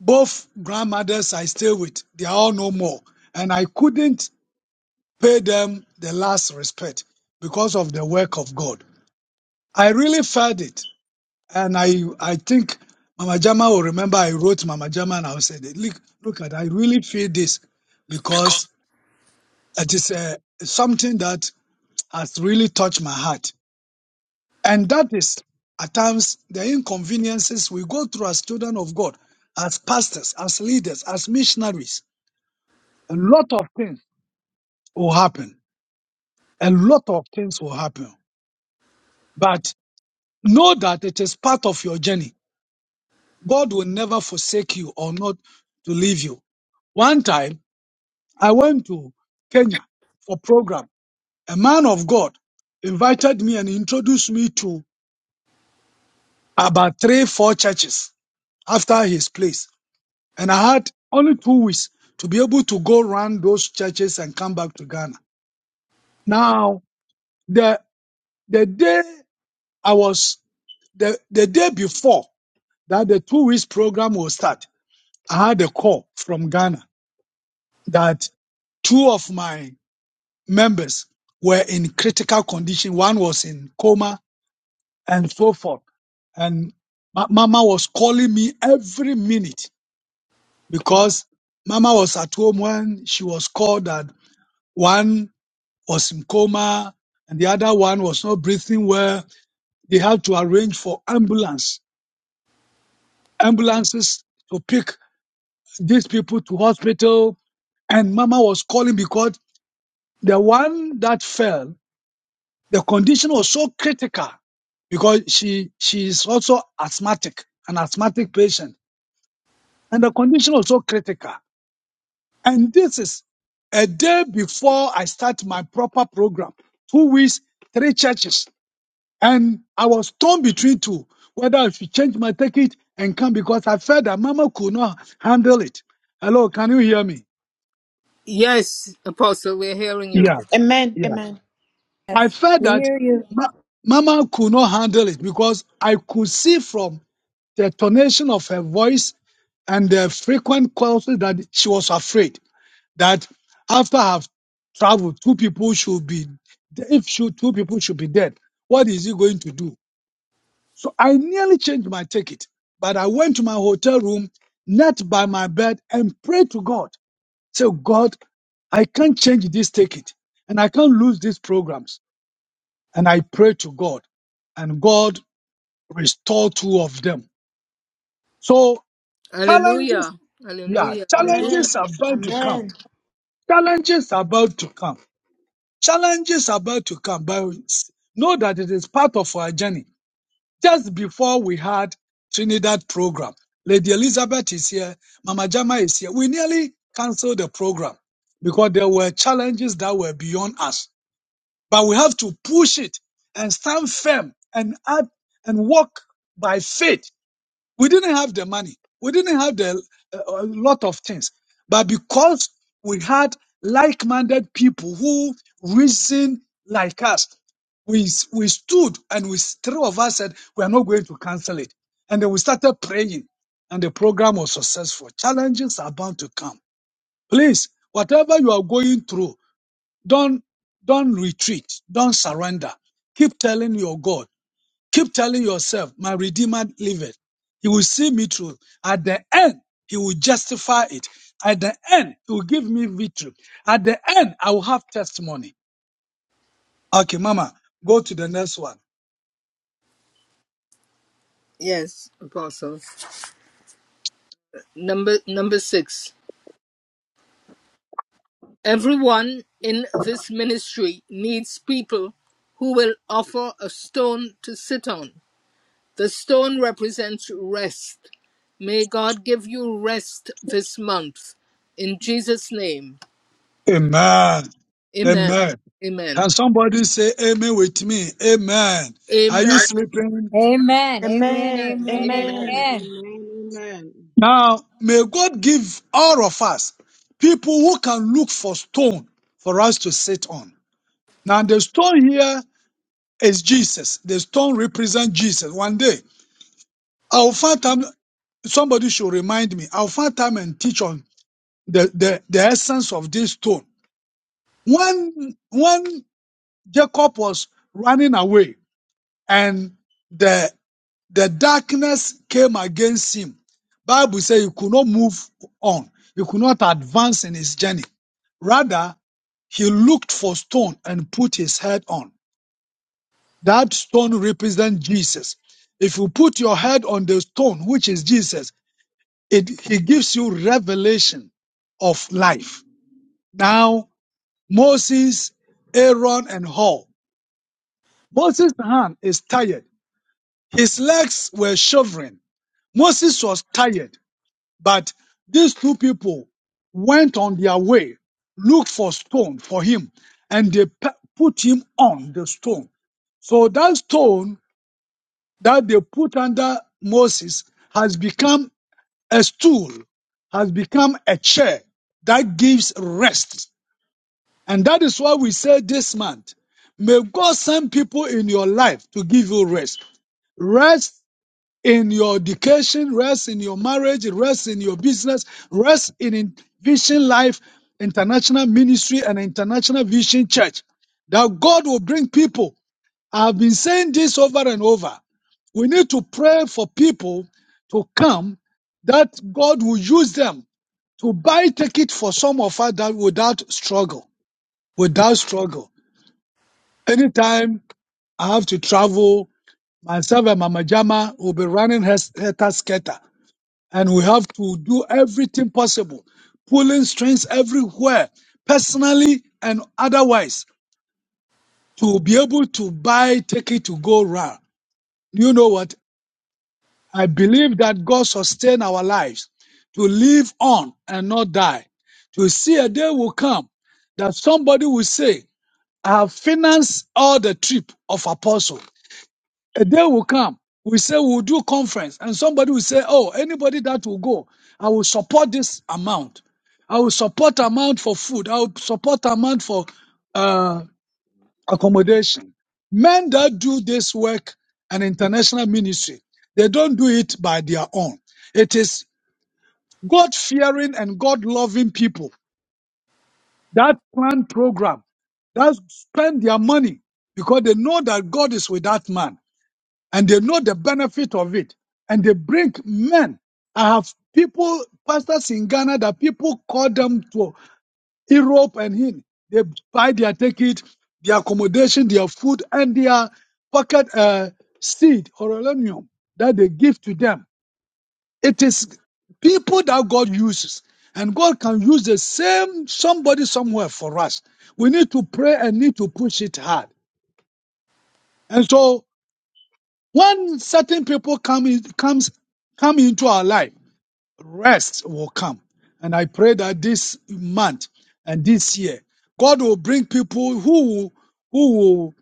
S8: Both grandmothers I stay with, they are all no more. And I couldn't pay them the last respect because of the work of God. I really felt it. And I, I think Mama Jama will remember I wrote Mama Jama and I said, look, look at, I really feel this because it is uh, something that has really touched my heart. And that is at times the inconveniences we go through as children of God, as pastors, as leaders, as missionaries. A lot of things will happen. A lot of things will happen. But know that it is part of your journey God will never forsake you or not to leave you. One time, I went to Kenya for program. A man of God invited me and introduced me to about three, four churches after his place. And I had only two weeks to be able to go around those churches and come back to Ghana. Now, the, the day I was, the, the day before that the two weeks program will start, I had a call from Ghana that two of my members were in critical condition. One was in coma and so forth. And ma- Mama was calling me every minute because Mama was at home when she was called that one was in coma and the other one was not breathing well. They had to arrange for ambulance, ambulances to pick these people to hospital. And Mama was calling because the one that fell The condition was so critical because she she is also asthmatic, an asthmatic patient, and the condition was so critical. And this is a day before I start my proper program, two weeks, three churches, and I was torn between two whether I should change my ticket and come because I felt that Mama could not handle it. Hello, can you hear me?
S2: Yes, Apostle, we're hearing you.
S8: Yeah, yeah. I
S1: Yes,
S8: felt
S1: we
S8: that
S1: hear you.
S8: ma- Mama could not handle it because I could see from the tonation of her voice and the frequent calls that she was afraid that after I've traveled, two people should be, if should, two people should be dead, what is he going to do? So I nearly changed my ticket, but I went to my hotel room, knelt by my bed and prayed to God. Say, God, I can't change this ticket and I can't lose these programs and I prayed to God, and God restored two of them. So challenges,
S2: Hallelujah.
S8: yeah,
S2: Hallelujah. Hallelujah.
S8: challenges are about to come. Challenges are about to come. Challenges are about to come. But know that it is part of our journey. Just before we had Trinidad program, Lady Elizabeth is here, Mama Jama is here. We nearly canceled the program because there were challenges that were beyond us. But we have to push it and stand firm and act and walk by faith. We didn't have the money. We didn't have the, uh, a lot of things. But because we had like-minded people who reason like us, we, we stood and we, three of us said, we are not going to cancel it. And then we started praying and the program was successful. Challenges are bound to come. Please, whatever you are going through, don't, don't retreat. Don't surrender. Keep telling your God. Keep telling yourself, my Redeemer liveth. He will see me through. At the end, He will justify it. At the end, He will give me victory. At the end, I will have testimony. Okay, Mama, go to the next one.
S2: Yes, Apostle. Number number six. Everyone in this ministry needs people who will offer a stone to sit on. The stone represents rest. May God give you rest this month. In Jesus' name.
S8: Amen.
S2: Amen.
S8: Amen. Can
S2: Amen.
S8: somebody say amen with me? Amen. Are you
S2: Amen.
S8: sleeping?
S1: Amen.
S2: Amen.
S1: Amen.
S7: Amen.
S1: Amen.
S9: Amen,
S2: Amen.
S1: Amen.
S9: amen, amen.
S8: Now, may God give all of us people who can look for stone for us to sit on. Now, the stone here is Jesus. The stone represents Jesus. One day, I'll find time, somebody should remind me, I'll find time and teach on the, the, the essence of this stone. When, when Jacob was running away and the. the darkness came against him. Bible says he could not move on. He could not advance in his journey. Rather, he looked for stone and put his head on. That stone represents Jesus. If you put your head on the stone, which is Jesus, it he gives you revelation of life. Now, Moses, Aaron, and Hall. Moses' hand is tired. His legs were shivering. Moses was tired. But these two people went on their way, looked for stone for him, and they pe- put him on the stone. So that stone that they put under Moses has become a stool, has become a chair that gives rest. And that is why we say this month, may God send people in your life to give you rest. Rest in your education, rest in your marriage, rest in your business, rest in Vision Life International Ministry and International Vision Church. That God will bring people. I have been saying this over and over. We need to pray for people to come that God will use them to buy ticket for some of us that without struggle, without struggle. Anytime I have to travel. Myself and Mama Jama will be running her, her tasketa and we have to do everything possible, pulling strings everywhere, personally and otherwise, to be able to buy ticket to go round. You know what? I believe that God sustain our lives to live on and not die. To see a day will come that somebody will say, I have financed all the trip of apostle. A day will come. We say we'll do conference, and somebody will say, "Oh, anybody that will go, I will support this amount. I will support amount for food. I will support amount for uh, accommodation." Men that do this work and international ministry, they don't do it by their own. It is God fearing and God loving people that plan program that spend their money because they know that God is with that man and they know the benefit of it and they bring men. I have people, pastors in Ghana that people call them to Europe and in. They buy their ticket, their accommodation, their food and their pocket uh, seed or aluminum that they give to them. It is people that God uses and God can use the same somebody somewhere for us. We need to pray and need to push it hard. And so When certain people come in, comes come into our life, rest will come. And I pray that this month and this year, God will bring people who will, who will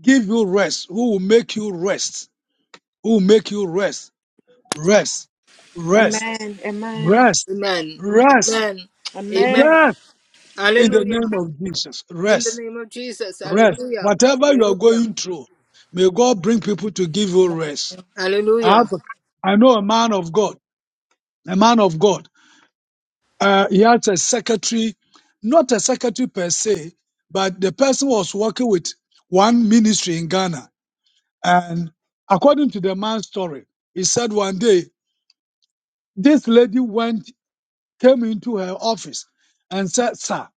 S8: give you rest, who will make you rest, who will make you rest, rest, rest, rest,
S2: Amen.
S8: rest,
S2: Amen. Amen.
S8: rest. In the
S2: Hallelujah.
S8: name of Jesus,
S2: In the
S8: rest,
S2: name of Jesus.
S8: rest.
S2: Hallelujah.
S8: Whatever you are
S2: Hallelujah.
S8: going through, may God bring people to give you rest. I,
S2: Hallelujah.
S8: have, I know a man of God. a man of God. Uh, he had a secretary, not a secretary per se, but the person was working with one ministry in Ghana. And according to the man's story, he said one day, this lady went, came into her office and said, Sir,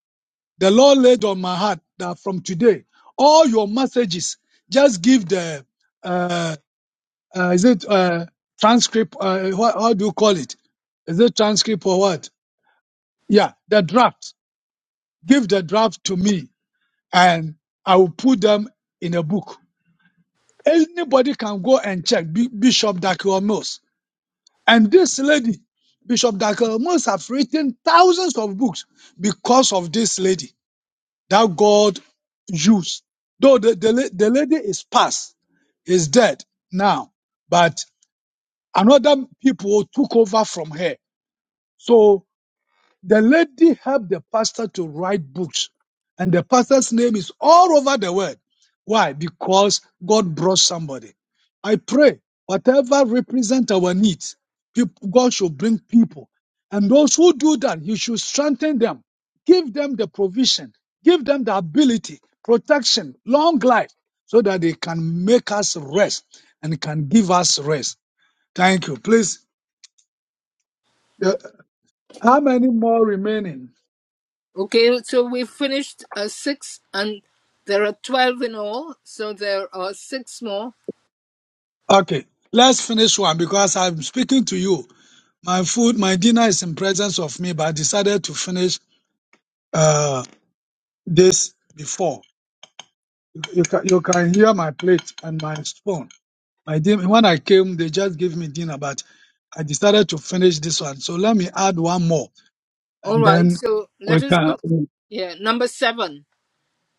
S8: the Lord laid on my heart that from today, all your messages, just give the, uh, uh, is it uh, transcript, uh, what, how do you call it? Is it transcript or what? Yeah, the draft give the draft to me and I will put them in a book. Anybody can go and check B- Bishop Dakiomos. And this lady, Bishop Dakiomos, have written thousands of books because of this lady that God used. Though the, the, la- the lady is past, is dead now, but another people took over from her. So The lady helped the pastor to write books, and the pastor's name is all over the world. Why? Because God brought somebody. I pray whatever represent our needs, people, God should bring people, and those who do that, He should strengthen them, give them the provision, give them the ability, protection, long life, so that they can make us rest and can give us rest. Thank you. Please, uh, how many more remaining?
S2: Okay, so we finished uh, six, and there are 12 in all. So there are six more.
S8: Okay, let's finish one because I'm speaking to you. My food, my dinner is in presence of me, but I decided to finish uh, this before. You can, you can hear my plate and my spoon. My din- when I came, they just gave me dinner, but I decided to finish this one. So let me add one more,
S2: All
S8: and
S2: right,
S8: then
S2: so
S8: we
S2: let us
S8: can.
S2: do, yeah, number seven.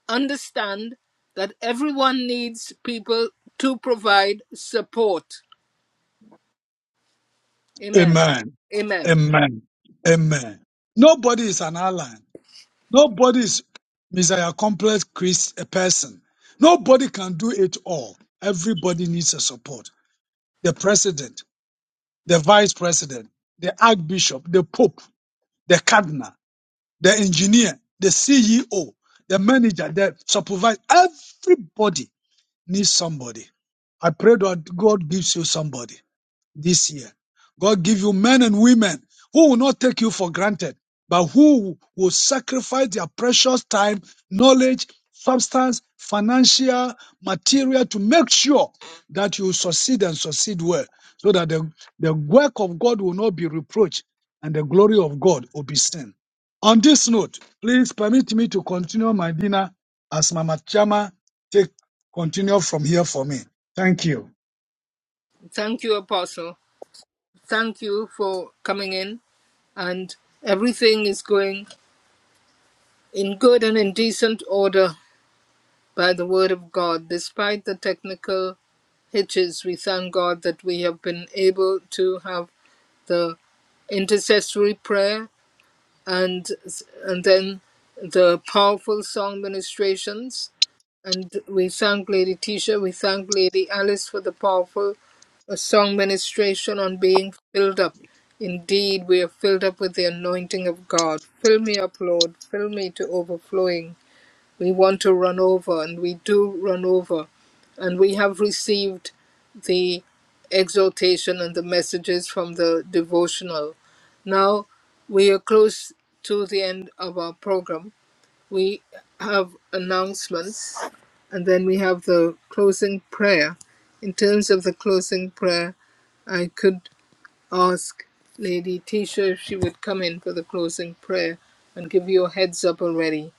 S2: understand that everyone needs people to provide support. Amen.
S8: Amen.
S2: Amen.
S8: Amen. Amen. Nobody is an island. Nobody is Messiah complex Christ, a person. Nobody can do it all. Everybody needs a support. The president, the vice president, the archbishop, the pope, the cardinal, the engineer, the CEO, the manager, the supervisor. Everybody needs somebody. I pray that God gives you somebody this year. God give you men and women who will not take you for granted, but who will sacrifice their precious time, knowledge, substance, financial, material to make sure that you succeed and succeed well so that the, the work of God will not be reproached and the glory of God will be seen. On this note, please permit me to continue my dinner as Mama Chama take continue from here for me. Thank you.
S2: Thank you, Apostle. Thank you for coming in. And everything is going in good and in decent order by the word of God. Despite the technical hitches, we thank God that we have been able to have the intercessory prayer and and then the powerful song ministrations. And we thank Lady Tisha, we thank Lady Alice for the powerful uh, song ministration on being filled up. Indeed, we are filled up with the anointing of God. Fill me up, Lord, fill me to overflowing we want to run over, and we do run over. And we have received the exhortation and the messages from the devotional. Now we are close to the end of our program. We have announcements, and then we have the closing prayer. In terms of the closing prayer, I could ask Lady Tisha if she would come in for the closing prayer and give you a heads up already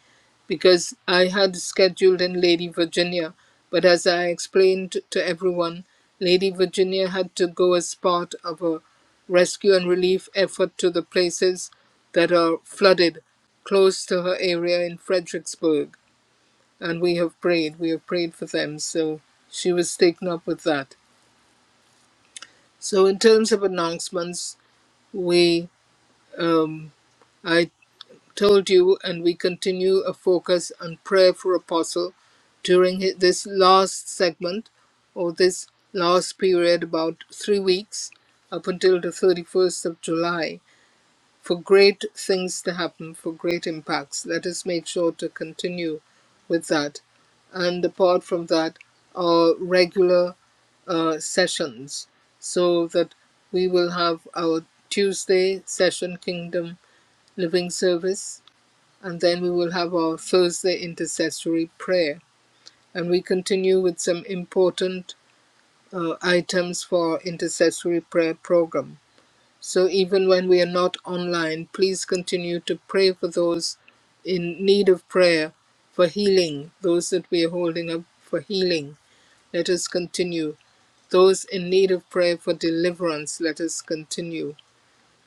S2: because I had scheduled in Lady Virginia, but as I explained to everyone, Lady Virginia had to go as part of a rescue and relief effort to the places that are flooded close to her area in Fredericksburg. And we have prayed, we have prayed for them, so she was taken up with that. So, in terms of announcements, we um. I told you, and we continue a focus on prayer for Apostle during hi- this last segment or this last period, about three weeks up until the 31st of July, for great things to happen, for great impacts. Let us make sure to continue with that. And apart from that, our regular uh, sessions so that we will have our Tuesday session Kingdom Living Service and then we will have our Thursday intercessory prayer. And we continue with some important uh, items for our intercessory prayer program. So even when we are not online, please continue to pray for those in need of prayer for healing, those that we are holding up for healing. Let us continue. Those in need of prayer for deliverance, let us continue.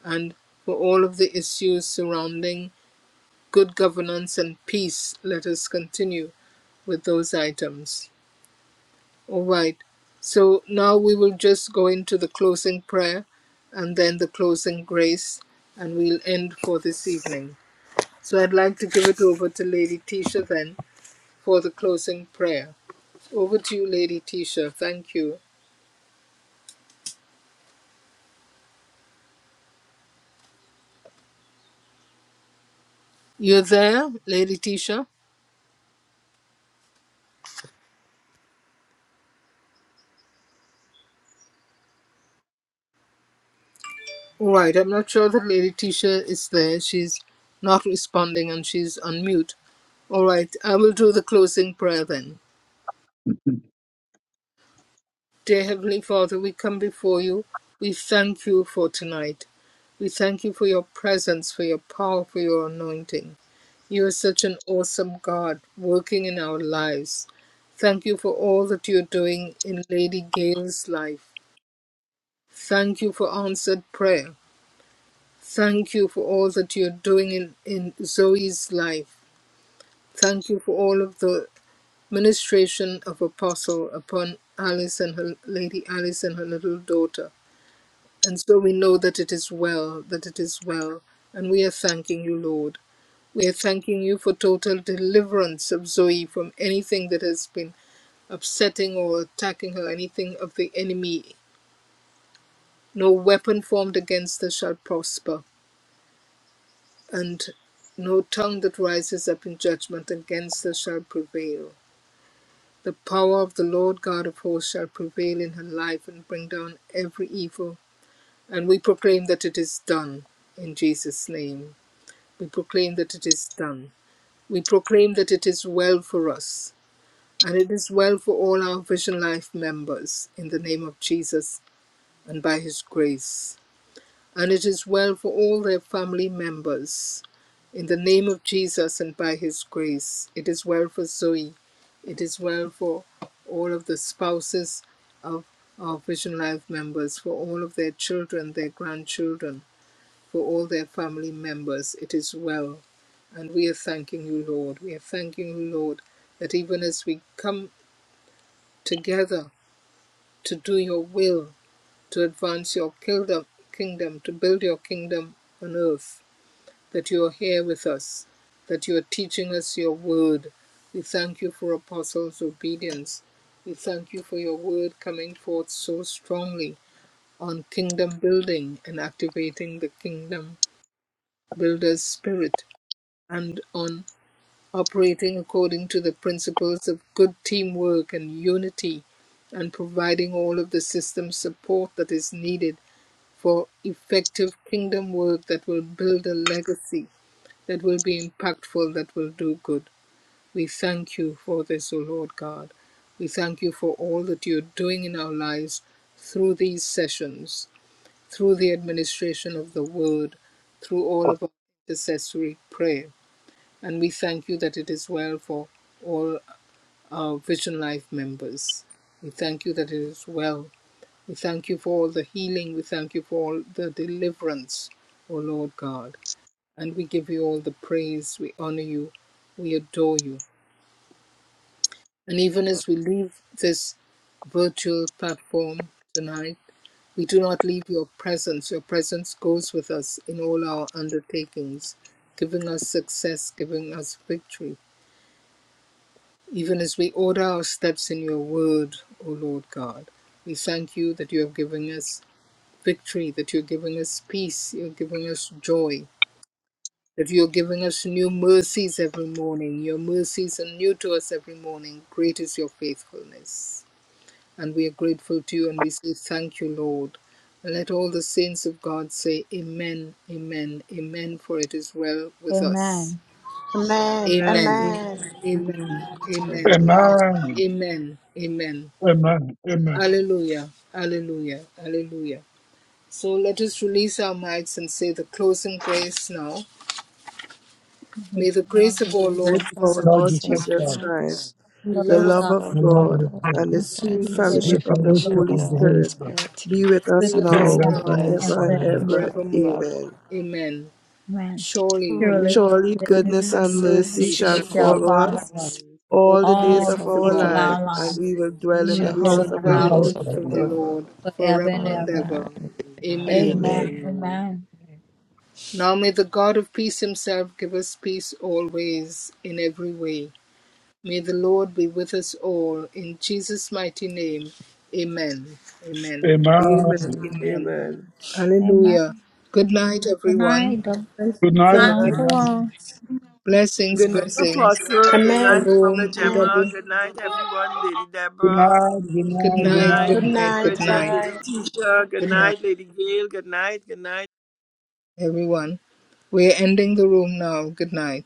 S2: And for all of the issues surrounding good governance and peace, let us continue. with those items. All right. So now we will just go into the closing prayer and then the closing grace, and we'll end for this evening. So I'd like to give it over to Lady Tisha then for the closing prayer. Over to you, Lady Tisha. Thank you. You're there, Lady Tisha? All right. I'm not sure that Lady Tisha is there. She's not responding and she's on mute. All right. I will do the closing prayer then. Dear Heavenly Father, we come before you. We thank you for tonight. We thank you for your presence, for your power, for your anointing. You are such an awesome God working in our lives. Thank you for all that you're doing in Lady Gail's life. Thank you for answered prayer. Thank you for all that you're doing in, in Zoe's life. Thank you for all of the ministration of Apostle upon Alice and her Lady Alice and her little daughter. And so we know that it is well, that it is well. And we are thanking you, Lord. We are thanking you for total deliverance of Zoe from anything that has been upsetting or attacking her, anything of the enemy. No weapon formed against her shall prosper, and no tongue that rises up in judgment against her shall prevail. The power of the Lord God of hosts shall prevail in her life and bring down every evil. And we proclaim that it is done in Jesus' name. We proclaim that it is done. We proclaim that it is well for us, and it is well for all our Vision Life members in the name of Jesus and by His grace. And it is well for all their family members in the name of Jesus and by His grace. It is well for Zoe. It is well for all of the spouses of our Vision Life members, for all of their children, their grandchildren for all their family members. It is well. And we are thanking you, Lord. We are thanking you, Lord, that even as we come together to do your will, to advance your kingdom, to build your kingdom on earth, that you are here with us, that you are teaching us your word. We thank you for apostles' obedience. We thank you for your word coming forth so strongly on kingdom building and activating the kingdom builder's spirit and on operating according to the principles of good teamwork and unity and providing all of the system support that is needed for effective kingdom work that will build a legacy that will be impactful, that will do good. We thank you for this, O Lord God. We thank you for all that you're doing in our lives through these sessions, through the administration of the word, through all of our intercessory prayer. And we thank you that it is well for all our Vision Life members. We thank you that it is well. We thank you for all the healing. We thank you for all the deliverance, O Lord God. And we give you all the praise. We honor you. We adore you. And even as we leave this virtual platform tonight, we do not leave your presence. Your presence goes with us in all our undertakings, giving us success, giving us victory even as we order our steps in your word, O Lord God. We thank you that you have given us victory, that you're giving us peace, you're giving us joy, that you're giving us new mercies every morning. Your mercies are new to us every morning. Great is your faithfulness. And we are grateful to you and we say thank you, Lord. And let all the saints of God say, Amen, Amen, Amen, for it is well with us.
S1: Amen.
S3: Amen.
S2: Amen.
S9: Amen.
S3: Amen.
S2: Amen.
S3: Amen.
S9: Amen.
S3: Amen.
S2: Amen.
S9: Amen.
S3: Amen.
S8: Amen.
S2: Amen. Amen.
S8: Amen. Amen.
S2: Hallelujah. Hallelujah. Hallelujah. So let us release our mics and say the closing grace now.
S1: Thank
S2: May the
S1: you, our
S2: grace
S5: The
S2: of
S1: Lord
S2: our
S5: grace
S1: Jesus
S2: Lord
S3: Grace
S5: of
S3: of
S5: our
S2: Jesus,
S3: our
S5: Lord
S8: Lord, you
S3: Lord
S1: Christ,
S8: said
S5: Jesus
S3: Jesus
S8: that
S5: Christ,
S3: Christ,
S2: Christ,
S1: the
S2: the
S3: the
S5: the
S2: love
S1: Love of
S2: of
S3: love
S5: love
S1: God.
S2: God,
S5: of
S3: of
S8: the Lord
S3: God,
S8: is
S5: God,
S8: good.
S3: and the
S2: the
S3: sweet
S2: free
S5: and
S1: We
S5: the
S8: If
S2: fellowship
S1: fellowship
S5: sweet
S8: you
S3: fellowship
S1: of
S3: of the
S1: the
S5: fellowship
S8: fellowship
S1: Holy Spirit
S5: of
S3: Holy
S5: the
S8: of the
S5: Holy
S8: Holy
S3: Spirit
S8: Spirit,
S5: Spirit
S3: be with
S2: be
S3: us
S1: with
S2: with
S9: Yes,
S8: be
S1: us
S2: us
S8: with
S5: abide
S3: now,
S8: us
S9: yes,
S1: now
S5: with
S8: now
S2: now
S8: and
S1: and
S5: us
S3: forever and
S5: now
S2: and
S8: forevermore.
S5: and
S3: ever.
S1: forevermore.
S2: forevermore.
S5: forever.
S3: Amen.
S2: Amen.
S1: Amen.
S2: Surely
S1: Surely,
S5: Holy
S3: Surely
S1: goodness and
S3: goodness
S2: goodness
S3: and
S5: goodness
S2: and
S5: and
S3: mercy
S2: mercy
S9: I
S5: mercy
S3: shall
S2: shall
S1: mercy
S5: shall
S9: receive
S1: shall
S2: follow
S3: follow
S5: follow
S9: and
S2: us
S1: follow
S3: us
S9: follow.
S1: us
S5: us all
S2: all
S3: all
S5: the
S3: the
S2: the
S3: days
S1: all
S5: days
S3: of
S5: of
S2: days
S1: the
S2: of
S3: our
S5: our
S1: days of
S2: our life,
S3: life,
S1: our
S3: and
S5: lives.
S1: lives.
S3: we will
S5: We
S3: dwell
S1: And
S3: in
S1: we
S2: and
S1: will
S3: the
S5: shall
S2: we
S1: dwell
S2: shall
S3: house
S1: in
S5: dwell
S3: of
S1: the
S5: in
S8: Now,
S3: the
S5: the
S2: dwell in
S1: house
S5: house
S1: of
S3: Lord
S1: the
S2: the
S5: of
S2: house
S5: the
S2: of the
S1: Lord
S5: Lord
S3: forever.
S2: Lord forever
S1: forever and
S2: and
S1: ever.
S5: forever
S2: ever.
S5: and ever.
S2: Amen.
S1: Amen.
S3: Amen.
S5: Amen.
S1: Amen.
S2: Now may the God of peace himself give us peace always, in every way. May the Lord be with us all. In Jesus' mighty name, amen. Amen.
S3: Amen.
S8: Amen.
S5: Amen.
S2: Amen.
S3: Amen.
S1: Amen.
S2: Hallelujah. Good night,
S1: Good
S2: everyone.
S1: night. Double grace.
S8: Good
S3: Good
S8: night.
S3: night.
S5: Good
S1: Shalom
S8: Good
S1: to
S8: night.
S5: night.
S1: all.
S2: Blessings,
S3: Good night,
S5: Good
S2: blessings.
S3: Apostle. Good night,
S7: Amen.
S3: Mama
S2: Shalom.
S3: Gemma.
S2: Double.
S3: Good night, everyone. Lady
S8: Good
S3: Deborah.
S8: night. Good
S5: good
S2: Good
S8: night.
S3: Good
S8: Good
S2: night,
S5: night.
S8: night.
S3: night,
S7: Good
S2: good
S3: Lady
S2: night,
S7: night.
S2: good
S5: Good night.
S3: Bridget.
S7: Bye.
S2: night.
S3: Lady Tisha. Good
S2: Good night,
S3: night, Lady Gail. Good night. Good night.
S2: everyone. We're ending the room now. Good night.